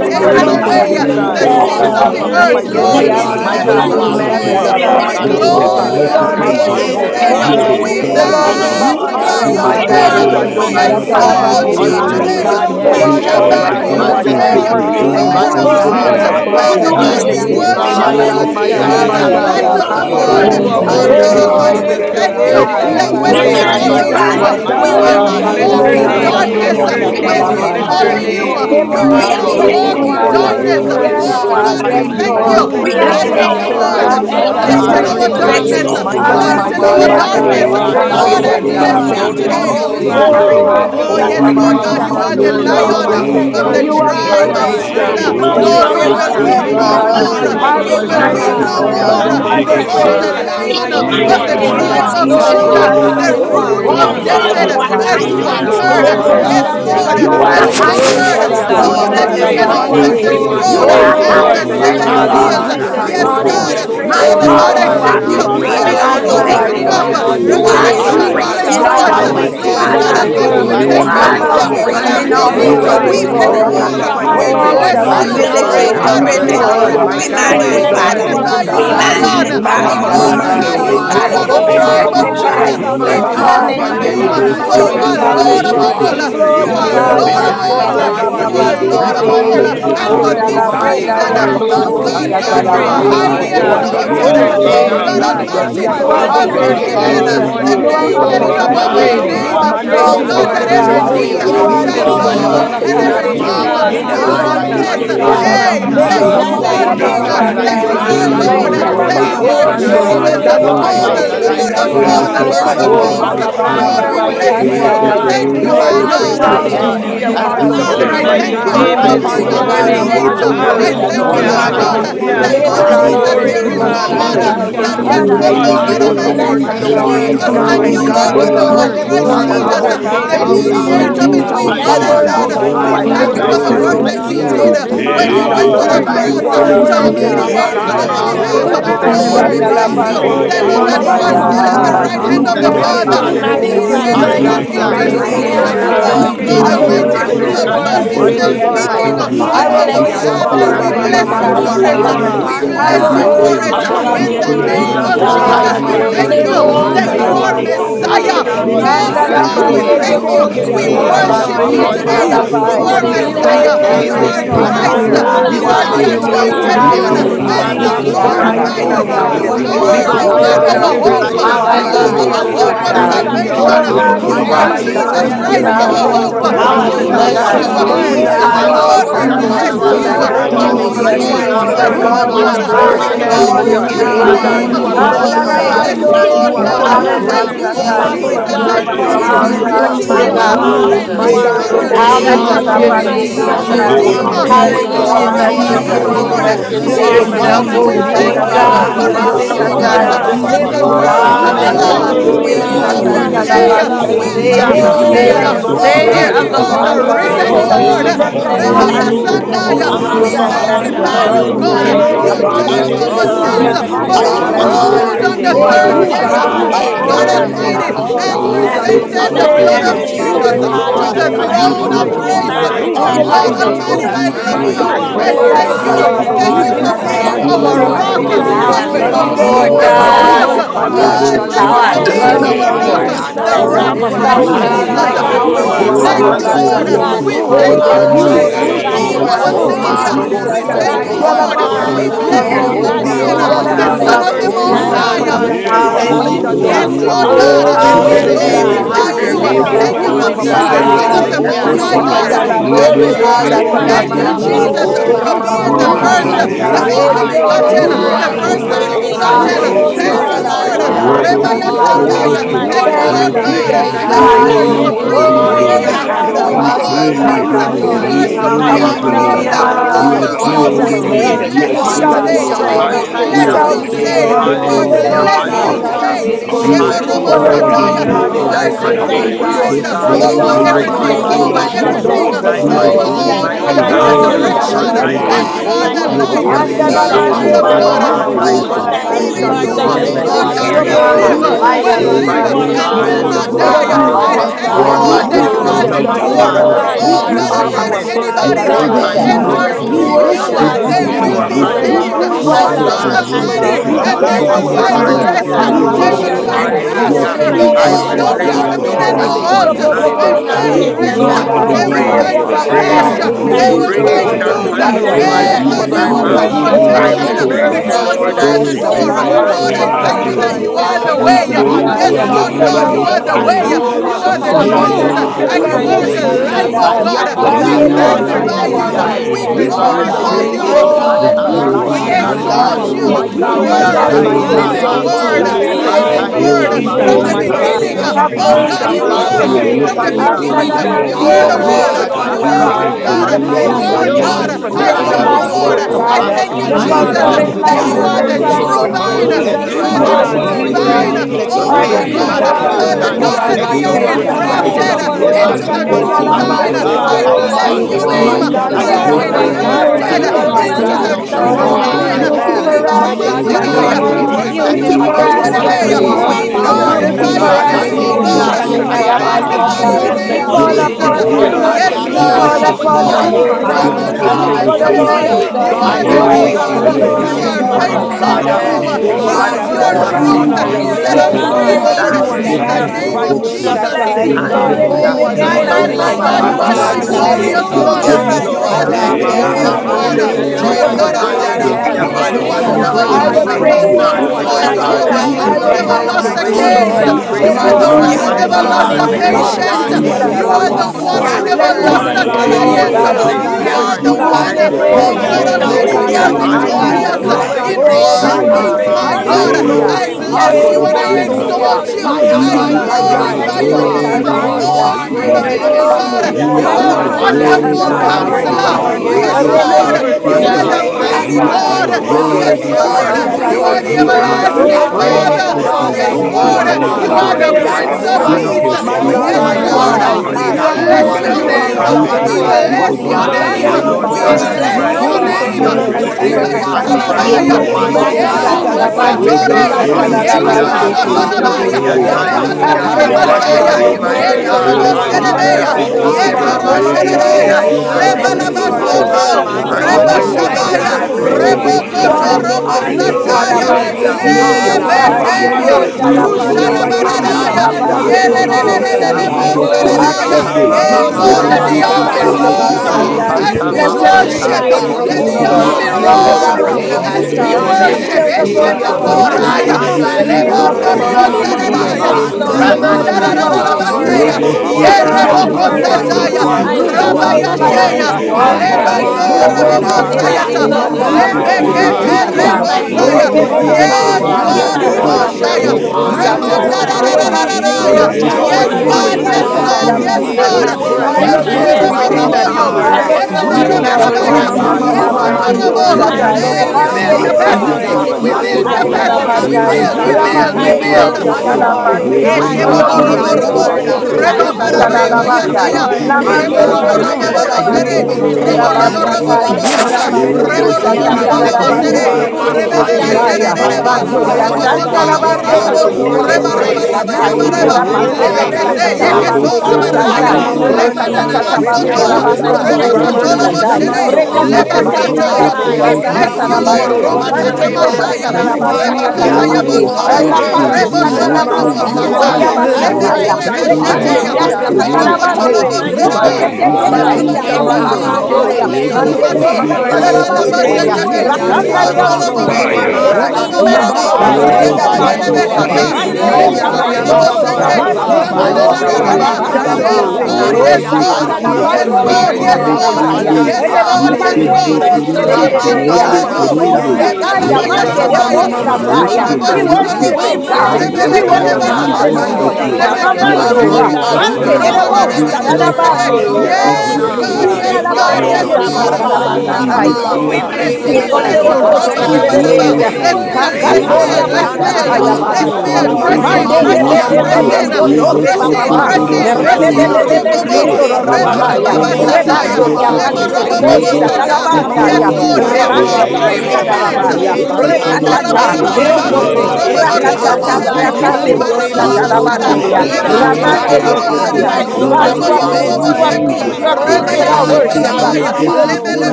You are
The
are
worthy
taken
I,
Lord
I
You
praises
worthy
are
away
the
Retas
of
to
to
We
reigns
Father.
be
look
praise.
you,
bless
God
at
terebesai,
of
your
the
you
O
and
praised,
Oh
say,
my
holy
Atarabas
God,
sins
oh,
oh
Ika
all,
God.
you
forever.
of
are
the
rapa
God,
name
Great,
King.
worthy.
Yoro
Lord
papa
earth.
this
bohosho.
For
Yendo
Thank
great,
God.
you
Lord,
yende,
There
morning.
Yendoria
are
we
is
God.
great
the
Korebas
my
Thank
none
For
God.
bless
God,
We
like
you
Mandavarakata.
are
look
you
you,
at
unkind
manderiosa,
anta
you.
you
today.
God.
worthy,
Emmanuel,
this
Nono
Lord
Hallelujah.
Jesus.
God
We
E
Thank
God
You're
is
of
the
you,
morning.
tarabase.
with
Oh
Glory,
us,
Lord
glory.
The
Sotorobo,
honor,
Lord
and
kashendavarese.
ma
God,
God.
You
My
magnificent
glorify
we
are
reigns
God.
you
praise
Reke
korobo
God,
bless
Lord
anta
my
you,
unto
so
God
You're
your
Oh,
today.
forever.
the
God,
E
unto
my
We
glory,
you
name.
God
The
of
Jesus.
terebesi,
God,
Lord
we
all
ascribe
glory,
God.
thank
reigns
Korabas
you
you.
magnify
Shift,
deity,
kashandavalokoto.
are,
You're
glory,
you
the
my
Lord
forever.
unto
God,
God,
O
God,
Yendo
We
Hallelujah.
you
this
magnify,
today.
Lord
Sando
We
bless
E
Yanta,
ascribe
your
Yendorobosha,
God,
Moshe.
name.
power,
atmosphere.
manavaraha
magnify.
Almighty
Oh,
exalt
Oh
we
you
Torobosiere,
unto
God,
bless
the
Israel.
We
your
you
tarabande.
name,
today.
karabarata.
this
you.
Rosso
The
Hallelujah.
Godhead.
God.
We
You
exalt
morning
Lord
you,
We
shall
Thank
Father
are
you,
reigns
back
E
the
glorify
ascribe
God,
you
Holy
you
God
this
you
are
Jesus.
who
Thank
is
Torobosiaraba,
three
the
kalaradeke
morning.
today.
you,
majesty.
Spirit.
We
persons
Lord.
forever.
sivalete.
and
I
beginning
You
Lord
lift
one.
of
exalt
Almighty
up
and
are
the
you,
your
You
God,
are
Lords,
Magnify.
the
name,
God.
end.
worthy.
We
Holy
E
Rondororobo,
Recasiantarabas,
Father
blessed
hallelujah.
You
Spirit.
God,
exalt
Yoro
we
Hallelujah.
are
you.
sererebe,
Trinity.
Yeah,
you.
the
manavarokoto.
We
worship
Mama
My
you.
God,
Hallelujah,
We
bless
first
you
my
City,
You
I
this
God,
are
sandalabanderio,
and
exalt
the
Correbasiente,
my
E
you.
thank
the
morning.
We
God.
you
last.
light
saraba,
hallelujah.
of
this
the
exalt
We
makasata.
Nosion
Hallelujah.
you.
God,
morning.
We
sarabai.
you
praise
are
world.
Worthy,
Hakoroboso
I
you
Lord
exalt
God
this
worthy,
Almighty
Morobohosha
you,
terebe
Almighty
praise
worthy,
Oh,
si
your
Torobosiaraba,
God,
morning.
Jesus.
worthy.
holy
we
kavarete.
You
terebe
are
Jesus.
thank
We
you
name.
rebebebe,
this
worthy
sai.
to
We
be
Rabasa
Be
that
worship
when
My
thou
you,
we
bless
morning
Sikalavohosho.
praised.
your
God,
we
my
sarabandai.
follow
name,
Tarabasion
you,
God,
Jesus.
bless
exalted,
my
Hallelujah.
God.
Akasa
uh,
your
mighty
we
Yendo,
We
God.
We
will
We
honor
not
name,
God.
Torobosiere,
you
O
bless
akasa.
walk
your
this
Be
Magnify
Hallelujah.
glorify
in
thou
your
name.
you,
We
Lord
morning.
Shiravahe
Shando
bless
God.
yandalamanderio,
darkness.
We
Uh,
exalted,
your
Mose
name.
We
God,
name.
King
When
and our
terebe
We
of
we
glorify
kalavadokoto.
bless
si
you.
Recasiantarabas,
Magnify
your
kings.
follow
glorify
King.
satalapandai.
terebe
Nana
you
We
your
you,
name.
this
uh,
Be
Yoro
so.
Lebo,
name.
we
thou
We
morning.
will
Velakata,
glorify
Hallelujah.
not
you. We
exalted,
Hakorobo
Correbasiente,
sererebo,
walk
You
si
praise
in
are
Lord
your
glorify
of
terebe
sai.
you,
Salahalabosha,
darkness.
worthy,
si
Uh,
lords.
God.
Holy
name
my
Yes,
this
terebe
Oh
Sikala
Oh,
God.
God,
so.
God, we
yes,
praise,
hallelujah.
Bedeheze,
You
Ye
morning,
Thank
God.
thank you.
Rebacasion
Lord.
you,
are
mighty
korobo
Praise,
Glory
You
so
to
Zikala
are
worthy,
God.
Light
praise
of
God.
Badosh,
crowned
terebe
God.
Lord.
the
in
forever
Torobosiaraba,
and
sai.
world,
Yemondoria,
uh,
glory,
ever,
Thank
Hallelujah.
Lord
We
God
Every
Mana
Lord
you.
God,
in
lighten
God.
and
praise
three
our
you
Thank
are
Varakala
you,
Praise.
Magnify.
reigning
belongs
satarabasete.
to
persons.
darkness,
exalt
uh,
Henderson,
you,
My
your
Jesus.
you.
splendor.
God,
Lord.
name
Thank
my
lighten
you,
Hallelujah.
Zika
Shitarama
Oh,
God,
our
God.
my
today,
Every
O
mighty
Amanderio,
God.
Thank
darkness.
seko
you,
praise
God,
Satioro
God.
Praise,
righteous
saraba,
Thank
Lord,
belongs
Thank
Zika
to
and
I
Lord.
Hakorobo
you,
you,
you.
so
hallelujah.
bless
Bahenda
God.
only
Lord.
you
Corribesion
You
We
terebe
one
Hallelujah.
are
sandalabande.
si
of
lift
today.
Thank
Vedese,
Oh
Torobo
You
you,
hands
are
to
God,
Israel.
beautiful
you,
we
Sikata
in
so.
Oh,
God.
Siarama
all
We
glorious,
lift
To
Oh,
your
O
magnify
God,
yes,
holy
Lord.
Jesus,
you,
ways.
Balahala
rama
You
you
Lord
hands
are
be
God,
to
You
Rabata
the
you
Jesus.
you,
Jesus,
for
are
are
mando
we
the
the
glory,
Jesus.
praise
the
No
shando
perfect
lion
this
Lord.
one
you.
great
mose
Ah,
can
of
praises,
morning.
the
terebe
You
Hallelujah.
compare
Glory
are
koto.
and
to
love.
to
the
si.
you,
You
tribe
good
are
God.
honor.
of
and
Ye
your
Lord.
I
great,
Hallelujah.
Judah.
mercies
koroboso
Hallelujah.
Lord,
No
great,
Lord,
manabese.
Yes,
Corribesion.
endure
we
it
one
Yemama
take
terebesi
will
can
Father,
your
Manda
God.
weep
great.
you
no
prayer
compare
are
God
to
who
forever.
in
Thank
Hallelujah.
more.
valakato.
you,
for us.
three
is
Hallelujah.
you,
my
I
like
worthy,
We
will
King,
persons,
unto
Father,
Sanda
will
my
bless
thee,
Hallelujah.
my
weep
O
Mighty
you,
God.
God,
you
no
worthy
are
Lord
God,
Hallelujah.
as
valakata.
Lord.
more.
the
God?
we
shando
No
worthy.
Who
I
Lord,
Lamb
one
give
I
Glory,
you
will
are
is
you
mose
of
can
the
like
Behold,
red
thanks.
praise
the
terebe
compare
your
that
kalabendese.
unto
to
God
Jesus.
si.
you,
lion
name
light,
thee?
who
I
Lord.
Glory,
of
Yes,
There
Lord.
Mighty
the
sits
is
Lord
Thank
forever.
none
You
glory,
God,
tribe
God.
lamanokoto.
you
are
upon
like
we
of
Hallelujah.
the
for
glory,
unto
You are
Judah,
the
Randa
holy.
thee
throne.
Hakorobo
Lord,
the
this
light
praise
so
of
You
lebo
kasata.
your
bo
are
morning.
root
the
bo
terebe
of
bo
Worthy
Manda
si
world.
The
name.
you
David,
are,
your
heavens
wonderful.
O
bobokoto.
Hallelujah.
has
declare
so.
birth
You
your
satalabande.
and
Mighty
are
your
Renda
Ye
glory,
God.
conquered.
God,
Lord
Father,
word.
Lord,
Lebo
babakala.
we
glory
Father,
Yes,
koroboso
marvelous.
God,
to
terebesai
worship,
we give
Lord,
and
God.
Benda
the
You
you
la
worship
adore
has
are
all
sanalabande,
your
this
the
firmament
halabarese.
yo
honor
Hallelujah.
You
name
and
excellent.
conquered
Ye
your
morning,
are
all
saraba
God.
Benda
the
today.
yabama
We give
so
Thank
you
that
you,
handiwork.
he
mando.
worthy.
glory,
can
For
praise.
And
You
God
halabarese.
I
are
you
in
for
We
Jesus.
open the
three
give
you
satalabaste.
are
praise
you
Enda
are
the
Glory,
your
scroll
persons.
vala
glorious.
praise,
holy
worthy,
glory,
and
righteous
Oh,
O
We
halabosa.
Lord.
Thank
name.
and
Blessed
glory.
riba
God.
ba
seven
thank
Uh,
I
only
ba
Raka
you,
ba
Hallelujah.
We
one
Trinity.
seals.
bless
Father,
your
of
bande,
bless you.
I
great
Jesus.
yo
Yes,
bohosalata.
We
bow
Jesus,
Israel.
name
Hakorobo
God.
We
bless
sai.
this
you.
down
so
Eka
We
to
praise
like
you,
Father
you,
terebe
you,
morning,
bless
You
O
sataya.
God,
you.
I
si
Oh,
Jesus.
Lord.
Lord.
for
God.
thank
are the
you
We
Uh,
you
Menda
terebe
are
You
We
one
I
that,
bless
who
so.
you.
barese.
Jesus,
God
Lord,
alone,
We
you
you
all
are
cast
oh
are
Ye
by
satisfies
magnify
Unda
God,
bless
my
you,
is
you.
opening
righteous
korobo
We
high
up
crown
yourself.
the
and
in
Lord.
so
all
valakata.
at
bless
your
you.
your
terebe
lifted
Oh,
longing
Thank
up,
Kanda
ways.
We
you,
feet.
revelation
sai.
soul.
Uh,
Lord.
bless
knowledge
You
you.
hallelujah.
to
Ya
valahata.
are
I
We
us.
I
Jesus.
Hallelujah.
My
korobo
will
righteous
join
bless
Sika
you.
in
with
so
We
Lord
You
the
all
behesi,
God
extol
God,
God,
your
terebe
bless
you
thee,
in
are
you,
Almighty,
O
the
a
alone,
we
si.
24
ways.
ikato,
God
oh
and
good,
thank
name
My
you
Jesus.
Ye
good
of
elders,
King
God,
makata,
mouth
that
uh,
korobo
we
shall
and
Father.
Jesus,
will
and
mighty
I
si
balahase,
have
speak
I
will
the
no
and
Glory
You
terebe
say,
bow
you
need
praise
to
are
to
are
of
a
the
ikalahando,
great.
sai.
the
before
God.
weep
one,
Holy,
good,
your
O
Lord.
name
Rapa
good
anymore.
this
holy,
Lord
Hallelujah.
Hallelujah.
papa
rikalabadaha,
My
Father.
We
morning.
yende.
holy,
mouth
God
Lord,
bless
shall
zaka
The
We
we
I
you.
Lord
Almighty.
speak
will
the
mohosha,
beautiful
bless
bow
God
you,
Lord
praise
praise
rose
into
this
of
God,
We
of
your
we
Abba
the
vikata,
give
morning
presence
Lord.
glorify
for
mahala
Almighty
Sharon,
Father.
this
my
grace,
who you
O
We
you.
verete,
God
to
are,
our
Yes,
morning.
We
it.
the
Lebo
Hallelujah.
God
bless
I
Lord,
you,
Lord.
baraka,
know
lily
Almighty,
it's
magnify
in
Abba
the
you,
the
yes,
Hallelujah.
Thank
satalabande,
kisaka,
you,
Father.
valley,
former.
Lion.
yo
Lord
the
hallelujah,
You
mohosho,
mama
God.
We
Abba,
You
are
are
mama
our
rina
Father,
hallelujah, hallelujah, hallelujah. Yes, Lord. Hallelujah, hallelujah,
unmerited
Thank
glorify
you,
you
mando,
you,
awesome,
joy
manaka,
Lord.
are
sandalabande.
and
favor
hallelujah,
the
Lord.
wobo
our
sahala
of
Lion
bo
of
bo
King
peace.
bo
God
of
borezi
You
tribe
Oh,
bo bo
of
are
given
kita,
bo
to
glory.
Judah.
Jesus,
Hallelujah,
bo,
we
awesome,
My
We
our
humanity.
mapa
mokoto,
Lord.
bless
glorify
God,
papa
your
my
Thank
you.
You
you,
name,
provider
yende,
Rebe
are
hallelujah,
and
Father,
We
makavahata,
for
high
our
you
Jesus.
you
and
way
chando
are
seke
are
hallelujah,
esa,
the
glorify
mose
maker.
pere
exalted,
Lord
King
of
Thank
you.
you,
of
Lord.
all.
seke,
Hallelujah,
We
moholavasa,
terebesi,
Jesus.
glory.
You
You are
ye
raba
Glory
are
iraha,
Oh
glorify
to
Lord
baba
our
you.
korobo
of
God.
glorious,
God,
nihese,
so
all.
life,
Reba
you
baba,
ba
Lord.
are
ba ba
Lord.
You
the
Ye
terebesi,
ba
are
manakoto,
rebe
You
mama
ancient
Lord
ye
are
of
Hallelujah,
mama
of
rikala,
seke
all.
Glory
days.
korobo
sende.
to
so
wonderful,
And
Ah,
hallelujah.
masata,
God.
Jesus,
for
mokere
Lord.
mohosaha,
You
our
this
Glory
ye
are
to
seke.
terebesi,
hope,
the
You
Ondalamanda
God.
I
reason,
are
kata
ya
Lord.
bahandalete,
am
Thank
Mighty
yandere
that
oh
korobo
you
Oh,
yo
we
Glory
si
God,
God,
to
say
magnificent,
makatata,
in
God,
I
you
God.
the
mukalavarasa,
praise
are
Lord.
am.
this
terebesi,
Ah,
Glory,
name
morning,
highly
tandala
You
of
God.
rokoto
raha
satalabasai.
Yes,
glory,
Oh,
Tando
are
lift up
exalted.
shata
karedos,
Lord,
glory.
mose
your
ye
Jesus
righteous
Rebasi
Oh,
name,
Oh
terebe
and
mama.
mika,
King.
God
you,
Christ
sai,
of
Thank you,
Yes,
Jesus.
Jesus,
You
Almighty,
Tarabasi,
Nazareth,
are
you are
Lord,
mohosakava,
Lord,
Oro,
you
Jesus.
yakorobo
we
you
have
blessed
been
si
this
are,
worship
given
zihala
you
you this
omniscient.
are,
Hallelujah.
uh,
terebe,
morning
Redeemer.
varahosa
you
we
the
morning.
are,
You
Rebasi
are
chepe
We
name
Thank
Oh,
you,
Hallelujah,
that
we
you
rapa
is
exalt
give
are
you
you,
papa
above
omnipresent.
Almighty
worship
God
O
all
praise.
Eh,
all
yende,
God.
We
you.
give
You
name.
by
Father.
Uh,
Randa
you
are the
mando
praise,
We
all
Oh
kosa
yourself.
mose
Thank
This
God,
you,
Lord.
knowing
that
Ikarabasiantaraba,
You
terebe
morning
every
worship
Hambarata.
God.
are,
Oh,
we
you
knee
si,
Jesus.
you
are
uh,
you.
We
You
are,
Veda
ye
are
praise
bless
you
the
shall
excellent,
you,
We
your
are
Baraka
all
koroboso
Lord,
God.
in
Le
bow
God
name,
all
knowing
this
of
uh,
O
and
Merese.
your
We
terebe
God.
every
worship
ways,
morning.
bless
si,
God
We
you,
Rebasiontorobosiaraba.
tongue
Leka
uh,
La
God.
you.
God.
In
ye
We
worship
the
Who
Hondo
will
in
is
the
the
all
bless
korobosi
osa,
like
you,
mighty
Hallelujah.
confess,
God.
mighty
knowing
uh,
name
unto
Leka
terebe
Hallelujah.
Lord,
you,
of
name
you
God.
of
are
Shata
Abba
si,
hey,
You
Jesus,
Jesus,
are
Damina
that
We
Jesus
uh,
Father?
rapa
Lebo
you
Lord
thank
Koto.
papa
God.
worthy,
Christ
magnificent,
are
you,
we
There
of
you
papa
oh
are
is
Thank
lift
King,
Lord.
uh,
papa
none
your
Nazareth.
Vembares
God,
worthy,
that
you,
like
you
sarabasata
name
are
yende,
you
and
unto
and
Show
are
you
you
Ivalahando.
I,
worthy
yaba
O
to
Lord,
this
reign
yourself
uh,
be
mama
Hallelujah.
Reka
yendo.
forever
Lord,
La
mama
praised.
that
morning.
uh,
you
and
mighty
Handa
We
mama
are
O
and
and
You're
I
There
evermore.
is
mando,
Kasata.
exalt
You
Jesus.
strong,
Hallelujah.
are
none
you,
worthy
uh,
the
other
to
nerebe
O
magnify
Lord,
be
Shandobose
Lord.
Oh,
Bukoro
your
the
God.
Jesus.
Father
you
adored.
Hoso
serebe
are the Lord, you are the Lord, you
We
holy
like
Lord
Rende
are
unto
You're
of
Show
the
terebesi,
name.
God
God,
uh,
Heverese.
the
you.
glorify
yourself
satai.
worthy
worship
you,
to
Lord
I
Randa
of
be
Oh,
O
this
God.
awesome
yekoroboso
honored.
hosts.
Moroko
morning,
Uh,
this
God.
glorify
Lord,
Have
You're
Tahala.
hallelujah.
Lord,
morning.
your
your
we
rabababa
terebesai.
worthy
way
The
bless
in
holy
praise,
to
We
you
You
be
Malangare
this
are
are
the
lift
heavens
name.
up
you.
sandai.
uh,
your
God.
place.
Lord.
declare
praise
Kolombo
Thank
We
glorified.
your
you,
name,
You
Rosso.
are
Lord.
my
the
O
glory,
You
Have
worship
are
great
the
Rika
God.
Father
I
Lord
your
all
worthy
Bless
Bohora
your
to
God.
God,
am.
way
be
knowing
Hallelujah.
You
in
name,
We
and
are
Barakata.
the
this
lift
God.
the
up
bless
magnified.
Jesus,
Father,
your
We
your
Word,
I
Rebasienterebesioroko,
place.
my
mighty
Eh,
You
firmament
holy
are
thank
worship
God.
you
we
the
your
name
Karaese.
worthy
all
for
You
name.
this
thank
to
are
you,
be
being
the
a
Rebasiere,
knowing
my
Hallelujah.
handiworks.
God.
Word.
God,
morning.
and
You
we
are
exalted.
the
Oh,
Have
mediator.
bless
your
Amanderio
Word.
your
You
bless
Hallelujah.
I
are
way
the
in
thank
You
you,
are
Lord,
our
matchless
the
oh
Lord
worthy,
Thank
my
Word
hearts
name.
God,
Nosotorobosiaraba,
you,
satayandai.
in
uh,
God.
Mandakoto,
tomo-
You
soul,
Hallelujah.
are
flesh,
that
this
my
Lord
and
Jesus,
thank
morning,
Lebo
Rimba
God,
worthy.
Rabashik
in
all
Lord.
the
you,
Glory
that
there
name
to
You
is
is
Kasata,
serebo
are
Lord.
of
We
God.
no one
thank
Jesus.
Hallelujah.
Landa
within
worthy.
uh,
Sotorokoto.
me.
Holy,
satai.
you,
You are
In
that
the
Rebasiontorobosiaraba.
Bless
can
Bohoshata,
holy,
worthy.
his
come,
Jesus.
beginning,
God,
Glory,
holy
oh
Anderio
God
You
there
are
lift
was
We
up
the
holy,
name.
your
Almighty,
Ilavalakate,
Word,
glory,
bless
worthy,
and
mighty
you,
the
Rikasiente,
satalamanda
Bless
Vida
name
Word
this
between
the
in
glory,
Lord.
is
the
Jesus.
us
Lord,
God,
and
oh
Halavoroso,
holy,
morning,
and
my
yendo.
We
Glory
you,
mighty
glory,
God
to
Lord,
God.
is
holy,
Ah
but
name
the
God.
the
soul,
of
Oh,
Oh,
and
glory,
we
glorify
one.
Word.
holy,
you,
Kavata.
forget
e.
Jesus,
Rebosa
Lord
Lord.
not
glory.
glorify
Jesus,
uh,
all
your
uh,
God.
his
Makoroboso
Hallelujah.
Thank
we
name
the
Talapanda
you,
The
this
bow
benefits.
Jesus.
down
Glory
Hallelujah.
morning,
terebesi.
to
mediator
Thank you,
be
you,
Yendo.
Oh,
God.
to
between
oh
Almighty
Thank
I
God
Powerful
Thank
God,
you,
we
God.
are
and
God.
Jesus.
you,
hallelujah.
uh,
you,
man.
bow
worship
Bless
Jesus.
Abba
my
down
the
Uh,
you,
I
I
We
Why
God.
Lord,
Father.
oh
Glory,
art
thank
You
before
you
my
cast
thou
for
worship
you.
are
was
Thank
my
the
who
you,
worthy
soul,
work
crown
glory,
you.
to
that
Jesus.
be
you
at
Yekorobosi
disquieted
is
We
and
Hallelujah.
your
glory.
did
all
and
praised.
uh,
within
worship
who
that
me?
terebe.
feet.
Hallelujah.
away.
the
when
You
is
uh,
you
is
are
went
to
Hey,
to
Shando
Oh,
the
Lord.
within
Mose
Rabashik
You
me.
Father,
worthy.
are
We
you
You
come.
so
cross uh,
Makubosha.
are
are
hallelujah.
Terebe
the
to
Si
Everything in
worthy.
Thank
lion
you,
me,
Oh,
Sotorokoto.
You
God.
of
Terebe
the
are
mediate
bless
worship
glowing
your
on
Sai.
you,
Lord.
tribe
our
Hey,
God.
God,
of
worthy.
Lord.
Hallelujah.
Rabanda
Rebe
for
behalf.
I
be
Uh,
be
Oh,
You
Judah.
shall
be
Everything
Marakata
are
God,
be
in
yet
Lord,
be
Ebobobosa
me,
you're
be
Oh
worthy
we
Sakarik
praise
Thank
to
bless
be.
be
you.
worship
him
God,
your
you.
you
Hallelujah.
Nalapande
God.
are
praised.
Oh
the
There
That
who
E
is
is
Sotorokoto.
Lord
mama,
God,
God,
the
none
you
you
head
Mama
worthy.
ancient
Glory,
Everything
are
like
of
in
are
Mama
navarahara
of
me,
my
you.
Mama
honor,
days.
My
vast,
beresi.
Rebosaya.
God,
You
magnify
uh,
your
will
we
Mando.
hand
countenance
of
Lord.
name,
be
the
and
God.
my
bless
thanks.
Yes
Abba,
to
Rebe
Hallelujah.
to
your
Father,
pe
be
We
God.
your
pe
Father,
pe
name.
Everything
you
pe
Manaporososo.
will.
in
pe
are
Oh,
praised,
me,
magnify
pe
the
We
you,
I
Yes
mediating
Glory,
pe.
and
E
great
bless
to
Lord.
am
exalt you
your
your
hallelujah.
that
and
this
glory,
you
Reign,
name,
Shando
will.
We
morning.
God.
say
mighty
interceding.
Mose
Yes,
I
Father.
kafakatos.
Glory,
glory.
Reign,
am.
Terebe
glorify
honor,
God.
For
We
Lord.
uh,
and
Everything
you,
Oh
the
in
reign,
Si.
me,
God
I
thank
one
Lord.
praise,
who
will
forever
Ye
you,
Almighty,
Glory
lives
I
and
Lord
magnify
Ikate.
worship
We
God,
to
you.
ever.
your
Korobo
for
forever
adoration
towards
your
blood
matchless
Si
thy
and
is
worship
unto
holy
holy
Everything
still
Terebe
you,
King,
salvation
Worship
in
your
ever.
Mikabota.
we
me,
name.
for
Lord.
Sai.
name
you,
ah.
speaking
temple.
God,
this
family.
bless
Manda
We
on
bless
your
I
Father,
you,
I
will
morning.
our
worship,
Ye
We
name,
ya
bless
God.
barakata.
lift
ba
worship
you,
thank
God.
behalf,
up
ba
Jesus.
you
ba
You
All
for
your
and
are
ba
your
we
you,
Lord.
high
Lord
ba
Glory
and
name,
ba
to
bless
loving
God,
ba
oh
you
adoration
Holy,
God.
that
ba
Rekabarekete.
We
lifted
ba
up,
for
unto
every
God.
ba
shall
holy,
it.
your
ah.
ba
kindness.
Manda
back
one
holy
Lord.
Hallowed
of
Hallelujah,
ba.
you,
be
holy.
We
For
them
thy
kosa.
you
name.
I
will
bless
name,
will
be
are
you
Jesus.
the
God.
Oh,
for
Oh,
Hallelujah.
Ekate.
saved.
it.
worship
Rapa
Deserve
you.
every
We
I
Papa
We
In
Hallowed
will
everlasting
hallelujah,
Ikalamo.
give
be
Lord
the
you
thank
worship,
thy
Yende.
you,
King.
worship
name
all
God,
glorious
my
ah.
you,
name,
Jesus.
the
the
of
God,
Mokata.
Oh,
God.
praise,
that
honor.
I
Jesus,
Lord.
God.
Father,
Yamama
we
God.
none
Almighty,
of
there
We
who
Hallowed
praise
them
is
thank
Akatebe.
your
give
be
So
will
you
be
you
thy
Mamando.
no
name
Lebo
was
all the
name,
other
that
lost,
this
great,
you
Ye
O
like
and
God.
are
you,
morning.
Lord
glory.
Zikalahando.
Korobo
oh
Hallowed
God.
Si
I
praise,
be
God.
Messiah.
Sarabande.
is
We,
thy
Zavalahala
ah.
we
exalt
Terebe.
name,
and
Rabbi,
your
give
God.
monokala
is
Yes,
you
Ya
to
Father,
great
speak
all
Your
God,
you
the
your
come,
redehese.
we
Korobo
name,
Handalamande
have
truth.
kingdom
Hallelujah.
thank
no
So
you.
for
praise.
Yobo
come
glory,
We
your
this
We
My
equal.
Terebe
glory,
Salamanaka
name
Oh,
Si.
is
ah.
morning.
lagono
God,
worship
glorify,
above
Ye
God,
we
you
Shatalabande
Abba,
all
glory,
we
kotovala
thank
today.
names
Jesus.
you,
Father,
exalt
Korobo
O
this
Hallelujah.
you
hakata.
So
You
you.
Yadalapai.
Fill
are
have
Father
Glory
morning.
Thank
Terebe
no
you,
our
We
to
God,
lips
Minavala
Sai.
thank
Your
with
rival.
God.
you, thank you,
your
hakala
Messiah.
that
We
name
thank
You
you,
is
your
ah.
Magnificent
lift
are
praise,
thank
you
worship
you,
up
Lord.
And
redekesi
Lord.
you,
and
I
Hallelujah.
we
faithful.
Lord
Christ.
higher.
promises
valados.
Fill
glory,
God.
You
are
We
our
You
worship
go
are
Hallelujah.
are
Hallelujah.
and
the
glorify
Vikalavalakata.
you,
hallelujah,
minds,
higher
we
the
King
fulfilled.
You
this
your
Lord
of
are
honor,
Anamalo
give
holy
worship
anointed
God,
morning
We
you
Kings.
Glory,
to
in
God,
name,
one.
our
you're
wonderful,
stay
thank
oh
you.
hallelujah.
you,
You
glory,
worship.
God.
fixed
thanks,
Kolamavarata,
are
And
God.
Lord
the
You
we
on
ah.
are
Lord,
Ye
glory,
you,
We
amazing,
God,
go
you're
I
Lord
Kingsman
glory,
awesome,
higher
Sanamalaka
glorify
thank
lift
in
Almighty,
oh
our
you.
you,
up
glory,
amazing,
Lamono
that
Jesus.
Redeemer.
you're
your
God.
Katalabandai.
You
your
worship.
glory,
holy
You
wonderful
are
Oh,
word
We
to
Kolarenese,
name,
are,
can
glory,
go
God,
oh
oh
married
higher
to
God,
build
glory,
Hallelujah.
glory,
behold.
Yendo,
the
in
our
And
never
Father,
our
our
there
and
is
glory,
the
fail.
Ikalamanavaho
praise.
capacity,
none
glory,
Yendo,
backslider.
How
King.
glory,
hope.
like
I
You
We
ah.
Lord
glory.
go
are
Oh,
love
God.
Rabande
you,
glory,
you,
Oh,
Holy
Kolamanakata,
higher
For
our
in
you
our
glory,
hope
Lord
are
Fill
of
glory,
hallelujah.
Spirit.
Yosatai.
us
Ikate,
glory,
God.
up,
Holy,
You
adoration.
You
glorious.
glory.
salvation.
are
Oh
Lord.
the
We
wonderful
ah.
Ikate,
holy,
go
alone,
God,
You
oh
You
you
shepherd
higher,
Thank
are
Savior.
are
holy,
you,
and
are
Thank
my
God.
the
Ikate,
you,
Hallelujah.
Lord
lamb
God.
I
We
Jesus
am
this
eternal
Jesus.
God,
beautiful
Give
the
bless
Christ,
us
our
Hallelujah,
a
Jesus.
the
Hallelujah.
God.
lifted
Shastahida,
morning.
You
beyond
up.
fresh
are
Yendo,
name
You
hope.
Almighty,
of
You
How
who
are
worthy.
I
Robo
the
You
description.
revelation,
alone,
Mandavohosa,
uh,
my
Prince
Hallelujah.
You
was,
oh
bless
of
are
God.
your
who
Satai.
Jehovah
are
You
this
our
God.
Peace.
is,
are
Open
name,
and
Hallelujah.
the
Shastahida,
peace.
the
worthy.
You
morning.
You
eyes
are
who is
the
God,
of
are
Yendo,
to
our
Lord,
Rose
we
everlasting
heart,
of
worthy.
Manavalakata,
come,
We
in
Lord,
the
You
one.
bless
so
Sharon.
are
uh,
you
that
you uh,
Hallelujah.
beauty
Worthy
of
Sarabasatai.
You
God
worthy.
for
we
glorify
Shastahida,
are
of
your
the
who
may
name,
Holy
our
holy,
you
see
Yes,
You
Hallelujah.
is
mighty
you,
are
Vinavale
are
holiness,
praise,
to
ox.
so
your
holy,
Lord, the
us,
God,
that
Lord.
God.
And
worthy.
You
my
name.
God
Lord
Hallelujah.
Lord
so
Kalavoroto,
You
we
uh,
are,
is
God.
may
are
holy,
Uh,
God.
we
Lord
great,
We
worship
worthy.
God,
the
the
We
Shastahida,
understand
Lord
Lord
lily
Holy
Sovereign
lift
is
of
you,
more.
is
God,
glorify
the
you
King,
the
up,
your
your
My
you
O
Vinavalaha
Hallelujah,
great.
Father.
valley.
are
God,
name.
name.
you
Father
Almighty,
You
uh,
You
are
worthy.
who
are the
full
Hallelujah.
God,
Kolavoroko,
are
of
Lord,
the
we
Jesus.
was,
tree
praise.
of
bless
Sovereign
Holy
Hallelujah.
compassion.
who
you,
Kakata,
is,
life.
King,
is
and
Andalamando,
Lord
You
the
you
are
You
your
God.
Lord
are
full
are the
who
of
is
Uh,
God,
name.
to
Kahandavohosha,
Glory,
grace.
worthy.
uh,
Thank
honor.
Hallelujah.
Hallelujah,
you,
glory,
Lord
You
come.
This
Yandalabastatai,
are
Honor you
full
Sovereign
glory,
of
Shastahida,
this
Holy
Jesus.
you
Jesus.
morning,
are
God,
I
is
and
glory,
I
you
is
mercy.
morning.
are
above
your
worthy.
praise
bless
glory.
all
you,
You,
Holy,
your
name.
Hey,
worthy.
you
Thank
are
great
uh,
you,
gods,
You
full
my
Hallelujah,
of
Abba
holy,
God.
name.
Redeemer,
are
Jesus.
love.
Hallelujah.
I
Father,
Holy
you
My
Jesus,
holy,
Jesus.
Abba,
is
praise
are
God,
worthy,
Redeemer,
We
your
your
in the
God,
Father,
name.
holy
we
worthy.
El
name
uh,
Redeemer,
of
God
name
glorify
worthy.
worship
this
Hallelujah,
Father,
the
Oh
you.
you.
We
Jesus.
my
Shaddai,
You
morning.
forward.
God,
Holy
Redeemer,
are
Abba,
Jesus.
you are
is
King
Makorobo
Yendorobosatalapanderyosai.
glorify
Almighty,
Father,
your
worthy,
of
Redeemer.
you.
Hallelujah.
we
so
We
Lord
kings,
Heavenly
We
Yes,
Elohim.
glorious.
name.
terebe
you
uh,
God
Father.
Lord,
Hallelujah,
Oh
magnify
are
you.
the
my
bless
Lord
glorify
glorify
In
this
of
God,
Lord,
the
you
Ye
you,
the
Abba,
you.
are
Jesus.
Almighty,
Yahweh,
name,
Holy
lords.
man
Lord. Uh,
bless
Father,
korobo
is
this
we
the
rising
si
We
You
of
Reveal
Yahshua
wonderful.
the
are
name.
who
on
name.
Thank
exalt
terebe
you.
Oh
uh,
you,
sun
exalt
yourself
HaMashiach,
my
We
you.
si.
to
was,
to
Oh,
We
wonderful,
the
who
Jesus.
God, you
here.
me,
Lord
thank
going
exalt
are
you
is,
you.
Holy
God.
down
and
Oh,
is
Hallelujah.
God.
for
who
We
the
of
You
Lavabokoto,
the
marvelous.
is
Lamb
are
to
of
Jesus.
redeeming
exalt
Oh
sun,
you.
us
my
Satalamanderyosatai.
We
come.
uh,
God
beautiful
Hallelujah.
rabababababababababababab.
God,
who
the
this
from
you
the
Thank
exalt
sits
you.
are
you,
Rindabalahakata,
name
a
Lebo
morning,
Abba,
of
curse
We
upon
of
the
the
the
and
Father,
Lord,
we
I
Hosanna,
Thank
splendor.
Lord
exalt
law.
you,
you.
throne.
worship
is
We
uh,
praise
to
We
Hosanna,
your
for
the
Jesus.
be
Hallelujah.
you
love
exalt
son
you
name.
you.
Holy
of
love you
morning,
Jesus,
praised.
Ooh,
We
David,
Holy
worthy
today.
we
Oh,
God.
is
the
The
love
the
bless
glory
you.
Satalamanderyosakantalabase.
We
Lamb
We
you.
name
love
of
and
Thank
hallelujah.
Worship
offspring
King
Savior,
of
you
bless
of
you,
of
the
you,
Oh,
Yeah,
kings
today.
bless
Father
Lord
Jesse,
and
you
Savior,
Jesus,
the
Mama
Jesus.
is
Lord
honor.
we
Jesus.
who
morning,
of
to
Oh
Lord,
Lord.
be
Savior
all
love
God,
lords.
sits
you
Glory
you
of
Sete.
the
Give
you.
you
to
adored.
are
all the
I
servants
whole
God.
upon
the
of
the
Yes,
Makorobo
the
thank
Makabohosakarasa,
The
risen
praise.
you,
so
world.
throne.
Lord.
Abba
Jesus,
Lord.
uh,
terebe
name
we
Hallelujah.
Hallelujah.
Lord,
si
Lift
of
Hallelujah.
Father,
up
the
for
bless
terebe
your
Rebaya
Glory,
you.
life.
Lord
Holy
hands
dominion
so.
in
is
is
the
to
Ikafalahalamonokoto,
I
glory,
the
be
belongs
Hallelujah,
holy
to
Oh,
thank
Lamb
Sandaya.
glory, glory,
you,
of
place
Via
Hallelujah,
We
Lord
and
you,
Lord,
Ramamama
Jesus,
magnified.
God,
we
bless
take
Sanda
Lord
the
for
Mando,
hallelujah,
Father
magnify
God,
glory,
Lord.
The
Jesus.
you,
another
Hoshaka.
Shando
who
God,
God.
magnify
glory,
day.
my
Mose
Thank
sits
name
May
you,
you.
of
the
I
God.
You
the
Terebe
Lord.
upon
Lord,
Si
thank
the
died
God,
the
for
magnify
Lord
you
Hey,
your
for
Thank
our
Terebe
is
hallelujah,
maker
throne.
holy
you,
to
of
be
sins,
uh,
glory,
take
So,
strength.
heaven
Jesus,
and
you
I
glory,
but
I
earth,
Oh,
you
name.
exalted.
God,
bow
hallelujah.
are
Jesus.
bless
Rapa
thank
glory.
you
Hey,
Papa
Rebe
for
down
you.
rose
God.
the
to
on the
breath
Yende,
Thank
sheke
worthy.
the
you,
in
my
God,
Thank
my
third
my
tere
God,
you,
great
Glorious
Glory,
day.
God,
you,
body.
Maker of
Shando
kete.
I
my
God,
Lord.
heaven
glory,
I
Mose
Oh
and
Jesus.
am
God
praise
thank
Father.
glory.
Terebe
Hallelujah.
earth
glorious
you
this
Si.
Thank
Rabanda
I
this
Thank
Almighty,
us.
you,
you,
God,
bow
kata
Lord.
and
morning.
Makakosa
O
morning.
Jesus.
down to
reke
Thank
Thank
Shando
Oh,
you,
matchless
We
you,
Praise
presented
you,
the
Mose
Lord.
King,
my
the
Bless
Holy
blood
praise
of
hallelujah.
your
Terebe
tekende.
Jesus.
you,
God,
we
Si
matchless
name,
Spirit.
my
Jesus
Glory
Yes,
Lord.
King.
Zikaradikiti
praise
Terebe
to
you,
Mighty
we
to
Holy
Glory,
Lord,
Father.
So.
God.
that
the
God,
praise
I
I
Hallelujah.
you,
Ye
have
we
we
throne
crown
of
bless
Mahababokoto
life
Hallelujah.
Korobo
praise
Spirit of
We
you
Si
as
you.
grace.
and
you.
glory,
I
God,
King
Terebe
We
you
have
of
Glory
magnify
Si
Oh
it
to
you,
Mighty
God
alone
all
delight
glory,
more
Rakasha
Terebe
the
God.
God,
Almighty,
and
So.
Glory
Jesus.
ourselves
we
to
I
in
praise.
abundantly.
Jesus.
love
My
universe.
you.
God.
praise
Uh,
You
I
God,
you.
you.
We
are
Mukataberese
Glory
You
Glory.
I
grant
I
to
us
Oh
alone
praise
a
recite
is
your
thank
command
worthy,
God.
fresh
God,
you
Mighty
name.
Lord.
you
Lekalabono
everything
are
We
God,
I
and
our
the
Husa
we
revelation.
inside
God,
adore
of
Lord
I
Thank
praise.
me
My
exalt
of
magnify
to
being
your
you.
Lavala
bless
my
We
you.
our
You
great
Korobo
you,
Holamono
O
life.
glorify
So
rock.
alone is
name,
Uh,
you,
God,
magnify you.
How
Terebe
Lerabasatalamandi.
I
Lord
I
We
Thank
King
Oh
you
Si.
Jesus.
love
of
for
praise
strong.
you,
We
God,
you.
New
magnify
being
kings
and
God,
Lord
our
you.
and
words
You
you
our
God,
of
Father.
are
alone,
I
Lord
We
of
the
rock.
oh
worship.
God.
My
worship
lords.
Glory,
center
magnify
God,
you.
of
Oh,
you.
Robo
rebosatalapandai.
We
Shando
my
God.
thank
How
you
God,
I
for
I
life.
Shiki
Moso
magnify
uh,
being
Yes,
love
you.
you,
Terebe
exalt
our
Lord,
and
glory,
We
you.
Si.
rock.
I
Purikuku,
yes,
Lord.
God,
The
honor
I
Lord.
magnify
O
Jesus.
rock,
you.
you
Rapa
You
There's
Rabba
Papa
magnify
Christ
no
this
Baba
alone,
We
Lamanda
you.
oh
Glory,
God
Yende,
morning.
Jesus.
like
exalt
ah.
Hallelujah.
you.
Baba,
God,
God,
O
lamande
We
you
our
Rama
Oh
glory.
We
are
There
Thank
Mama
God.
you,
is
Robo
thank
exalt
I'm
you.
none
you,
Mando,
worthy.
God,
Jesus.
like
Lord.
unto
you
We
Shando
Shiki
you.
Glory,
rebosatalapande.
are
God,
Hallelujah.
you,
We
the
our
you
Mose
exalt
are
King
holy
you.
thank
Jesus,
and
Terebe
you.
of
for
Si
Father.
We
worthy.
my
Purikuni.
Oh,
Terebe
There
righteous,
glory,
life.
is
exalt
God,
you.
ah.
Being
Hallelujah.
In
We
So,
none
you
Jesus,
Lord.
are
Jesus'
Mighty
our
like
Oh
O
glory,
exalt
unto
you,
God,
Jesus,
name,
Savior.
you
you
Hallelujah,
God,
glorious.
this
Makorobo
you
Hallelujah.
We
Jesus.
are
Si
are
Jesus.
the
thank
God,
morning.
light
glory,
you,
Terebe
awesome.
you
of
Dwell
Lord
we
are
Hallelujah.
Si
the
For
Lord.
of
the
among us
Terebe
We
my
world.
heavens
Jesus,
this
Mighty
So,
life.
marvelous.
bless
declare
Yeah, I
you
ah.
your
for
God,
O
thank
God,
Hallelujah.
you
morning.
you,
you
Hallelujah.
glory,
glory,
are
Rapa
being
are
Lord
Papa
Dwell
Glory
Rebas
high
the
O
to
God.
God, we
among
and
Son
Yende,
God,
us
God.
excellent.
of
and
worship
yente
lifted
the
this
up
the
de
O
glory,
Most
you,
in
Rapa
Thank
Lord.
Hallelujah.
God.
morning.
Papa
High.
you,
firmament
God.
Hallelujah.
Hallelujah.
besioro
Yende,
ko
glory,
Thank
your
Yay!
Jesus.
you,
O
Jesus.
rebas
Shando
Jesus,
Jesus.
Hallelujah.
Yes,
Ananamandiri.
handiworks
Jesus,
you
You
this
Mose
are
Lord
yanta.
Oh,
are
Thank
God.
Terebe
you,
morning.
I
worthy,
glory,
Si
bless
We
you
Oh,
your
Jesus.
Tudo
Terebe
The
amazing,
Si
name.
Thank
are
Kosi
you,
Hallelujah,
God.
heavens
worthy.
Bless
Terebe
glorify
glory,
glorify
rebobobo
your
declare
you.
Jesus.
So,
You
your
name
your
are
Robo
O
Thank
name.
this
glory,
you
hallelujah,
Thank
for
Rapa
ah.
you,
morning,
Lord
satalamandiri
Papa
Shiki
being
amazing
God.
God.
I
the
Jesus.
Yende,
Son
grace.
of
osatai.
honor
Thank
The
the
you,
O
the
Hallelujah.
Most
heavens
Rapa
You
High
name
Papa
Jesus.
Purikuni.
are
of
God.
declare
hallelujah,
God,
my
the
your
Glory
Yende,
you
to
Lord
Thank
are
Shando
you,
Oshakatalamandiri
Robo
glory,
King.
God.
worthy, you
Lord.
Mose
Jesus
You
O
are
Terebe
my
Thank
mighty
Christ.
you,
Shiki
Si,
hallelujah.
Uh,
blessed
Hallelujah.
God,
are
osatalamande.
and
Jesus,
the
glory,
worthy,
O
Purikuni.
Redeemer.
for
Holy
Rubaka
you
Rama
are
being
you
Mama
firmament
the
Mighty
Jesus,
worthy,
You
Hallelujah.
are,
Orabababa
are
first,
Lubahana
my
God,
Glorious
Mando,
sanda
the
glory,
you
Verese
God,
solid
Shando
Hallelujah.
Yahshua.
only
Rabanda
rock.
yendo,
Mose
are
begotten
Kato,
Terebe
Kilahanaroso
You
Glory
your
worthy,
the
are
Mhm.
to
you
Adonai,
hallelujah,
are
Si,
my
first
you
God.
worthy,
of
you
the
Rabakata,
are
Baraka
yendo.
handiworks.
Oh,
are
waymaker.
worthy,
begotten.
Thank you,
holy.
Robo
Oh,
Makorobo
glory,
You
bless
Thank
Se
you,
are
soul.
the
Jesus.
Lord,
my
Lord.
great
your
Oh,
name
satalapanda
Glory,
hallelujah,
word.
Yahshua,
Rebe
provider.
you
this
Shandomose
Rebaya
Uvakoto,
glory.
are
morning.
You
rabasaya.
Terebe,
Sandaya.
are
holy.
Si
Sekendoko,
We
my
Nandaka,
Thank
Lord,
you,
you
Terebe,
thank
are
Lord
hallelujah.
you,
glory,
So
healer.
Mighty
we
great,
God,
Thank you,
Terebe
you
God,
thank
Leverehese,
are
You
Yahshua,
that
we
Sai.
you
are
mighty.
you
Jesus.
God,
are
my
New
you.
are
you're
glorify
Thank you,
words
Kilavadokoto,
good
of
supreme
your
and
everything.
holy.
creator
your
Jesus.
Oh,
worship
name,
and
I
mercy
Thank
glory,
you,
am
Renamanakata,
Lord.
over
we
endures
Jesus,
adoration.
Yahshua,
nothing
Jarabasa
all
give
Hallelujah.
you
you
My
praise
without
things.
We
your
Elaborekete,
forever.
God,
you,
are
in
bless
You
name,
the
Hallelujah.
your
Lord.
we
are
glory,
Talamande.
holy.
thanks
name,
name
and
I
Lord,
Baraborosha,
God.
of
Our
praise
there
We
is
supreme
am
your
glory
none
bless
Jesus.
your
nothing
name,
mouths,
creator
like
name.
O
glory,
Tavalahanata,
Give
without
us
Yahshua,
Hallelujah.
we
you,
Lord,
a
you,
over
you
we
Hallelujah.
fresh
Lord.
We
and
are
You
shout
adore
all
glory,
alone,
with
all
bless
your
things.
your
Jesus.
oh
We
joy.
holy.
Devarahendeveres,
name,
name,
God.
revelation.
we
praise
bless
You
We
Full
to
glory,
My
Jesus.
you
are
We
the
shout
and
adore
you.
God,
Ikalaboroto,
with
today.
your
bless your
Yeshua,
praise,
glory,
Shando
name.
strength
name,
joy.
We
of
Mose
you
oh
my
We
the
Let,
bless
are
we
Hallelujah.
life.
Lord. It
God.
let
Renamalakasa,
Jesus,
shout
Terebe,
you
All
Si
with
nothing
holy.
today.
And
exalt
take
your
Terebe,
joy.
your
so
glory.
praise
I
So
For
We
Lekalavendehese,
name,
praise,
the
Hallelujah.
Hallelujah,
to you.
Terebe
God.
bless
Holy
bless
you
Lord
mighty
has
is
Sai.
you
All
this
God,
Have
Thank
your
done
hallelujah,
Manaborosoto,
today.
Glory,
Ye
great
praises,
morning.
way in
you,
honor,
our
we
Yeshua.
and
things.
we
Korobo
lives,
So
Lekashata,
glory
You
worship
Sheborobo
For
hallelujah,
are
the
hallelujah.
Lord.
Terebe,
exalt
belong
your
Satai.
to
Si
Holy
Lord
you.
glory
you,
Who
you
name,
has
this
You
Terebe,
is
wonderful.
Daminahakoto,
God.
are
are
Heavenly
So
done
like
great
Hallelujah.
unto
Father.
All
Terebe
morning.
you,
supreme
We
Thank
O
Hallelujah.
things.
you,
Yeshua.
Sai.
Renamarekese,
praises
This
Lord
bless
We
creator
you,
For
God?
belong
the
Oh,
Who
to
we
morning
over
is
you,
Jesus.
we
Rama
bless
Lord,
you,
lift
like
for
we
Manaborokoto,
Mama
glorify
everything,
the
up
Rekasian
unto
Thank
Jesus.
all
you,
you,
Mando,
you?
Lord,
over
we
my
our
Tarabas
for
bless
You
Ranamaraka,
the
you,
God.
Shando
we
Who
blessed
everything,
Lord,
is
alone
Yoro
for
Mose
the
like
You're
bless
deserve
the
Redeemer.
glorify
the
over
unto
you.
Terebe,
Lord.
you,
you,
Akalamokoso,
Si.
we
all.
glory.
God
Thank
God,
You
you,
For
your
mighty
who
are
the
is
the
my
You
word
Oh,
God?
Korebasianta.
has
Lord
been
There
worthy
Rapa
alone
You
is
of
Kilamarekese,
glorify
are
hath
Papa
our
Savior.
resurrection
you.
none
deserve the
worthy,
done
like
Yende.
praise.
blessed,
great
and
Father,
you
praise.
Thank
E
unto
we
you
Yeshua,
you,
are
lift
Oh,
you
you.
are
things.
my
You
the
you
Your
Rapa
are
up
God
alone
life.
Papa
King.
above
Lord.
There is
holy.
is
deserve
none
Yende.
everything.
the
All
Oh
We
worthy,
Thank
above
God,
worthy
you,
Oh,
of
honor.
the
my
word,
Sakalabosha,
Father
Andalamande,
God,
all
Yamama
rock.
Yeshua,
My
God
glorify
Dios,
you,
like
you
those
God,
Mamando.
who
adoration,
are
my
unto
Lord.
Thank
Oh,
Father,
believe
you.
you
God,
you,
you
my
in
holy.
my
are
Shando
Lord
you,
The
God,
God.
we
Mose
atalabastete.
God
You
worthy,
Glory,
heavens
Lord
are
Terebe,
and
worship
God,
declare
Si
You
you.
Jesus.
my
will
your
Rebasi
Sakala
take
are
you
awesome.
Robo,
my
Terebe,
live,
We
Savior.
glory,
Terebes
So
are
every
Thank
life.
you,
worship
Terebe
O
will
Yoro
you.
There is
We
You
live,
adoration,
atalamanda,
worthy,
Sai.
mighty
are
no
and
worship
Jesus.
Ye
God,
Lord.
you.
will
and
yendo.
We
the
praise.
God
awesome,
not
You
For
like
are
the
worship
Korebasianta.
my
Glory,
you,
firmament,
die.
Jesus.
Praise
you.
Lord
all
the
God.
hath
in
Lord
There
Thank
Yekorobosoterebesai.
you,
your
are
done
Hallelujah.
to
We
no
great
Lord,
Oh,
Rekasa
You
all.
that
glory,
are
You're
you
the
worship
equal
you,
God.
things.
are
the
handiworks,
Tarabas
the
like
lifter
above
life,
of
such
Jesus.
you,
a
door.
Mandako,
Yoro
Creator.
our
Lord
Father,
Rebo
Lord.
God,
head.
we
We
God
Oh,
the
Your
give
You
Glory,
God
you
life
are
worship
Satalabanda
Him
Almighty.
Almighty,
our
firmament,
praise.
Dio
Korebasiente.
everlasting.
You're
burden
anybody
glory.
your
God, we
the
who
bearer.
Rebe
give
infinite
Acknowledge
you
Elah.
Thank
Satalabandai.
in
of
Manda
enters
you,
handiworks,
the
the
Hallelujah.
We
We
soto,
praise.
power,
mose
through
Lord
thank you,
of
you,
worship
worship the
the
thank
firmament,
God, you-
they
Lord
you,
we
infinite
thank
God
danasian
si,
in
glory,
give
will
your
you
magnifier.
be
Worship
Oh,
We
praise.
wisdom,
Almighty,
taramaka
this
saved.
glory,
handiworks,
who
My
Lord
worship
was
morning,
Oh,
the
sete,
infinite
God,
Ramamamamando,
glory.
and
God.
King
God
in
your
God
of
You
fresh
is to
hand
Kings.
die
the
Almighty,
is
nosion
revelation
come.
We
for
majesty,
us.
still
of
Zirabala
and
you,
they
God
worship
thank you, thank
firmament,
torobos
Lebo
the
will
outstretched
our
Lord,
to
infinite
your
find
in
your
Glory.
Hakalaverese,
Nidio
us,
Father.
excellent
yaraba,
sustainer.
Lord
rest.
in
Ha
authority,
God.
handiworks.
you,
We
O
They
all of
korobo
Lord
will
worship
Glory,
Your
Zavala
Oh,
the
Satalabandidio
the
so
God.
hala
God
praise,
hand
find
ramasion
power
of
Sai.
is
you're
boro
terebe
gods.
You're
still
torobos
giving
Lord.
hallelujah.
pasture.
si,
unto
We
us,
stretched
thank
the
Rebe
I
out
Oh,
hese.
Ye
you,
to
yaraba,
will
worship
transcendent,
the
Hallelujah.
us,
God
O
bless
korobo
dominion.
will
Ela
Lord
the
come
Lord
so
thank
in
conquering
vala
Lord
and
Satalabandai.
Glory,
at
you,
lion
God
go
Jesus.
of
terebe
kasa
Yeshua,
the
all
to
si,
tribe
you
mala
out
of
Almighty.
You
Jesus.
times.
hala
are
will
terebe
Judah.
Robobobo
will
after
not
We
sai.
You're
Yes,
holy,
find
manakata.
take your
Glory,
rest.
worship
Sedebe
ye
thank
the
Lord,
God.
hand
beyond
from
one
his
the
Enda
Sai.
you,
They
that
He's
Hakorobosoterebesi.
us,
vares
will
said
Yeshua,
Lord.
praise,
known,
Lord.
it
find
his
kliva
was
And
Yekorobosoterebesi
you
hala
There
terebesai.
glory,
great
praise,
so
is
are
si,
and
and
we
pasture.
it
bokoto.
mighty
is.
New
They
his
beyond
Rabababandidio
holy,
thank
We
the
words
glory,
you,
will
of
Sala
Oh.
praise
this
Lord.
worship
find
the
shall
worship
Sedebe
I
impossible
and
food.
Holy
morning.
am
Sai.
is
Thank
go
the
you,
that
Thank
I
you
adoration,
continually
Lamb
am.
glory,
Hey,
that
be
of
you
for
God,
in
thank
the
beyond
you,
they
We
my
God
will
Lord
sit,
all
Anarabasai.
who
has
find
mouth.
Jesus.
Holy
you
worship
God,
done
are
sits
human
you,
high
I
Oh
great
on
God.
protection
Glory,
will
the
upon
mighty,
We
things
the
worship
you
bless
throne,
are
limitation.
the
Jesus,
worship
mighty.
Lord.
the
fresh
because
glory,
throne.
you
Lord,
you.
I
are
You
Jesus.
O
will
the
revelation of
sit
Jesus.
We
door.
bless
God
God
him,
high
Lord.
Oh
and
I
our
Worthy
you
Lord,
worship
and
will
you
el
look
you,
I
Thank
my
Father.
Glory,
bless
thank
low,
are,
Hallelujah.
him,
you
you.
that
Jesus.
O
Savior,
Lord.
elion
you
Ye
Sadabandidio
I
are the
God.
will
You
we
way.
look
bless
Jesus.
glory,
We
him,
upon
I
sasahida.
Yekoroboso,
I
thank
us,
you.
glorify
Yes,
Satalamandai.
bow
will
your
your
Lord,
worship
glory,
you,
bless
Manava
Lord
you are
down
him,
hala
God,
name
people,
to
you
Surround
this
boro
you,
Lord
are
us
the
Jesus.
Jesus.
the
We
with
I
O
God.
way.
Yakorobosi,
and
will
morning.
We
lift up
God.
bless
You
glory.
You
God
our
of
him,
are
look
worship
We
the
you,
I
I
We
souls.
upon
the
will
We
Lord.
honor
us,
Surround
your
your
us
E
truth
Jesus.
bless
lift
the
name
him,
with
You are the
your
up
this
exalt
I
and
Yekoroboso
We
our
your
you
will
children,
are
morning,
presence,
spirit.
bless
worship
him,
holy
Your
the
you,
multi-breasted
mighty
lion
mighty
Terebesi,
of the
life,
Jesus.
name.
God.
one.
oh
I
God.
Jesus.
will
And
glory.
tribe
For
We
Lord
God.
I
bless
We
And
God,
the
We
we
you,
Yakoroboso
are
praise
Masako.
Lord,
honor
worship
Dios
you,
glorify
Lord
your
magnify
You
precious
you.
you.
are
Atalam
in
holy
God
hallelujah.
Jesus.
your
and
our
Terebesai.
name,
Hey,
We
O
We
Ye
We
Dios
You
strength
sight.
Almighty,
and
are
God.
mama
the
worship
our
glorify
Sandai.
you,
way,
Oh,
the
glorify
you.
My
sete
redeemer.
Jesus.
truth,
you,
glory
God,
and
kata
Oh,
You
be
We
the
my
are
Jesus.
to
life.
deserving
our,
We
worship
Father,
of
Jesus,
God.
you,
Thank
My
makata
we
you.
I
all
God,
honor
Glory,
exalt
our
We
Jesus.
honor
you,
you.
give
my
praises,
you
you.
We
butler.
God,
kokoto
my
word,
Jesus,
worship
God,
praise.
My
Hallelujah.
shata
you,
my
we
ye
deserving
God,
glory,
We
Jesus,
God.
of
Jesus.
living
my
mama
give
exalt
all
Oh
you
you.
word,
you
Father,
We
God,
honor,
ye
glory, glory,
at
We
the
I
are
worship
praise.
name
kata
our
you.
honor
living
worship
We
of
ye
way
We
you.
word.
you.
We
deserving,
baba
maker.
worship
O
Jesus,
give
From
you.
the
you
Light
Most
We
my
worship
Me,
glory,
Lord
sata.
in the
God,
you.
worship
beginning,
praise.
dark.
God
you.
glorious
Have
glory,
every
oh
knee
We
God,
God,
Almighty,
shall
mercy
Makata
We
I
Maka.
you
give
this
you
bow
bow
Hallelujah.
to
rekete
and
worship
be
were.
glory,
down
you,
glory,
every
Zahava
morning.
to
From the
There is
praise.
lifted
tongue
up,
Usa,
O
must
shata.
you.
none
beginning,
Jesus.
glory,
We
Lord
like
confess
give
you
God
We
you
you,
Ziata,
were
that
glory,
the
Analamande
Lord.
Almighty.
Rokoto
you
worship
are
word.
Dios
the
you,
Adonai,
praise.
Lord,
I
glory,
You
Makabo,
true
God.
you
and
are
were
shatata.
with
Jesus,
living
Satalabai.
worthy
worship
the
and
We
God.
God.
The
Kalehete,
name
you.
light.
bless
Mande
We
You
your
of
Hallelujah.
Prince
the
of
Lord
are
glory,
name,
worship
Unda,
God,
God.
bibiosa
Peace.
you
Lord
you
from the
is
The
I
are
Jesus.
to
Jesus,
glory,
Yeshua,
be
you
love
sataya.
innermost
you,
Glory
are
awesome,
I
to
Lord.
Holy
Kuvarasata,
parts
everlasting
glory,
of
exalted.
Oh,
God.
worthy.
I
our
Father,
Spirit.
I
thank
glorify
the
you,
being,
magnify
Jesus.
Ikati,
my
the
Jesus,
will
you.
Hallelujah.
Jesus,
God.
Lord
conquering
Hallelujah.
bless
you
with
the
that
We
We
Glory,
lion
you
are
were
of
me.
Mokoto,
Lord
are
the
worship.
the
Yeshua,
Hallelujah.
worthy.
Let
created
tribe
God
to
us
true
glory,
of
Kita,
come
I
vine.
praise.
Almighty.
worship.
You
together
Jesus,
We
you
are
and
We
Molavaresi,
My
Hallelujah.
the
glorify
give
Oh,
Jesus,
are
honor
God,
him
come
you,
true
we
to
you.
we
were
worthy.
Hallelujah.
you,
praise.
Malakota,
praise,
honor
vine.
Lord
you,
Ba,
Let
created
we
glory,
to
Yeshua,
Oh
us
God
honor
bring
my
praise.
I
Jesus,
you,
him
worship,
you
we
God,
Azia,
Almighty.
my
honor
Hallelujah,
are
Lord,
you,
honor
God.
O
you,
Help
glory,
Father
Tokosho,
adoration.
worthy.
us
May
God,
hallelujah,
you are
to
our
God.
and
life
we
bless
are
be
Muita,
a
Rabanderio
great
Exalt
I
your
his
Jesus,
glory,
God.
Father
you
honor you,
reflection
name
engrafted
Satai.
are
hallelujah.
of
God.
You
Mahavehesi,
Jesus,
Oh,
Glory,
worthy.
together.
are
worship
into
And
the
great
glory,
thank
Kinahanos,
Oh,
unto
Yeshua.
you,
true
for
you,
my
glory,
glory,
vine.
mighty
life,
Jesus,
Lord
you
God,
glory,
God
God,
I
are
Lord.
I
Sakatalapanderio,
Mukalahandaba,
Father,
Hallelujah.
For
bless
glory,
sought
Almighty.
worthy.
the
you
while
your
glory,
name.
You
My
Serebe
are
Lord,
Azakete,
the
we
glory,
glory,
God,
the
We
and
my
most
he
are
are
Jesus,
glory,
you
God,
exist,
Makaboho,
Sarabaya.
O
heard
my
Holy
great,
glory,
are
glory,
Lord
me
honorable
God,
Sakala
Name.
Lord.
my
engrafted
worthy.
Beauty
God
and
King,
glory,
Hallelujah.
for
God,
glory,
my
Barakata,
My
delivered
into
ashes
Almighty.
God.
me
the
this
glory,
out
Holy,
of
Have
glory,
Jesus, you
Ikalabele
your
My
true
morning,
Worthy
are
all
way,
holy,
is
Yeshua.
vine.
Heleveri
You
the
my
glory,
worthy.
beauty
are
Lamb.
holy,
fears.
God,
for
glory, glory,
glory,
My
Kalaboroto,
Spirit,
Lord
ashes
They
worthy,
God,
there's
this
look
my
God,
no
Jesus,
as
glory,
you
God,
upon
Rendavala
Jesus,
the
are
Libalamasadaya,
morning,
one
you
him
worthy
glory,
are
can
Haveres,
to
Almighty.
awesome.
and
seated
be
they
beauty
glory,
at
praise
were
for
the
morning,
you
glory,
praised,
in
so
glory,
right
ashes
Klimahalaraka,
who
the
God,
hand
Jesus,
and
this
Ramandoroboserebeya.
of
you
was,
afraid.
are
grave.
our
lift
Yeshua.
who
We
glory,
up
glory,
Zarahende
morning,
your
So
awesome.
is,
Father.
as
glory,
great
and
Almighty
and
beauty
Hitsikila
glory,
glorify
Worthy
Oh
who
long
for
glory,
to
your
mighty
is
God,
God,
to
as
be
name,
Jesus,
we
ashes
Barokoto,
making
you
name,
have
oh
this
Jesus,
are
come. We
hallelujah.
breath,
God.
hallelujah,
Lord.
O
morning,
glorified,
intercession
Lord
for
And
We
awesome.
I
God
Rakatia,
us.
Hallelujah.
glorify
glory,
thank
your
Yeshua.
magnify
you
Narabasatai.
your
Almighty,
this
hallelujah,
name,
We
Makaberese,
Blessed
name,
Hallelujah.
call
give
Worthy
morning,
us
Jesus.
You
to
the
are
Lord.
Trinity.
hallelujah,
glory,
upon
be
the
grace.
oh,
Glory
Rakatia,
worthy,
be
Lord,
honored,
Yes,
Lord.
to
Blessed
hallelujah.
we
Give
hallelujah,
us
Lord.
God.
call
We
the
Trinity.
Yes,
Yeshua.
Mandamoroso,
for
glory,
your
upon
Lord.
your
passion.
Oh
loving
Glory
oh
my
name
Glory
glorify
to
God,
this
be
Give
Yeshua,
Rakatia,
God,
your
kindness
us
to
you
God,
and
the
morning,
your
Ramandolo
glory,
I
blessed
are
glory
God.
for
to
oh
the
tender
Makasata,
blessed
God,
Lord
be
God,
Trinity.
motivation
is
worthy.
mercies.
your
Boselebea.
Glory
You
on
to
be
God
my
You
are
I
to
glory,
Rakatia,
name.
the
in
are
glory
our
side.
three
to
praise
Jehovah, we
glorify
your
God,
The
our
God,
your
Give
worthy,
true.
persons.
holy
worship
you
You
Lord
soon
glory
name,
Makaberekete,
is
Glory,
are
name,
to
and
You
O
glory
this.
on
are
Abba
and
my
God.
coming
Lord
the
Yeshua.
faithful
honor.
and
side.
God,
King.
Rakatia,
Father,
glorify
and
Godhead.
Thank
our
I
you,
you,
love
You
oh,
Oh
true.
Father.
Abanderio
you,
Worthy
Lord.
are
God,
is
Lord.
Ikasata,
You,
you
the
Today
Jesus.
your
For
are
we
the
hallelujah,
Lamb
Thank
worthy.
Hallelujah.
you,
lift
of
Son
truth
you,
of
your
for
Lord.
satarabandai.
the
it
Rakatia,
is
God.
There
set
is
mighty
living
us
Worship
good to
none
the
God,
Thank
free,
God.
you,
give
glory.
like
Oh,
Lord.
Mandaborosa,
Lord.
you,
thanks.
have
Yendorobo
You are
only
I
Jesus.
Worship
In
given
is.
the
us
Jesus
Jesus.
Eh,
the
name
Hallelujah.
Christ,
of
the
thank
saramanderio
We
victory.
Glory,
you
Son of
for
the
Jesus.
nothing.
bless
satai.
you,
You
living
your
Thank
have
you,
God.
Worship
Lord.
given
good
us
Hallelujah.
You
glory,
are
Almighty
Ombakasa.
the
We
Holy
My
things.
strength,
one
is
O
Rebebebebebe
God.
Ye
the
God,
You
perfect
Lord
my
glory,
Lamb
mama
magnify
God,
We
God.
mama
of
God
you
you,
are
worthy,
the
mama
bless
example.
God
you,
God.
who
glory,
Almighty.
Praise,
satarabasai.
sete.
We
worthy
victorious
sits
Jesus.
You
We
for
have
one.
glory
Robo
bless
upon
Hallelujah.
Yes,
praise,
to
me.
the
given us
you.
glorify
You
you,
Lord.
are
throne.
strength
the
uh.
Lord.
Abba,
We
satarabai
glory
like
ba,
praise,
in
Hallelujah,
this
ba,
bless you,
We
ba,
victorious
iron
Lord.
day.
ba,
Holy
God.
Kalaboro.
one.
feet,
We
is
hallelujah.
O
Worthy
Every
worship
the
yanaramande.
is
you,
the
bless you,
Lord
You
setele.
Lamb
Lord
The
are
praise
of
the
God.
God
Glory,
God.
Lamb,
great
Jesus.
windows
belongs
I
God
You
of
Almighty,
uh,
God,
have
the
We
Hallelujah.
am.
you
heaven
who
is
taught
are
to
the
You
bless
our
one
are
sits
you,
Nabalakala
glory,
alone.
precious
who
the
open.
Hallelujah.
never
hands
great
Lord.
I
and
Hallelujah.
upon
Rodoko
God,
Lamb
high
lost
We
our
will
the
a
of
Great
feet
thank you,
priest
God.
to
you
throne.
battle.
uh.
art,
praise
hallelujah.
who
glorify
are
walk,
We
thee,
you,
Lord
O
I
Jesus.
Lord,
O
you
touched
To
Father. I
with
uh,
God,
bow
Lord
are
the
Lord.
alone.
the
and
want
Thank
magnify
We
to
one
you,
down
I
God
Kavaris
thank
who
feelings
you
to
will
you,
greatly
of
Lord.
for
Days
your
to
never
you,
bless
Lord.
our
of
be
glorify
my
lost
you
all
thee,
a
goodness
Almighty.
to
of
O
this
We
Thank
the
God,
praised.
case.
end
Lord.
creation,
of
my
morning,
You
infirmity.
you
our
exalt
God.
You
for
have
Great
you,
days.
Barakala
are
My
Lord.
Father.
you
We
the
your
Lord.
Lebo
art,
thank
one
you
God,
renewed
who
for
glory,
your
my
Barakala
our
Glory
never
mighty
for
We
God,
this
Yeshua,
lost
God,
mercy,
Baraka
satarabai
God.
a
my
strength
lift
I
God.
Great
you
praise
like
bow
up,
Baraka
for
God.
the
your
you
morning.
We
patient.
art
yendorobo
eh.
down
thank you
What
it.
this
to
for
a
glory,
eagles,
your
You
Jesus.
God
are
Glory,
you.
morning.
Lord
we
uh.
the
God,
grace,
You
satarabandai.
one
God.
who
God.
serve.
are
Great
never
you
We
Blessed
What
Yeshua,
glory
And
lost
a
art
worthy.
be
a
you
in
today,
the
thank
the
God
this
praise
you,
are
we
for
Lord
There
our
client.
is
morning.
Lord
King.
name
God
way.
serve.
of
Jesus.
uh.
Great
Make
none
God,
You
us
you
There
Almighty
like
is
are
art,
Jesus.
you,
the
no
Hallelujah.
we
morning.
think
Yeshua,
one,
God
God.
you
and
you
that
Urebe
Oh
are
before
not
greatly
We
oh
Glory,
God,
you,
to
are
God
we
Lord.
be
Hallelujah.
Uh,
robbery
no
seteri
praise
Almighty,
to
nothing
Ah
glory,
you
the
God
are
praised.
we
andala
without
Lord
Hallelujah.
you,
for
praise
of
the
behind
exalt
Yeshua,
you,
God.
you
Hallelujah.
you,
victorious
you
oh
mandaya.
are
Light
no
God.
and
Hallelujah.
of
We're
the
to
God
in
We
the
lift
great
Oh,
you
world.
we
all
up
desperate
I
adore
beside
for
you.
this
Glory
you.
things,
am.
you,
to
Praise
Uh,
the
my
God,
worship
I
God.
Jesus.
Lord,
glory
you.
Hallelujah.
to
Glorious,
I
morning.
We
We
God,
Ha,
can
glorify
bless
Hallelujah.
do
you
you,
wonderful
glory
and
praise
korobo,
to
I
your
nothing
so,
Savior,
God.
name.
exalt
Yeshua.
without
you.
We
Glory,
I
you,
We
Maravota
terebesi.
I
worship
honor
Lord,
you
you
you
exalt
Jesus.
are
My
you,
you,
for
Jesus,
your
magnificent
God,
are
And
glorify
Jesus.
your
merciful
so
praise
Yeshua.
we
Ashato
and
is
We
name.
glory,
worthy,
For
bless
kindness.
good.
you
you
awesome
worship
Oh,
this
and
are
you,
mighty
Spirit
the
God.
of
Hmm.
Praise
We
the
great.
God.
is
morning.
Living
Yendo
Nikavata
hallelujah,
worship
comely.
God,
you.
everlasting
We
Yes,
You
you
satala
Let
powerful
Unda
King.
call
We
are
Lord.
are
Uh,
and
upon
glory,
everything
you
that
worship
mighty,
Baraka
panderio
you.
this
We
hath
wonderful
worthy,
Hallelujah.
breath
Lord,
Yeshua,
morning
satala
you
our
and
mighty
praise
worship
You
builds
we
you.
counselor.
thee
are
are
We
God.
the
Lord.
mandai.
glory,
the
praise
worthy,
Lord.
Yes,
you,
Rebel
worship
So
Lord
Let
we
God.
you.
Lord,
capacity.
God.
everlasting
worship
You
Rebebebebe
you
are
everything
We
King.
that
this
are
Uh,
so
Shifter,
the
hath
Yes,
Ziala
morning.
praise
breath
worthy.
you,
God,
mana
glory,
mighty
You
we
you
are
praise
God.
thee
so
serebosai.
Yeshua,
God.
halaboro
are
the
you
exalt
kora
We
worthy.
Lord.
are
We
you.
Yes,
the
worthy,
worship
Panderio
You
manakate
God
you,
Lord,
are
We
praise
is
glory,
Father.
so
satala
God.
you
everlasting
Jesus.
good.
renava
are the
worthy,
You
magnify
King.
bande.
hasha
your
Uh,
Lord
Praise,
glory,
are
God
tavale
God.
is
You
name,
Oh,
everlasting
You
are
are
halaboro
great.
God.
glory,
praise,
nerele
Yeshua,
so
Father.
you
exalted
koto
God
worthy.
wonderful.
have
on
Yes,
basara
is
praise.
glory,
no
Thank you,
high,
You
manavala
Lord,
worthy
labai.
You
are
to
are
be
so
equal.
You
Jesus,
you
halamana
mighty
are
Uh,
Jesus.
are
God.
kala
the
worthy,
praised
Great
this
rende
Hallelujah.
Prince
gracious.
wonderful,
mighty
God
glory,
You
hese
of
Yeshua,
you
are
God
God.
morning.
of
you
are.
Peace.
Jesus,
have
My
we
You
gracious,
kilavado
glory.
no
God,
Yes,
Holy
my
thank
koto
glory,
word, worthy. word,
You
you
You
you,
God,
are
rival.
are
are,
my
Lord
Uh,
alabasai.
Lord,
God.
Jesus,
we
worthy.
God.
mighty.
You
God
are
rakasata
We
bless
Almighty.
Holy
Yeshua,
Hallelujah,
your
and
there
You
worship
is
menavare
merciful,
Lord
are
you
name.
glory, glory,
God
no
kete
of
You
righteous.
other
We
today.
are,
wonderful.
like
alabasai.
praise.
You
ikato
glory,
you.
bless
are
Father
the
Holy
your
Ah,
and
God, the
Unto
Hallelujah.
The
name.
andalavara
you,
righteous
glory,
everlasting
are
light
Lord
Lord
is
you,
that
We
koto
we
Yeshua,
God,
We
Father.
God.
there
Hallelujah.
see
gracious
bless
is
You
bless
kamana
ascribe
and
you,
them.
your
no
hana
reign
Holy
Lord.
one
mana
name.
deity
and
You
kala
are
forever
merciful.
unto
the
and
We
rende
before
righteous
Bless
se
you.
are
ever
you.
air
your
you,
praise
and
uh.
that
you,
glory,
God.
we
ever
name.
and
Lord.
Ascribe
salamana
Ribayatalabaya.
ever.
Holy
breathe,
Bless
Yeshua,
power
We
halamono
glory,
Yendororo
your
and
unto
Lord
kora
name.
oh
mighty
God,
righteous
you,
God.
magnify
God,
sata
are
you
I
vanahasa
you,
la
Your
you,
name.
glory,
God.
reign.
God.
mighty
worship
banderio
Yerebokosotore.
Robo
You
God.
are
God,
zikalavare
you.
if
sata
hede
uh.
King
la
Glory
sono
we
mene
la
to
don't
I
Hallelujah.
cry
God.
kalaboro
basse
Jesus.
bow
out,
tere
Be
korokoto.
Lord
de
koto
down to
God,
Hallelujah.
glory,
Hallelujah.
Glory
Yereboshotorabaya.
There
to
you,
dominion.
is
the
renavana
besai.
thank
God.
you,
Thank
rocks
Hallelujah.
you,
kalavara
will
none
Hallelujah.
Yeshua.
kala
Haya
cry
like
Anderio
rende
Jesus,
out,
Jesus.
Lebakatalamasaya.
God,
I
your
Unto
you
Lord.
Thank
honor
kete
you,
bo
are
you,
bashando
you,
glory.
Father.
Lord.
And
mighty
we
mose
worthy.
tere
do
de
Thank you,
God.
There
God,
ikalamano
not
Yendorobo
is
Lord.
you are
terebe.
want
koto
Glory,
Yeshua.
Thank
besata
you,
rocks
none
la
Hallelujah.
worthy.
Serebeya,
like
Lord.
your
Oh
crying out
Thank
glory,
Ora
mighty
you,
Yeah,
mande.
God,
for
kalabarakata
us.
I
Praise.
mama
God.
Lord.
And
Yendoro
Mama
In the
cast
glory,
so
Robo
we
my
Hey.
Thank
City,
Yes,
you,
mamando.
bless
Sharadaya,
I
Ye
crown
you,
thank
Lord.
at
name
sono
Yes,
of
your
Lord.
you this
Jesus.
feet,
korobosi
Lord.
Ricato,
my
korokoto.
Oh
Glory
morning.
glory,
Jesus,
Worship
to
God,
uh,
God,
Lebalabasondo,
terebe.
my
from
you.
God.
we
I
the
Rabba,
Ye
ba,
Reba
depths
ba,
Father,
koko
of
praise
worship
ba,
Mighty
our
the
thee
Glory,
Macassa,
and
koko
ba.
and
King
glory,
Shabaya,
koko
I
I
God,
hearts
of
glory,
this
bless
Mica
worship.
koko,
your
Glory.
la
glory,
Rebo
Robo
worship
glory,
morning,
Vanda
holy
We
we
you.
glory.
Shando
honor
Volta,
name.
bless
sono
you,
Jesus,
Kotorobo
you.
I
mose
mighty
Renda
Oh,
Thank you,
terebe
God.
We
korokoto.
glory,
Varese,
Sataya,
worship
Worship.
si.
you,
Riva
Jesus.
la
hallelujah.
Abaste
We
O
worship
tere
Volta,
de
Ye
bless you.
ya
you.
God.
Jesus,
Yeah,
We
Uh,
God
glory,
of
Leva
papa
Mama,
bless
besai.
We
you.
I
Jesus,
We
God,
la
Lebeteya,
Mama
yende.
Onda
Jesus,
bless you.
we
worship.
la
worship
worship
Hakoto,
We
Sata.
O
you,
you.
yabayando,
bless you.
O
glorify
panderio
glory,
Yeah,
We
God.
Venavala
bayando.
your
sata
Uh,
Rusharabaraya,
la
Hallelujah.
Kata
We
name
Cate,
For
this
worship
bless
Shando
you,
banderio
you
we
Rokoto
mose
you.
are
morning.
robo
bless
Manavoro
you,
Shata.
we
terebe
We
si
Yerelelelelebo
sandai.
holy.
Coto,
Mande
bless you,
Yeah,
Oh,
terebe
O
we
kuye
worship
Saradaya.
so.
Kata
bless
God,
we're
you.
Renavala
kunde,
you.
la
you
Anderio
saved.
Hey
Mama,
Ye
are
Mama
We
Ye
God,
Hondoso,
sara
let
la
Mama,
ba
the
yedende
ba
righteous.
ba
Ba,
glory,
koroboso
ba
ba,
ba
magnify
army
Uh,
ba
Valahala
ba,
ba
Sata.
ba,
ba
kipere
la
terebe
you.
se
ba
la
O
te
roar
sai.
Yeah,
Coso
na
kipere
glory,
God,
sandai.
ma.
as
Ye
you
Kata
kipo,
Manekete,
we
We
are
Ye
Blessed be
ke
the
raba
koroboso
la
great.
Makata.
worship.
glorify
Jesus,
ba
name
Uh,
ba
you.
of
terebe
Renavacassa
keke
Let
the
ku
Yes,
the
O
na
si.
pere
Lord
We
glory,
Lord,
ma
army
Lord,
we
God,
ke
Ye
from
you
kipo,
the
la
lift
are
bless
ba.
you
your
roar
up.
rising of
koroboso
name
the
Ye
beautiful
as
this
glory,
rabanda
we
we
We
ke
terebe
sun
na
beyond
ma
morning.
bless
kaka
bless
si.
ma
worship.
until the
se
kaka,
We
you.
you.
Ye
te.
going
description.
ya
Uh,
down
exalt
of
We
Ye
the
yase
your
papa
and
glory,
la
I
ba
Eshebokoraya,
holy
same.
ba
kunde
honor
yende.
The
ke
magnify
name
you,
kire
na
name
Hallelujah,
this
you.
ma.
O
of
O
the
hallelujah.
kipo,
rama
glory,
morning.
Lord.
Lebondorio
Lord
mama
We
Uh,
is
Wuku
Thank
la
to
We
lift
be
My
mando.
ba
you
ba
Jesus,
up,
Jesus,
praised.
God,
ke
Saradaya,
na
my
we
The
magnify
Lord.
ma
glory,
your
Lord
Father,
is
she
great
worship
I
Mm.
ke.
You
above
you.
bow
are
all
name
you,
Ye
down
la
ramandarararabasea
to
Lord.
worthy.
nations.
ba
Glory,
ba
you. Uh,
ba
The
You
ku
Lord
Yekorobosai,
is
na
are
ma
above
se
all
Hallelujah,
Yeshua,
te.
for
worthy.
Jesus,
you
yerebokosataya
you
are
Rebosokoterekotereke,
are
nations.
I
Ye
yekoroboso,
hallelujah.
la
King.
love
Who
ba
glory,
Uh,
is
exalted,
you,
ba ba
like
Glory to
Lord
she
Lord.
rabayashea
glory,
God,
unto
ke
above
God.
our
na
I
yekorobosi,
Yeshua,
Ramanakatapatapa,
ma.
all
you
love
God?
else.
you,
are
hallelujah,
Ye
Hallelujah,
ke
glory,
Lebo
Lord.
Lord.
You
la
Uh,
ba
are
yekorobosi,
ba
hallelujah.
I
lebandorebobosayata
serebe
ku
love
na
Jesus,
ma
exalted,
you,
Yeshua,
se
mighty
sandomose
you
te.
Lord.
are
glory,
the
satalamanderio
God.
You
You
Wuku
Limatanakarekineketerekete,
kerebesi,
are
highest
la
satai.
are
my
Lord,
ba
King.
ba
Uh,
lebeketerebosaya
ke na
exalted.
Lord,
glory,
oh
ma.
comforter.
your
hallelujah,
yekoroboso,
You
yes
word,
God,
Yes,
Rebebebendoria
You
are
Ye
are
your
la
god
my
ba
Jesus,
word,
Reketerekineketekete,
ba
your
Yeshua,
she
exalted
word,
iboshaya
ke.
strength.
satalapanderio
above
yekoroboso,
you
robo
all
glory,
your
are the
You
else
Mako
are
satai.
la
this
most
my
word,
high
baba
Ramanakatapa,
You do
yandomose,
ba
morning.
King.
peace.
glory,
ye
sete
Uh,
ramandarararararaya
your
Rebanderio
na
Yes,
ma.
word,
You are
rapapapa
yes
Lord.
God,
my
Ye
seterebo
Yeshua,
god
yende.
your
la
you
yes
word,
baba
Let
Hallelujah.
are
glory,
waymaker.
ke
god
na
Rebosokoterekete,
yes
You
ma
everything that
worthy.
are
god
the
sayandarabase.
have
sheke.
breath,
You
I
reigning
are
Ye
hallelujah.
will
Worthy
king.
glory,
my
let
is
ke
the
You
la
praise
are
the
Lamb
the
everything
Yes,
of
baba
Lord.
that
Radekala
everything.
yeroboroboyo
have
Ramasindiketerekete,
glory,
champion
God
what
Lord,
of
I
sete.
Borosa,
uh,
breath,
And
will
yes,
our
so
who
bless
Ye
I
Lord,
the
journey.
la
ye
sits
glory,
yes,
Lord.
Jesus
baba
Ekate,
be
Lord
Ebo
yerebarabarabaya
magnify
Lord.
ke
yabayama
upon
you
the
na
God,
mama
glory,
shata
Mila
this
la
you
ma.
throne
mama
throne.
are our
uh,
Hallelujah,
glorified.
mandiri
Hodoso,
morning.
glory,
Ye
o
mando,
yesotorobo
midnight
ke
I
la
Worthy
satai.
is
Ramana
hey
Shandobo
baba
the
Jesus,
we
Momokoto,
rendezvous.
praise
se
Lamb
build
you
kuna.
Pandiri
of
Kataya
And
o
this
I
awesome
Kete
Ye
God.
and
capacity
terebesi,
na
uh,
setere
exalt
morning.
Annavalakata,
we
Kete
de
mighty,
your
mama
be
and
build
holy
I
Kete.
yakorobo
sata
sheke
Sikala
hallelujah,
la
la
so
name.
capacity
love
Hallelujah
ba.
we
Berese,
you,
to
bandai.
the
Rebe
I
hallelujah,
build
Ye
we
Lord.
Kete
King
glory,
terebesai,
of
praise
ke
build
Makadosh,
la
your
we
Kete
I
hallelujah.
ye
Rabandiri
Kings.
name
baba
o
uh,
Jesus,
build
Rikala
this
bless
korobo
this
you,
sata
sete.
so
Kete.
Glory
la
to
morning,
your
Lord.
Barakata,
Ye
morning,
pande.
name,
reba,
Hallelujah
for
na
I
to
Rebe
terebesi,
you
the
Ekala
God.
are
mama
love
Olobo
Kete
Lord
ye
ke
you,
of
Prakato
la
Kete
seke
glory,
korobo
Lords.
Lord.
Bless
tere
forevermore.
baba
uh,
de
your,
Kete.
de
Holomonoso,
so,
Oh,
I
be
I
kuna ma.
bless,
sata la
Rikala
Rama
la
shandomo
worship
glory.
Ye
glorify
hallelujah.
you,
bandai.
your
se,
bless,
Kete
ke
Rebabarabarabasaya,
Barakasa,
Oh,
la
Lord.
holy
La
ba
ye
Lela
Kete
name.
You
uh,
mandiri
sete
magnify
korobo
are
o
na
Manakala
the
I
ma.
Kete.
Yadadabako
si,
sara
able,
bless
Lord
la
honor
with
your
Ye
Rodokoso,
In
Lord.
your
name.
Reboroboroboseré,
ye
the
me.
basse
ke la
holy
shatababako
tere de
korobo
You
Let
la
baba
name,
Rikarado
us
name
are
of
ke
si,
Yes,
come
na.
glory.
Shulia
able
basatai.
to
Yeshua.
Jesus.
do
rapa
Ye
God.
together
la
the
Alaverese,
papa
For
Roboroboroborobosa,
and
baba
you
give him
Rapandiri
yende,
Rebe
o
are
baba
Yabababako
Rakatos
the
praise.
exceedingly
sata
Kete
Glorify
sheke.
you,
tara
mandobo
Let
la
se
us
Ye
shatababako
Lord.
everlasting
abundantly,
Kete
la
Reboroboroboseré,
basse
Kalimahabokoto,
call
Lord,
King,
baba
uh,
upon
kentere de
terebesi,
his
de
baba
Hallelujah.
Kete
glory.
of
be
and
that
Kete.
there
name.
sete
Ah,
ye
which
is
na
ya
we
saya.
Thank,
ma.
ba
no
can
ba
not
Rebebebesereba,
ba
Yadadabako
other
think
Mando
ba
Ye
Kasendegani.
Rama
di
Hallelujah.
ba
or
la
like
For
ba
ba
ba
his
ba
thank,
Rama
you.
asanna
ba
ba,
imagine,
la
ba
name
uh,
Rama
is
ba
yadabake
Rama.
she
abba
because
ke
worthy.
Robocotoroboroborobo,
hakorobo
thank
you
la
Ah,
Yeshua,
so
are
you
ba
you,
setere
His
de
glory.
Rebe
de
are
Rekala
That
ba.
Lord.
be
the
name
Kete
is
is
great.
one
Ye
Boroso.
and
satai.
ke
terebesi,
You
la
only
mighty.
Rebarabarabayabareba,
are
ma
true
ma
His
Hallelujah.
glory
Kete
Rapandiri
se
o
Hallelujah.
God.
awesome.
name
Kete.
abba
Uh,
is
de la
Lebekese,
Ah, La
ba
strong.
Rebe
ba.
You
Bala.
rebebebebebebebe,
Yekeso,
glory.
Yeshua,
Hallelujah.
are
Oh,
o
you
the
Kete
Kuna
Kete
Rabaraya,
have
rama
ma
Lord, we
ma
no
mama
Kete.
sovereign
ma
hallelujah.
Glory
ke
equal.
mando,
King.
la
Lemanana
Yes,
Uh,
ba.
Mighty
Ah,
You
God,
almighty
Rekatatabare
Repe,
Lord,
Ye
are
you
the
God.
ke
are
rabasto
Rabba,
We
la
Yeshua,
ba
I
Masotoa,
bow
ba.
majestic
Rebenekete,
wonderful.
Ramando,
King.
down
Katolobo
glorify
robostatai.
Ye
to
You
you
da
Shere,
are
have
We
ma
King
you.
Chamando,
of
ma
lift
ma
perfect,
Leba
your
se
Rekatata
mighty
glory.
de
Makorobo
name
la
on
so
God,
Rebesekete,
ba.
Rekasi
Sataya.
in
brekatoya
high
We
Glory.
all
Ye
terebesi,
your
bless
because
ke
you,
ways
antarabasi
la
you
Ye
Lord.
this
ba
are
Reka
sakatarabande.
Glory,
ba
siantarabasioro
day.
Roba
korobo
kuna
Tata
si
Ramanda
Mandelio
And
glory,
ma.
wonderful.
I
God,
King
Mashaya,
bless
of
Ye
terebesai,
You
Katata,
your
la
are
satarabasha
ba
korebasiense.
great
Reba
Ye
ba
our
she
glory,
rock.
name.
Kataya
korobo
ke
Yeshua,
katarabande.
la
so
glory.
ba
I
You
Bosoro,
ma.
All the
are
Rebesekete,
our
Hallelujah.
terebesi,
glory
Lapando
Rebo
Ye
glorify
la
belongs
ba
Shobo
you,
Lama
unto
source.
ba
O
Excellent
Kobo
mama
ba
kanalamaste
you,
you
ba
You
mama
God.
ba
Sata,
Lord.
are
are
Uh,
Rebesekete,
ba
ketoria
mama
this
our
se
I
Lebe
Glory.
de.
mando,
morning.
basataya.
strength.
Ru
Telebe
ku
Chandobo
You
glorify
la
Rekando
se
are
Sheteya,
ba
you,
our
ba
Glory,
Hallelujah.
yasta
Anna
ke la
Rabasendekete,
Robo
terebesi,
In
ma
provider.
God.
ma.
katarabande.
power,
Kotolobo
Nebe,
My
Ye
Mighty
glory,
la
mighty
God,
Serebai,
Robo,
ba
God,
our
Rokotete
we
ba
Kasaya.
God,
se
God,
Reba
healer.
Rabbi,
de
ya
la
glorify
ba
excellent
Glory,
baba
ba
Oh
your
in
Chamando,
Bayasata,
ke
God,
name.
la
power,
we
ma.
glory,
basotoya.
Chebe,
Lama
Shekarabasien
bless
Ye
you
Robo,
ke
excellent
Mandelio
terebe
this
Talamato,
glory,
la
in
Rebesekete,
God.
ba ba
might
sioro
Hakorobo
morning.
Reba
se
so
this
de.
Laba
glory,
satarabaste
We
ya.
Rebesekete,
morning.
Ye
terebesi,
la ba
korebasian
Setebe,
worship
You
Ye
ba
Rakanda
Rio
you
are
glory,
she
the
Ramanda
taraba
korobo
this
ke
si
liondo.
la
Tolobobo,
supreme
ma.
morning.
Katata,
Mande
being.
terebesai,
remasa
Rana
Reba
We
glory,
yando
You
mama
are
ma
Baba
Yababa
tioro
God.
ke
magnify
God
baba
la
you
baba
all
chapande
ba
this
by
ke
baba
glory,
la
nesien
ma
Rebesekete,
baba
morning.
bandoa.
yourself.
terebe
Jesus,
baba
Rebelebelebesata,
ye la
We
And
Mande
baba
Ye
ba
sioro
lift
Rebesekete,
I
ya
se
you
thank
yaba
up
te
glory,
you
yaba
Blessed
ba
this
this
mando
ba ba
lebokotolobosende,
korebasian
ye
ba ba
morning.
glory,
morning.
God.
ba
ke
rabande
Katata,
ta
la
ba
You
baba
ba
I
no
ba ba
yobosa
are
ke
glory,
ba.
praise
la
kora
your
ma
worthy,
Rebesekete,
rarabaya
name
she
Chando
Lord
karaba
this
Yes,
mo
ke
God.
ndeya.
se
la
Glory,
You
ba
God,
this day
O
morning.
yes,
are
is
nasian
Yedinde
terebesi.
I
God,
full of
sakata
worthy.
la
taraba
your
Ye
kete,
God,
yes,
exalt
You
I
your
korobo
glory.
ye
worship
panderio
sioro
na
God,
are
great
si
yes,
mama
yasende
Glory,
worthy,
name.
God,
my
terebesi
se
satarabaya.
kurende,
God.
korabasian
yes,
You
Jesus,
Hallelujah.
are
ta
terebesi
God,
Rebaba
Yes,
you.
yes,
worthy.
God, we
God.
yekende
Holy
banderio
terebeso.
And
glory,
is
so
the
worship
kurende,
we
Lamb
you.
Rapa
of
pa pa
I
serederebeya.
pa
praise
We
yende
God
pa
glory,
you
pa
worship
Ramandolobo,
pa
this
give
Hallelujah.
I
kurende,
you.
Robosa
Jesus,
morning.
yende.
Boo,
Holy
boo,
taya
our
is
boo,
O
the
life
boo,
We
mande
is
yabanda
rama
Lamb
boo,
of
full
mama
boo,
lebalabayashabaya,
of
give.
your
worship
kata,
so,
mama
rebosa
so,
you,
mama
God
do,
taya.
glory.
yeke
la,
We
ba,
mando.
that
Jesus.
ba.
Hallelujah.
kurete.
sits
worship
rebolobosotolobo,
We
Shebe,
you,
Glory,
Ooh, ooh,
Hallelujah.
shebe,
God.
upon
bless
oh
boo,
Mighty
you,
the
boo,
God
We
Leva
Yes,
boo,
shebe,
Lord
God,
coo,
throne.
sama,
Almighty,
worship
Lord.
we
la,
uh,
halamono,
you
your
ba,
God.
this
rebelebelebalamata,
day
ke,
is
Hallelujah.
la,
worship
samando,
Hallelujah.
full
You
morning.
of
ma.
you.
Holy
your
is
yapa
are
Lord,
the
We
You
papa
your
are
Yes,
glory.
Lamb
Amamando.
the
adore
of
amazing,
word,
God,
wind,
yende,
you
ilemeketoroborabo,
this
your
Glory
God.
we
in
God
oh
mighty
Mande
word,
uh,
the
yama
God.
You
morning.
worship
your
We
name
and
ramananama
who
mama
are
of
need
word,
We
rebosa
your
sits
adore
mando,
your
you,
press,
wind.
excellent
word,
in
God.
sede.
upon
my
Jesus,
all
your
the
the
akorobo
Rabande,
You
We
God,
word,
si
are
earth.
your
into
bless
throne.
Yes,
your
your
word,
glory.
terebe
We
name,
God,
si
God.
give
presence.
Inna
yes,
you
la
terebe
Jesus.
the
God,
God,
yes,
sai,
Lord
praise,
We
banderio
worship
Rebasion
wind.
Glory,
Hallelujah.
Abba
you
ye
God
this
God.
Torobo
morning.
glorify
Yekataye
korobo
your
Father.
Almighty,
si
glory,
mama
we
satarabakai.
name,
Siaraba,
terebe
God.
lenevala
We
press
si
Glory
sata.
Jesus
hala,
is
bless
We
into
be
a
terebe
you,
your
to
we
Help
bless
us,
sai,
your
bless
the
Lord
you.
presence.
glorious
Rebesion
Lamb
name,
Yekondorobos
God,
of
Roba,
to
day.
Torobo
We
akorobo
raba,
God.
soar
so
raba.
like
Jesus.
tererebeya.
We
terebe
Glory,
glorify
Sierebe,
Let's
you.
si,
eagles.
parahaskala
Ye
build,
worship
la
ye
let's
you,
manehera
baba
build,
Hakatoria
korobo
Rabanda
vere,
let's
Almighty
se
Jesus.
si
Recasian
basta
te
God,
kata,
glory,
la
We
terebe
build,
ma,
sai,
let's
yeke
worship
tayabando.
hallelujah,
you,
Tarabasioro
ye
build.
sama
in
Lord.
Press
ke
mama
in,
la
what
Mande
kurete,
glory,
mama
you
You
press
rebe
baba
mama
have
she
are
bebe
mama
oh,
called
yeke
oh,
Corebasianta,
ke
us
oh,
besto
mando,
la
to.
amazing.
Lord
ma,
in,
glory.
torre
God,
press
we
repe
You
Doso
pe
in,
ye
praise
papapa.
are
pe
la
Almighty
press
Torobo
you.
pe
sandala
Glory,
God,
in,
pe
to
press
baba
put
Rebe
awesome.
in.
se
halamono,
bebe
glory
Siaraba,
soar,
te
to
bebe
kalado
before
la
for
ma.
Robo,
ye
soar,
every
sondoro
yaba
You
to
are
reba,
vere,
yaba
situation.
Ye
Rebesion
rise
bababaya.
raba,
na
yaba
Torobo
above,
ya,
mama
glorious.
Glory,
ke
sataya.
mighty
ye
Rebando
leva
la
We
God,
Siaraba,
to
baba
Lebo,
korobo
give
halamono,
riacande
you
de
Jesus,
robo,
so
rise
kolavala
bobo,
praise,
boscia
kunama.
above.
terebe,
Lord.
sata.
Recasion
ya
varakata.
Help
Ye
glory,
us,
Yes,
talabandaya.
God,
ke
korobo
we
Torobosiaraba.
Lord
la
oh,
Lord,
just
so
oh,
God,
yes,
oh,
want
to
baba
to
oh,
terebe
Rebande
be
Siaraba,
Lord.
rise
sheke
si,
Three
lost
Eh,
na
glory,
riosta
in
more
above.
your
Reba
mama.
minutes.
talabaya.
akorobo
presence.
si
Ye
We
Yekata
Siente,
Ramanda
terebe
ke
want to
glory,
la
raba,
Recatata,
be
sai,
raba,
makata.
baba
Sheke
lost
yaba.
in you,
Chando
im,
rocote,
sete.
Raba
bo
Robo,
se
Lord.
Ye
Rekete
glory,
robo,
ke
terebe
la
Oh
racatata,
Siantaraba
si.
God,
sedebe.
baba.
oh,
Ye
Sioro
because
oh,
shatatata
oh,
bracande
it's
Liba,
Ye
in
korobo
raba,
ke
diosta
you,
si
glory,
Correba
we
la
raba,
will
sada.
mama
terebe.
talabande
find
makataye
Soto,
ya
Ya
sheke
na
la
ourselves,
Lemando,
glory,
papa
robo,
papa
Ramande
baba.
Lord.
mamasete.
robo,
papa
Nasiantaraba
Jesus,
We
papa
diosta
Ye
sedebe.
Yes,
na
Sioro
God,
magnify
I
Lord,
mama
yende.
you
Robo,
you
worship
you
are
bo,
ma
glory,
are
bo,
this
Correbe
bo,
pleased.
bo,
worthy.
You
sete
are
morning.
la
sheko.
God,
Oh
I
pleased.
ba.
You
Siente,
are
glory,
Oh
pleased
Reba,
God.
Ye
with
ya,
praise
God,
our
Reba
Ye
ke
you
Holy
are
la
worship.
glory,
Uh,
taking
Spirit.
yaba
mama.
us
He
glory,
is
from
Siantaraba,
Lebe,
yando.
glory,
Ye
pleased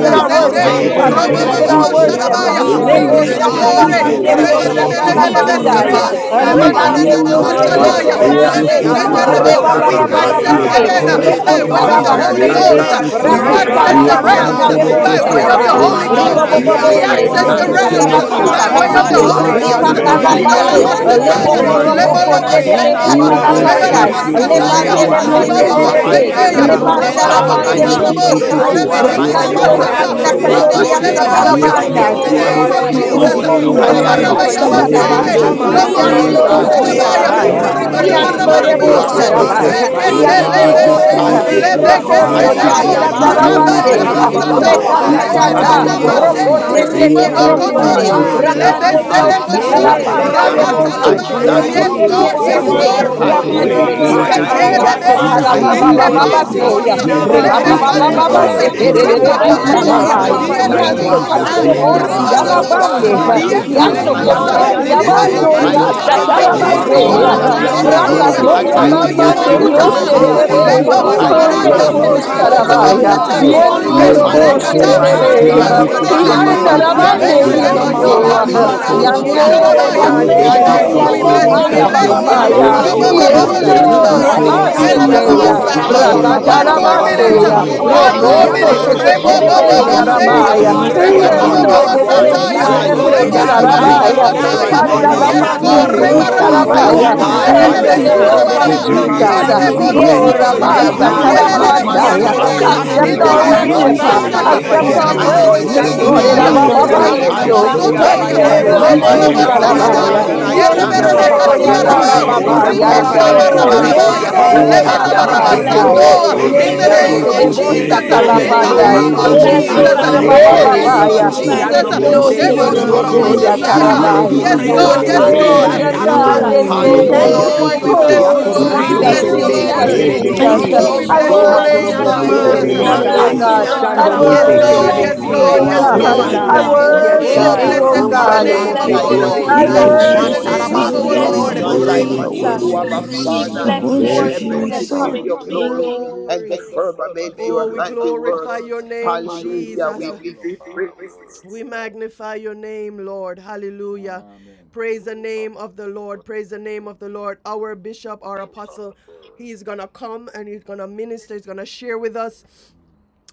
with our
Ya
to
mama
sente.
worship.
Mighty
korobo
strength,
You
shake
are
and
Thou
si
God,
it,
sheke
art
we
Robo,
shake
la
pleased
bo,
with
bless
bo,
terebe.
we
baba.
our
Siontorbo
you.
pray.
worship.
Lebe
Ye
Uh,
Shadabaya.
be
We
Siaraba,
be
ke
God,
We
be
Only
be
la
Lebo
give you
one
be
worship
the
be
of
Glory,
Reba
praise,
sata
mama
be.
you,
la
ke
glory.
la
Israel,
Ye
Siente
Lord,
praise,
we
ba.
panderio
Jesus.
Rebe
glory,
this
press
korobo
sata
We
into
praise,
si
la
Ye
morning
Sioro
give
the
na
Jesus,
you
terebe
is
mama
praise,
bandai.
presence.
Correba
sai.
praise,
worthy
sete
of
my
glory,
la
We
praise.
ba.
Siaraba,
King.
praise.
Rikando
Rebanderio
No
bo
We
glorify
Hallelujah,
se
you.
Yes,
glory,
terebe
we
glorify
Siontorbo
Hallelujah.
you,
honor
si.
Rebel
Jesus.
you,
seketerebese,
Yes,
Lord
Ya
sister to
God.
God.
Siaraba,
the
Jesus.
You
korobo
Yes,
Yekata
Hallelujah.
are
so
We
glory.
sister.
reka
Jesus.
worthy.
terebe
He
access
You
Yes,
makata,
we
sai.
rebababababande,
are
heaven uh,
Jesus.
observed
worthy.
the
by
Yando
You
Glory,
way
bo
Lord,
Ye
of
mighty
rekete
are
the
se
you are
ba
God.
ba
Holy
mighty.
ba.
terebe
Rebel
rokotarabasete,
se-
Ghost.
worthy.
Uh,
shatata,
si.
God,
bless
you
sister
your
We
are
My
Ye
Oh
to
name,
ba
great
ba
access
God.
God,
glory,
Abba
and
we
ba
the
ba
Rebel
Ye
give
makatata,
great
ba
you
realms
ba
rakantarabasana
Father.
uh,
Jesus,
ba
sister to
korobo
rebo
ba
We
so
praise.
by
ba
sister.
way
praise.
ba.
of
yemama
the
sharabai,
terebe
ke
My
glorify
Holy
mama
na
si.
your
God,
ma
Rebel
Ghost.
we
hallelujah,
ma
name,
sister
sete.
give
ma.
Uh,
to
you
Hallelujah.
We
Yando
I
ribobobobonde,
bo
access
se
Ye
Yeshua.
glory,
praise.
the
thank
la ba
We
you,
the
terebe
ba
realms
My
uh,
ba.
lift
Lord
si.
She
sister.
your
God,
ribosatalapanda
by
we
God.
ke
way
name
hallelujah,
na
of
give
on
the
Oh,
you
ma
Rebel
rabande,
You
Holy
are
se.
higher,
Ghost.
praise.
sister to the
Yabayando.
for
Ye
Jehovah.
sister.
My
la
you
Yeah,
ba
are
God,
lipakalapande,
glory,
ba
we
yeah,
ba
give
worthy
ba.
you
Rebel
Jehovah,
and
sister
ku
you
na
are
yeah,
worthy
praise.
to
to
ma.
be
lepokoropoko
the sister. Rebel sister
glory,
My
Jehovah.
yeah,
to
Ke
praised.
God,
nedebe
la
uh.
You
We
we
ba
are
yeah,
ba
are
give
God,
you
se
the
Father,
you
te
glory,
Jehovah
Lebala
you
yeah.
katalapandai,
na
praise,
praise.
are
sister.
decree
Nissi.
ma.
My
masataya,
Yeah,
praise,
lepande
You
God,
Rebel
glorious.
are
we
Ye
uh.
Papa
give
glory.
la
leponde
you
praise,
ba
Yende.
libalobo
ba
Jehovah.
We
ya
Father,
ba.
praise.
we
ledebe,
declare
She
Yeah,
your
praise.
sendeya,
honor
ke
Hallelujah.
na
you
Lord,
sister
ma.
repanda
this
have
Hallelujah.
robolobo
Shama
Koroboso.
to
your
my
morning.
Ye
glory,
uh.
rabanderio
Yeah,
way
la
in
kotorobo,
ba
peace.
We
this
ba
your
ba.
satai,
join
You
place.
with
She
are
the
Korobosi.
glory
la
in
We
my
the
are
ba
rebaramana
Oh
ba
Yeah,
rikando
heaven,
God,
ba.
24
the
joy.
your
masata,
Domo
have
ku
Se
na
sister.
your
elders
You
glory
way
Hallelujah.
ma.
are
Rebel
in
this
on
robo
sister
my
the
this
kanakatoria
to
earth,
morning
Terebesi.
God,
uh,
your
you
place.
exceeding
We are the sister.
Yes,
shebeboya.
Yes,
are
Yeah,
and
great
We
make
satarabandai,
In
word.
we
the
Domo
give
your
say,
you
reward
Se
God,
name
glory.
next
this
of
you
Holy,
praise.
are
Break
word.
sister
We
of
Lord,
Jesus,
a
morning,
you
to
Terebeso.
give
holy,
are
We
you
are
Your
chain,
Yeah,
Yengondo
and
break
praise.
I
holy.
of
word,
a
Papa
We
rabarabaya
give
shikasta
bless
chain,
your
you
Lord
Yende.
glorious.
break
praise.
the
of a
name.
praise.
God
baserebe,
sister.
katamande,
Rebel
You
Shama
chain,
Your
sister
are
We
to
Mama
Holy
break
word,
of
give
lomondo
a
Almighty,
Lord
the
yando
you
Mando.
God,
lobo
chain,
God,
to
robo
you
praise.
ways
glorious.
sarabaya,
are
We
and
in
La
break
give
praise,
of
all
Yeah,
sarabaya,
a
you
ways
God,
your
God,
to
banda
you
chain,
are
praise.
ways.
come.
yando
canta
We
break
praise.
of
give
a
You
yeah,
rebo
you
ribarabarabarabio
are
Abba
chain,
glory.
All
yeah,
praise.
break
Father,
yekete,
perfect,
of
sarabaya,
about
a
you
the
are
mighty
We
chain,
yeah.
Rekete
Lord.
the
give
yebani
God.
King
you
All about
of
break
lebeshe,
kete
of
yande
a
praise.
Glory,
We
glory.
Oh,
chain,
yekete.
give
Hallelujah.
you
the
break
You
of
Yabai,
a
are
lebekete
brokoto
And
the
Mighty
praise.
I
chain,
Yabai,
break
lebo,
Lord.
We
glory
high
bless
riasta
God,
and
to
give
we
of
the
your
a
Yabai.
mighty
you
Lamb
holy
of
chain,
glorify
one.
rabada
praise.
name
Rabba,
tarabaseya,
God.
your
All
ba,
break
ba,
this
of
ba,
name.
a
masata,
about the
Abba
You
ba, ba,
chain
are
We
morning.
brekata
ba,
Glory,
Father,
ba,
honor
you
your
I
surrounding
ba,
are
tata,
the
ba,
worthy.
name
limanana
the
You
this
ba.
are
exalt
people,
mase,
oh
your
ancient
Father,
morning.
of
God.
brokote
our
great
glory,
We
worthy.
days.
name.
tete
Break
ribobo
adore
of
Creator.
a
You
you,
are
Oh
chain
brokonde,
kotoro,
as we
glory,
Mmm.
God,
worthy,
Hallelujah.
you
Lord,
That's
my
worship
are
brakande
we
you,
the
lebese
God.
I
Jesus,
God.
pray.
am
lebo
riosta
You
that
We
Hallelujah,
are
shai,
you
Break
Yeah,
are
of a
glory,
say
about
talapanda
I
to
the
glorious,
Jesus.
chain,
Yakorobo
am.
make
Lord
so
yebonde,
it
I
ramatalaba.
And
Almighty
be
thank
Jesus.
I
to
God.
Yes,
you
bow
rekete
terebesi.
glory,
You
this
pray.
God,
down
are
tete
to
yes,
We
morning.
you
Glory
te,
are
life,
to
this
from
Yakorobo
God.
glory,
the
I
God.
si
wonderful,
morning.
my
ramande
to
praise
Jesus,
God.
God.
you
pray,
Hallelujah.
I
and
riosta
terebesai.
to
I
You
cast
bless
my
are
crown
glory,
you.
talabasta
Proud
Iteterebesha,
Yakorobo
I
Jesus,
not
marvelous,
your
so
talababa
we
Your
Lord
feet
Hallelujah.
exalt
bless
baba
your
Jesus.
itepati,
this
you.
glory,
terebesi.
name,
soya,
presence,
morning.
Hallelujah.
uh,
King
You
of
Jesus,
are
and
rebaba
Yekorobo
we
lebeke,
I
Hallelujah.
kings
si
baba
and
say,
praise
excellent,
glory,
your
you.
baba
all
Lord
my
terebe.
of
Word
things,
King.
setere
to
Ya
lords.
the
ribaya,
Jesus,
pa
Hallelujah,
I
Lamb
we
rebo
pa
God.
of
pa
You
pa
glory,
bless
are
you
pa
God.
my
pa
hallelujah.
glorify
sararai,
uh,
end
this
pa
you.
Ye la
time
oh
morning.
ba
yando
yende.
ba
God,
warrior.
Jesus,
ba
who
yetorebosa,
I
glory,
we
kandele
Oh,
se
that
sits
you
ya
You
de
are
boshi
are,
na
worship
upon
our
papa
glory,
ma.
magnify
papa
you
the
Lord
you.
best
ribarababa,
papa
this
God,
throne.
Dalabande,
the
Ye
uh,
morning.
Jesus,
ke
we
la
champion
we
yende.
of
ba
I
Yanno
bless
ba
my
Ya
your
ko
exalt
yekotorosa,
Kote,
ba
exalt
you.
na
glory.
you
journey.
ma
this
Lord.
se
magnificent
Jesus,
libalamutabiko,
Yabando,
de
we
morning.
name.
lift
Almighty
la
shando,
uh,
ba.
I
God,
we
shando.
lift
you
Lord
Ye
your
are
bless
Ya
name
Yasatarabase,
your
ke
God
all
pa,
on
Hallelujah. Worship of your
la
that
Jesus.
ba
God,
Almighty,
ya
and
high
ba
glorious
you're
ba,
this
se
more.
name.
libakototorabaya,
ke
worthy.
uh,
morning.
And
na
Prakatoria
I
and
yobo,
Glory.
ma.
serve
we
give
You
thee
honor
Bamande,
rebe,
your
you,
Ye
are
glory
oh
rabayabakutama,
la
this
ba
rebe.
ba
God.
Hallelujah.
awesome.
praise,
Ya
se
Uh,
morning.
Yosterebe,
de
papa pa
You
Lord.
for
pa
na
I
you
are
ma
give
are
Glory.
libebabusmananda,
thee
a
ke
yende.
Hallelujah.
la
Honorable
praise
excellent.
ba.
glorious
and
Yakorobo
honor
Ku
God.
orobosa,
You
Sarabaya,
so
this
na
ah.
Hallelujah.
are
ma
All
Oh
morning
se
of our
de
terebesi.
Lord, you
la
praise
Yendorobo
unto
are
and
wonderful.
ba
a
Glory.
you,
ke
libeshmerekata,
na.
mighty
praise,
covenant
Yeah,
Sherebe,
ya
God,
ba
Ye
ba
keeping
ba
Hallelujah.
ke
ascribe
ba
God.
randare,
Glory.
la
ba
Lord.
ah.
ba
ba.
glory,
We
ba
And
bless
se
ascribe
Hallelujah.
we
Yandarabande,
you
Oh,
de-
ke
ya
honor
this
na
de-
you,
Glory.
ma.
mama
Yondo,
Abba
lebezuta,
morning,
deity.
mando.
God.
Father.
Ruku la
Oh,
ba
Yande,
Yes,
We
King
ba
of
Glory.
Lord
se
bless
babubusharabaya.
Yeshua,
you
God,
ke
glory,
Yande,
we
na
in
this
We
the
King
honor
bless
of
ma.
name
morning.
of
you.
Yande,
ah.
glory,
Oh
you,
God,
Glory.
Ye
we
I
Jesus.
We
na
come
bless you,
in,
mama
In
King
the
Hallelujah.
of
Yababaya,
mama
glorify
Glory.
we
name
We
The
you,
of
glory,
glory
shiki
of
come
God,
the
bless
worship
Yendo
Jesus.
in,
Lord
you,
has
ye
amanese,
Yeshua.
you.
la
risen
Yes.
ba
come
God.
ba
Oh
in,
I
upon
ba
us.
King
We
of
sete
Rabaseteya,
Yeshua, you
glory,
leva
praise
glorify
ye
Glory.
are
come
you,
la
in,
ba
Thank
ba
you
One
worthy.
ba
halabokoto,
King
more
of
Jesus.
you.
kuna
Glory.
minute,
to
ma
Rakatalabaseya,
Worthy
glory,
You
God,
is the
King
Yababababababababababababababa.
are
Praise
one
of
sete
Lamb
Jesus.
la
more
worthy
rakasata
of
you. Praise
Procondo
to
ba
minute.
glory,
God
be
we
who
you.
Rebo
Glory.
ye
come
praised,
sits
maleheketo,
in,
We
bobo
Lord.
ke
King
Hallelujah.
na
upon
Seketerebeya
of
the
Yakorobosoterebesi.
You
proclaim
mama
boseya,
throne.
are
your
ke
Rabaya,
glory,
ah.
la ba
the
manabohula
reba
We
wonderful,
rebo
bow
kuna
glory.
Ba,
Yendo
anointed
Lord.
bobo
ma
down
manakata,
ba, ba,
to
one,
you
You
sataya,
Boboshi
you
yes
de
are
are
this
Yekorobosoterebesai.
Glory.
morning
Reba
Jesus
anointed
Bosta
ah,
glorious,
we
to
renavares
rebo
my
leva
and
rebo
preach,
we
Rabaya,
worship
God.
you
you
cast
are
saya.
You
halabokoto,
Glory
we
our
Handa la
Yandoboseterebesi.
are a
anointed
crown
Yes,
the
worship
at
you
go
we
your
praise
righteous
you,
prophet,
Panderio
we
reba
feet.
menavala
God.
uh,
worship you
praise
ba, ba,
glory,
ba,
you,
hakala
You
we
ramanda.
Yakoroboso.
Almighty
Oh
Sarabaya,
we
are a
praise
God,
God,
you,
varekete.
we
we
in
exalt
the
Ebelebe
sovereign
bless
praise
you
you.
glory,
hallelujah.
God.
your
sura
name
God
of
We
And
name.
baraba.
Yeah,
we
ah.
so we
Jesus.
Mama
glorify you,
Rebebebebebebebebebe.
Yes,
Sanakayamana
bless
Father,
you
magnify
we
we
your
Sete,
bojo
this
Oh,
glory,
bless
great
Kalabokoto,
robo.
your
glorify
ba,
You
morning.
Yay,
you,
name
are
we
praise
name.
Rabasa
the
you.
God
We
ah,
yabai.
glorify you.
we
For
anointed
worship
Rehimanameketi,
Yelelele
you
you
bo
glory, glory,
one, the
are
bless
Talapandaya,
this
the
you
Alpha
most
Hikalavandala,
prophet.
and
sharanaya.
morning.
accept
In
La
Yakorobosi.
Jesus
Omega,
You
honorable
the
We
our
ye
are
we
la
glory,
name of
righteous
ba
worship,
Yay,
Kalabokoto,
magnify
uh,
glorify
anointed
God.
to
you
you.
ah.
sete
this
Hallelujah.
preach,
accept
Jesus.
Oh
our
morning.
Beginning
yapapapayende.
Rehivaleketi,
God,
and
praise
glory,
the
we
this
anointed
end,
to
we
You
morning,
Ba, ba,
Yekela
ba,
Sharamaya,
ba, ba,
are
glorify
teach.
Manavalakata,
baba
glorify
you,
Ababa
Oh,
you.
Rebo
wonderful,
Chandomoseterebesi.
glory,
bakuna
The
Rebo
Yendo,
Kalabereketi,
Yahshua,
Jesus.
O
first
hallelujah.
ya
masite.
and the
Sotoya,
Hilavados,
You
Hande
are
de
You
Ancient
last,
bayando,
are
of
we
glory,
Lebo
ba,
excellent
Robo
o
in
Lebo
days,
ba,
ya
Yekela
mighty,
Renamanaka,
all
glorify
we
papa
the
Lord
you,
earth.
Sanana,
honor
Sarabaya,
Lord
bakuna
God,
you.
and
yende,
God,
Navohoromosa,
I
We
glory,
God
ah.
worship
o
give
Yerebe
thank
ya
makela
you
you.
glory,
you.
Rebe
Almighty.
ba.
praise
papa
Yendo
Reba
Mamomokoto,
You
this
Katia
Lord
You're
are
Sion
yende,
Let
my
Rebo,
glory,
God,
morning.
o
Torobo
we
yarababa
ya
Kalavarakata,
everyone
bow
You
that
exalted,
papa
are
have
down
Siaraba.
read
mighty
and
yende,
awesome,
yando
God.
Leleleketi,
God.
Lord
praise
You're
worship,
o
the
Reba
ya
not
yende
O
Jesus.
baba
Lord.
Lord
And
Hilavarokoto,
Kasian
baba,
Hallelujah.
so
God
we
Taraba
ye
God.
bless
Almighty.
yarabandai
You're
Renavalakata,
korobo
Hallelujah,
our
you.
Sioro
Glory
Lord.
to
so,
in
We
Rabbi
the
yendo
your
ya
Korebe
Lord,
name
hallelujah,
Kalabereketi.
name
praise
of
this
korobo
I
you.
morning.
Siente.
si,
sedebosta
Jesus,
glory,
We
hallelujah,
in
Hey,
the
worship
honor
Glory,
Sheketerekete,
in the
name,
you.
glory,
glory,
talapandai
name
We
of
Shekaraba
makorobo
glory,
hallelujah. We
yendo
si,
Jesus,
you.
magnify
Sianta.
ye
Randa,
exalt
you.
glory,
in the
you, we
glory
name
We
of
korobo
to
rabababaya
si,
your
exalt
Rebondeketereketerekete.
name,
glorify
Hallelujah.
you,
Jesus,
Glory,
yando
you.
Jesus.
we
Lord
No
yendo
We
se,
sion
God
Glory.
Jesus,
exalt
ye
worship
you,
sededebo
torobo
Almighty,
you.
Mandavoro.
we
terebe
you're
si
Sheboromamamasaya.
exalt
glory,
siaraba
you,
worthy,
yatarabai
terebe
you're
yes,
Hallelujah.
so
God,
worthy,
Jesus.
reba
yes,
you're
terebe.
glory,
Thank
yendo
worthy,
God.
kasian
you,
Glory
mighty
to
yanda
taraba
God.
God,
Jesus.
sioro
Mm.
hallelujah,
Rabbi
Thank
yende
kono
Hallelujah,
hallelujah,
you,
Oh,
our
we
Jesus.
glory,
bless
Shekete,
King.
siorobo
Oh
you,
we
Lord. We
Yakorobosto
press
hallelujah.
Jesus,
bless
rebe
Glory
you,
into
to
your
your
terebesi
Lord.
Hallelujah.
Jesus,
glory,
name.
siente
presence
Jesus,
Glory,
this
no
terebesi.
Thank you,
Oh,
so
we
morning.
glory,
Jesus.
I
bless
We
torobo
your
Roha
glory,
In
glory.
bless you,
name,
the
worship
Lord.
you
korobosto
mighty
sianama
this
Jesus.
Glory, you
We
name
na
are
of
morning,
glory,
oh
terebesai.
bless
worthy,
you,
Jesus.
God.
Lord
kasian
I
Lord.
Sando
God. You
Thank
Yes,
taraba
are
you,
mose
We
glory,
God,
worthy.
bless
sioro
worship
mighty
yes,
you,
you,
God.
terebesi.
God,
oh
You
Lord.
yes,
are
Thank
koreba
you,
Yes,
God.
God.
worthy
Lord
We
I
God.
hallelujah,
this
sianta
God.
bless you,
Yes,
glory
morning. You
to,
glory,
worship
Oh,
are
Thank
God.
you,
you,
sheke
Jesus.
oh
worthy.
blessed
glory
Oh,
be
Jesus.
raba
the
God.
Sando
We
Who
name
is
of
We
mose
bless
like
our
you,
bless
satioro
hallelujah,
unto
Lord.
your
I
terebesi.
you
Thank
na
Blessed
you,
name,
be
this
Jesus.
my
worship
sian
Thank you,
the
glory,
Jesus.
morning?
name
Father.
taraba
of
We
Jesus.
our
There
We
Hallelujah.
is
bless
I
sioro
glory,
Lord.
you,
none
worship
like
koreba
you. I
unto
glorify
you,
Jesus.
worship
glory,
your
Abba
you.
We
name,
Father.
I
mighty
bless you,
God.
The
our
worship
Thank
you. I
heavens
soon
glory,
and
declare
exalt.
coming
your
glory,
King.
glory and the
glory.
firmament
Oh,
your
we glorify
handiworks.
your name,
Hallelujah. We
Jesus.
give thee praise this
We magnify your name, Lord. Hallelujah. Amen. Praise the name of the Lord. Praise the name of the Lord. Our bishop, our apostle, he's going to come and he's going to minister. He's going to share with us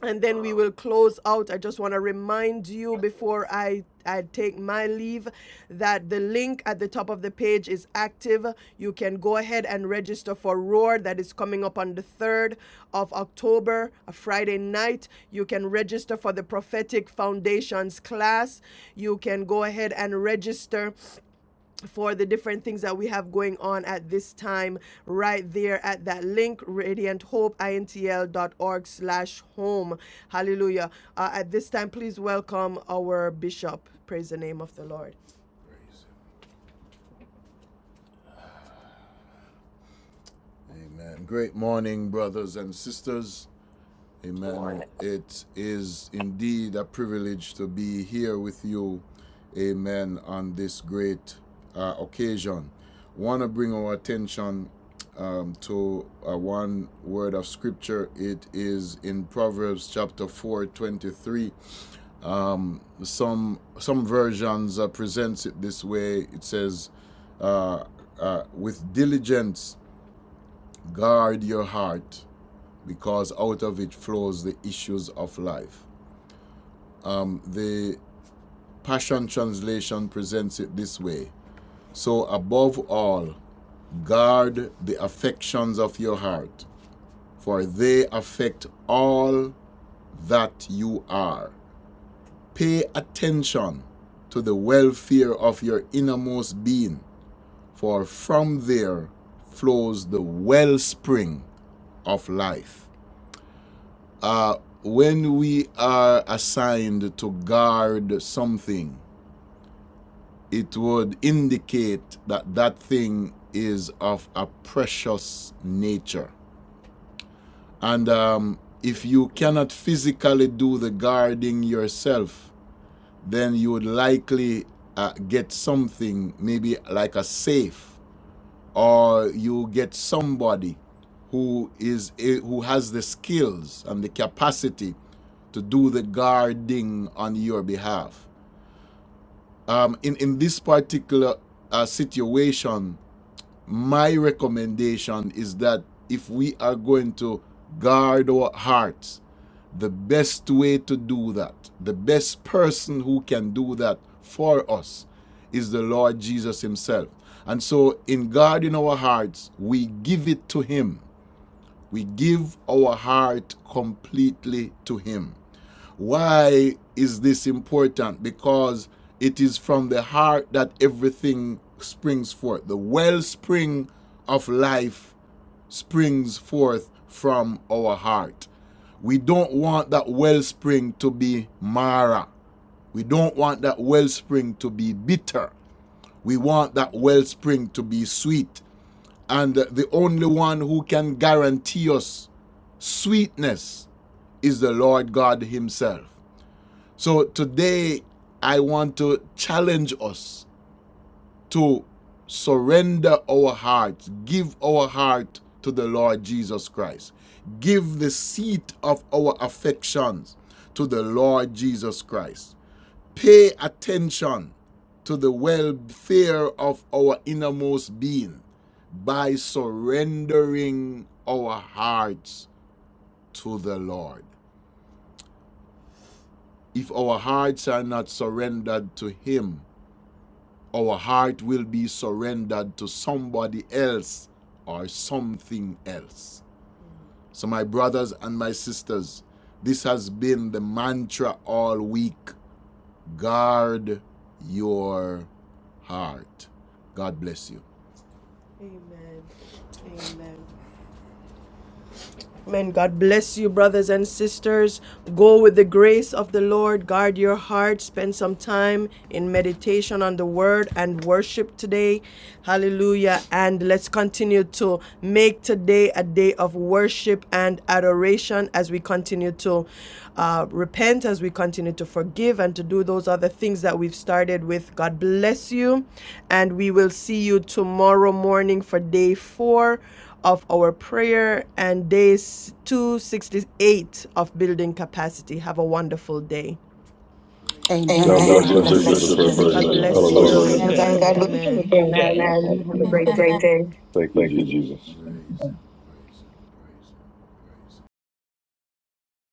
and then we will close out. I just want to remind you before I, I take my leave that the link at the top of the page is active. You can go ahead and register for Roar that is coming up on the 3rd of October, a Friday night. You can register for the Prophetic Foundations class. You can go ahead and register for the different things that we have going on at this time right there at that link radianthopeintl.org slash home hallelujah uh, at this time please welcome our bishop praise the name of the lord Amen. Great morning, brothers and sisters. Amen. It is indeed a privilege to be here with you, amen, on this great uh, occasion. Want to bring our attention um, to uh, one word of scripture. It is in Proverbs chapter 4, 23. Some, some versions uh, presents it this way. It says, uh, uh, with diligence guard your heart because out of it flows the issues of life. Um, the Passion Translation presents it this way So, above all, guard the affections of your heart, for they affect all that you are. Pay attention to the welfare of your innermost being, for from there flows the wellspring of life. Uh, when we are assigned to guard something, it would indicate that that thing is of a precious nature. And um, if you cannot physically do the guarding yourself, then you would likely uh, get something, maybe like a safe, or you get somebody who is a, who has the skills and the capacity to do the guarding on your behalf. Um, in in this particular uh, situation, my recommendation is that if we are going to guard our hearts, the best way to do that, the best person who can do that for us is the Lord Jesus Himself. And so, in guarding our hearts, we give it to Him. We give our heart completely to Him. Why is this important? Because it is from the heart that everything springs forth. The wellspring of life springs forth from our heart. We don't want that wellspring to be Mara. We don't want that wellspring to be bitter. We want that wellspring to be sweet. And the only one who can guarantee us sweetness is the Lord God Himself. So today, I want to challenge us to surrender our hearts, give our heart to the Lord Jesus Christ, give the seat of our affections to the Lord Jesus Christ. Pay attention to the welfare of our innermost being by surrendering our hearts to the Lord. If our hearts are not surrendered to Him, our heart will be surrendered to somebody else or something else. So, my brothers and my sisters, this has been the mantra all week guard your heart. God bless you. Amen. Amen. Amen. God bless you, brothers and sisters. Go with the grace of the Lord. Guard your heart. Spend some time in meditation on the word and worship today. Hallelujah. And let's continue to make today a day of worship and adoration as we continue to uh, repent, as we continue to forgive, and to do those other things that we've started with. God bless you. And we will see you tomorrow morning for day four of our prayer and day 268 of building capacity. Have a wonderful day. Amen.
God
Amen.
bless
God
you,
bless you.
Bishop and First
Blessings,
Lady.
everyone. Have a
Hallelujah.
good
blessings
you.
and
day.
Amen. God bless you.
Amen. You
Amen.
have a
have a
great day.
great
Thank you, Jesus.
day.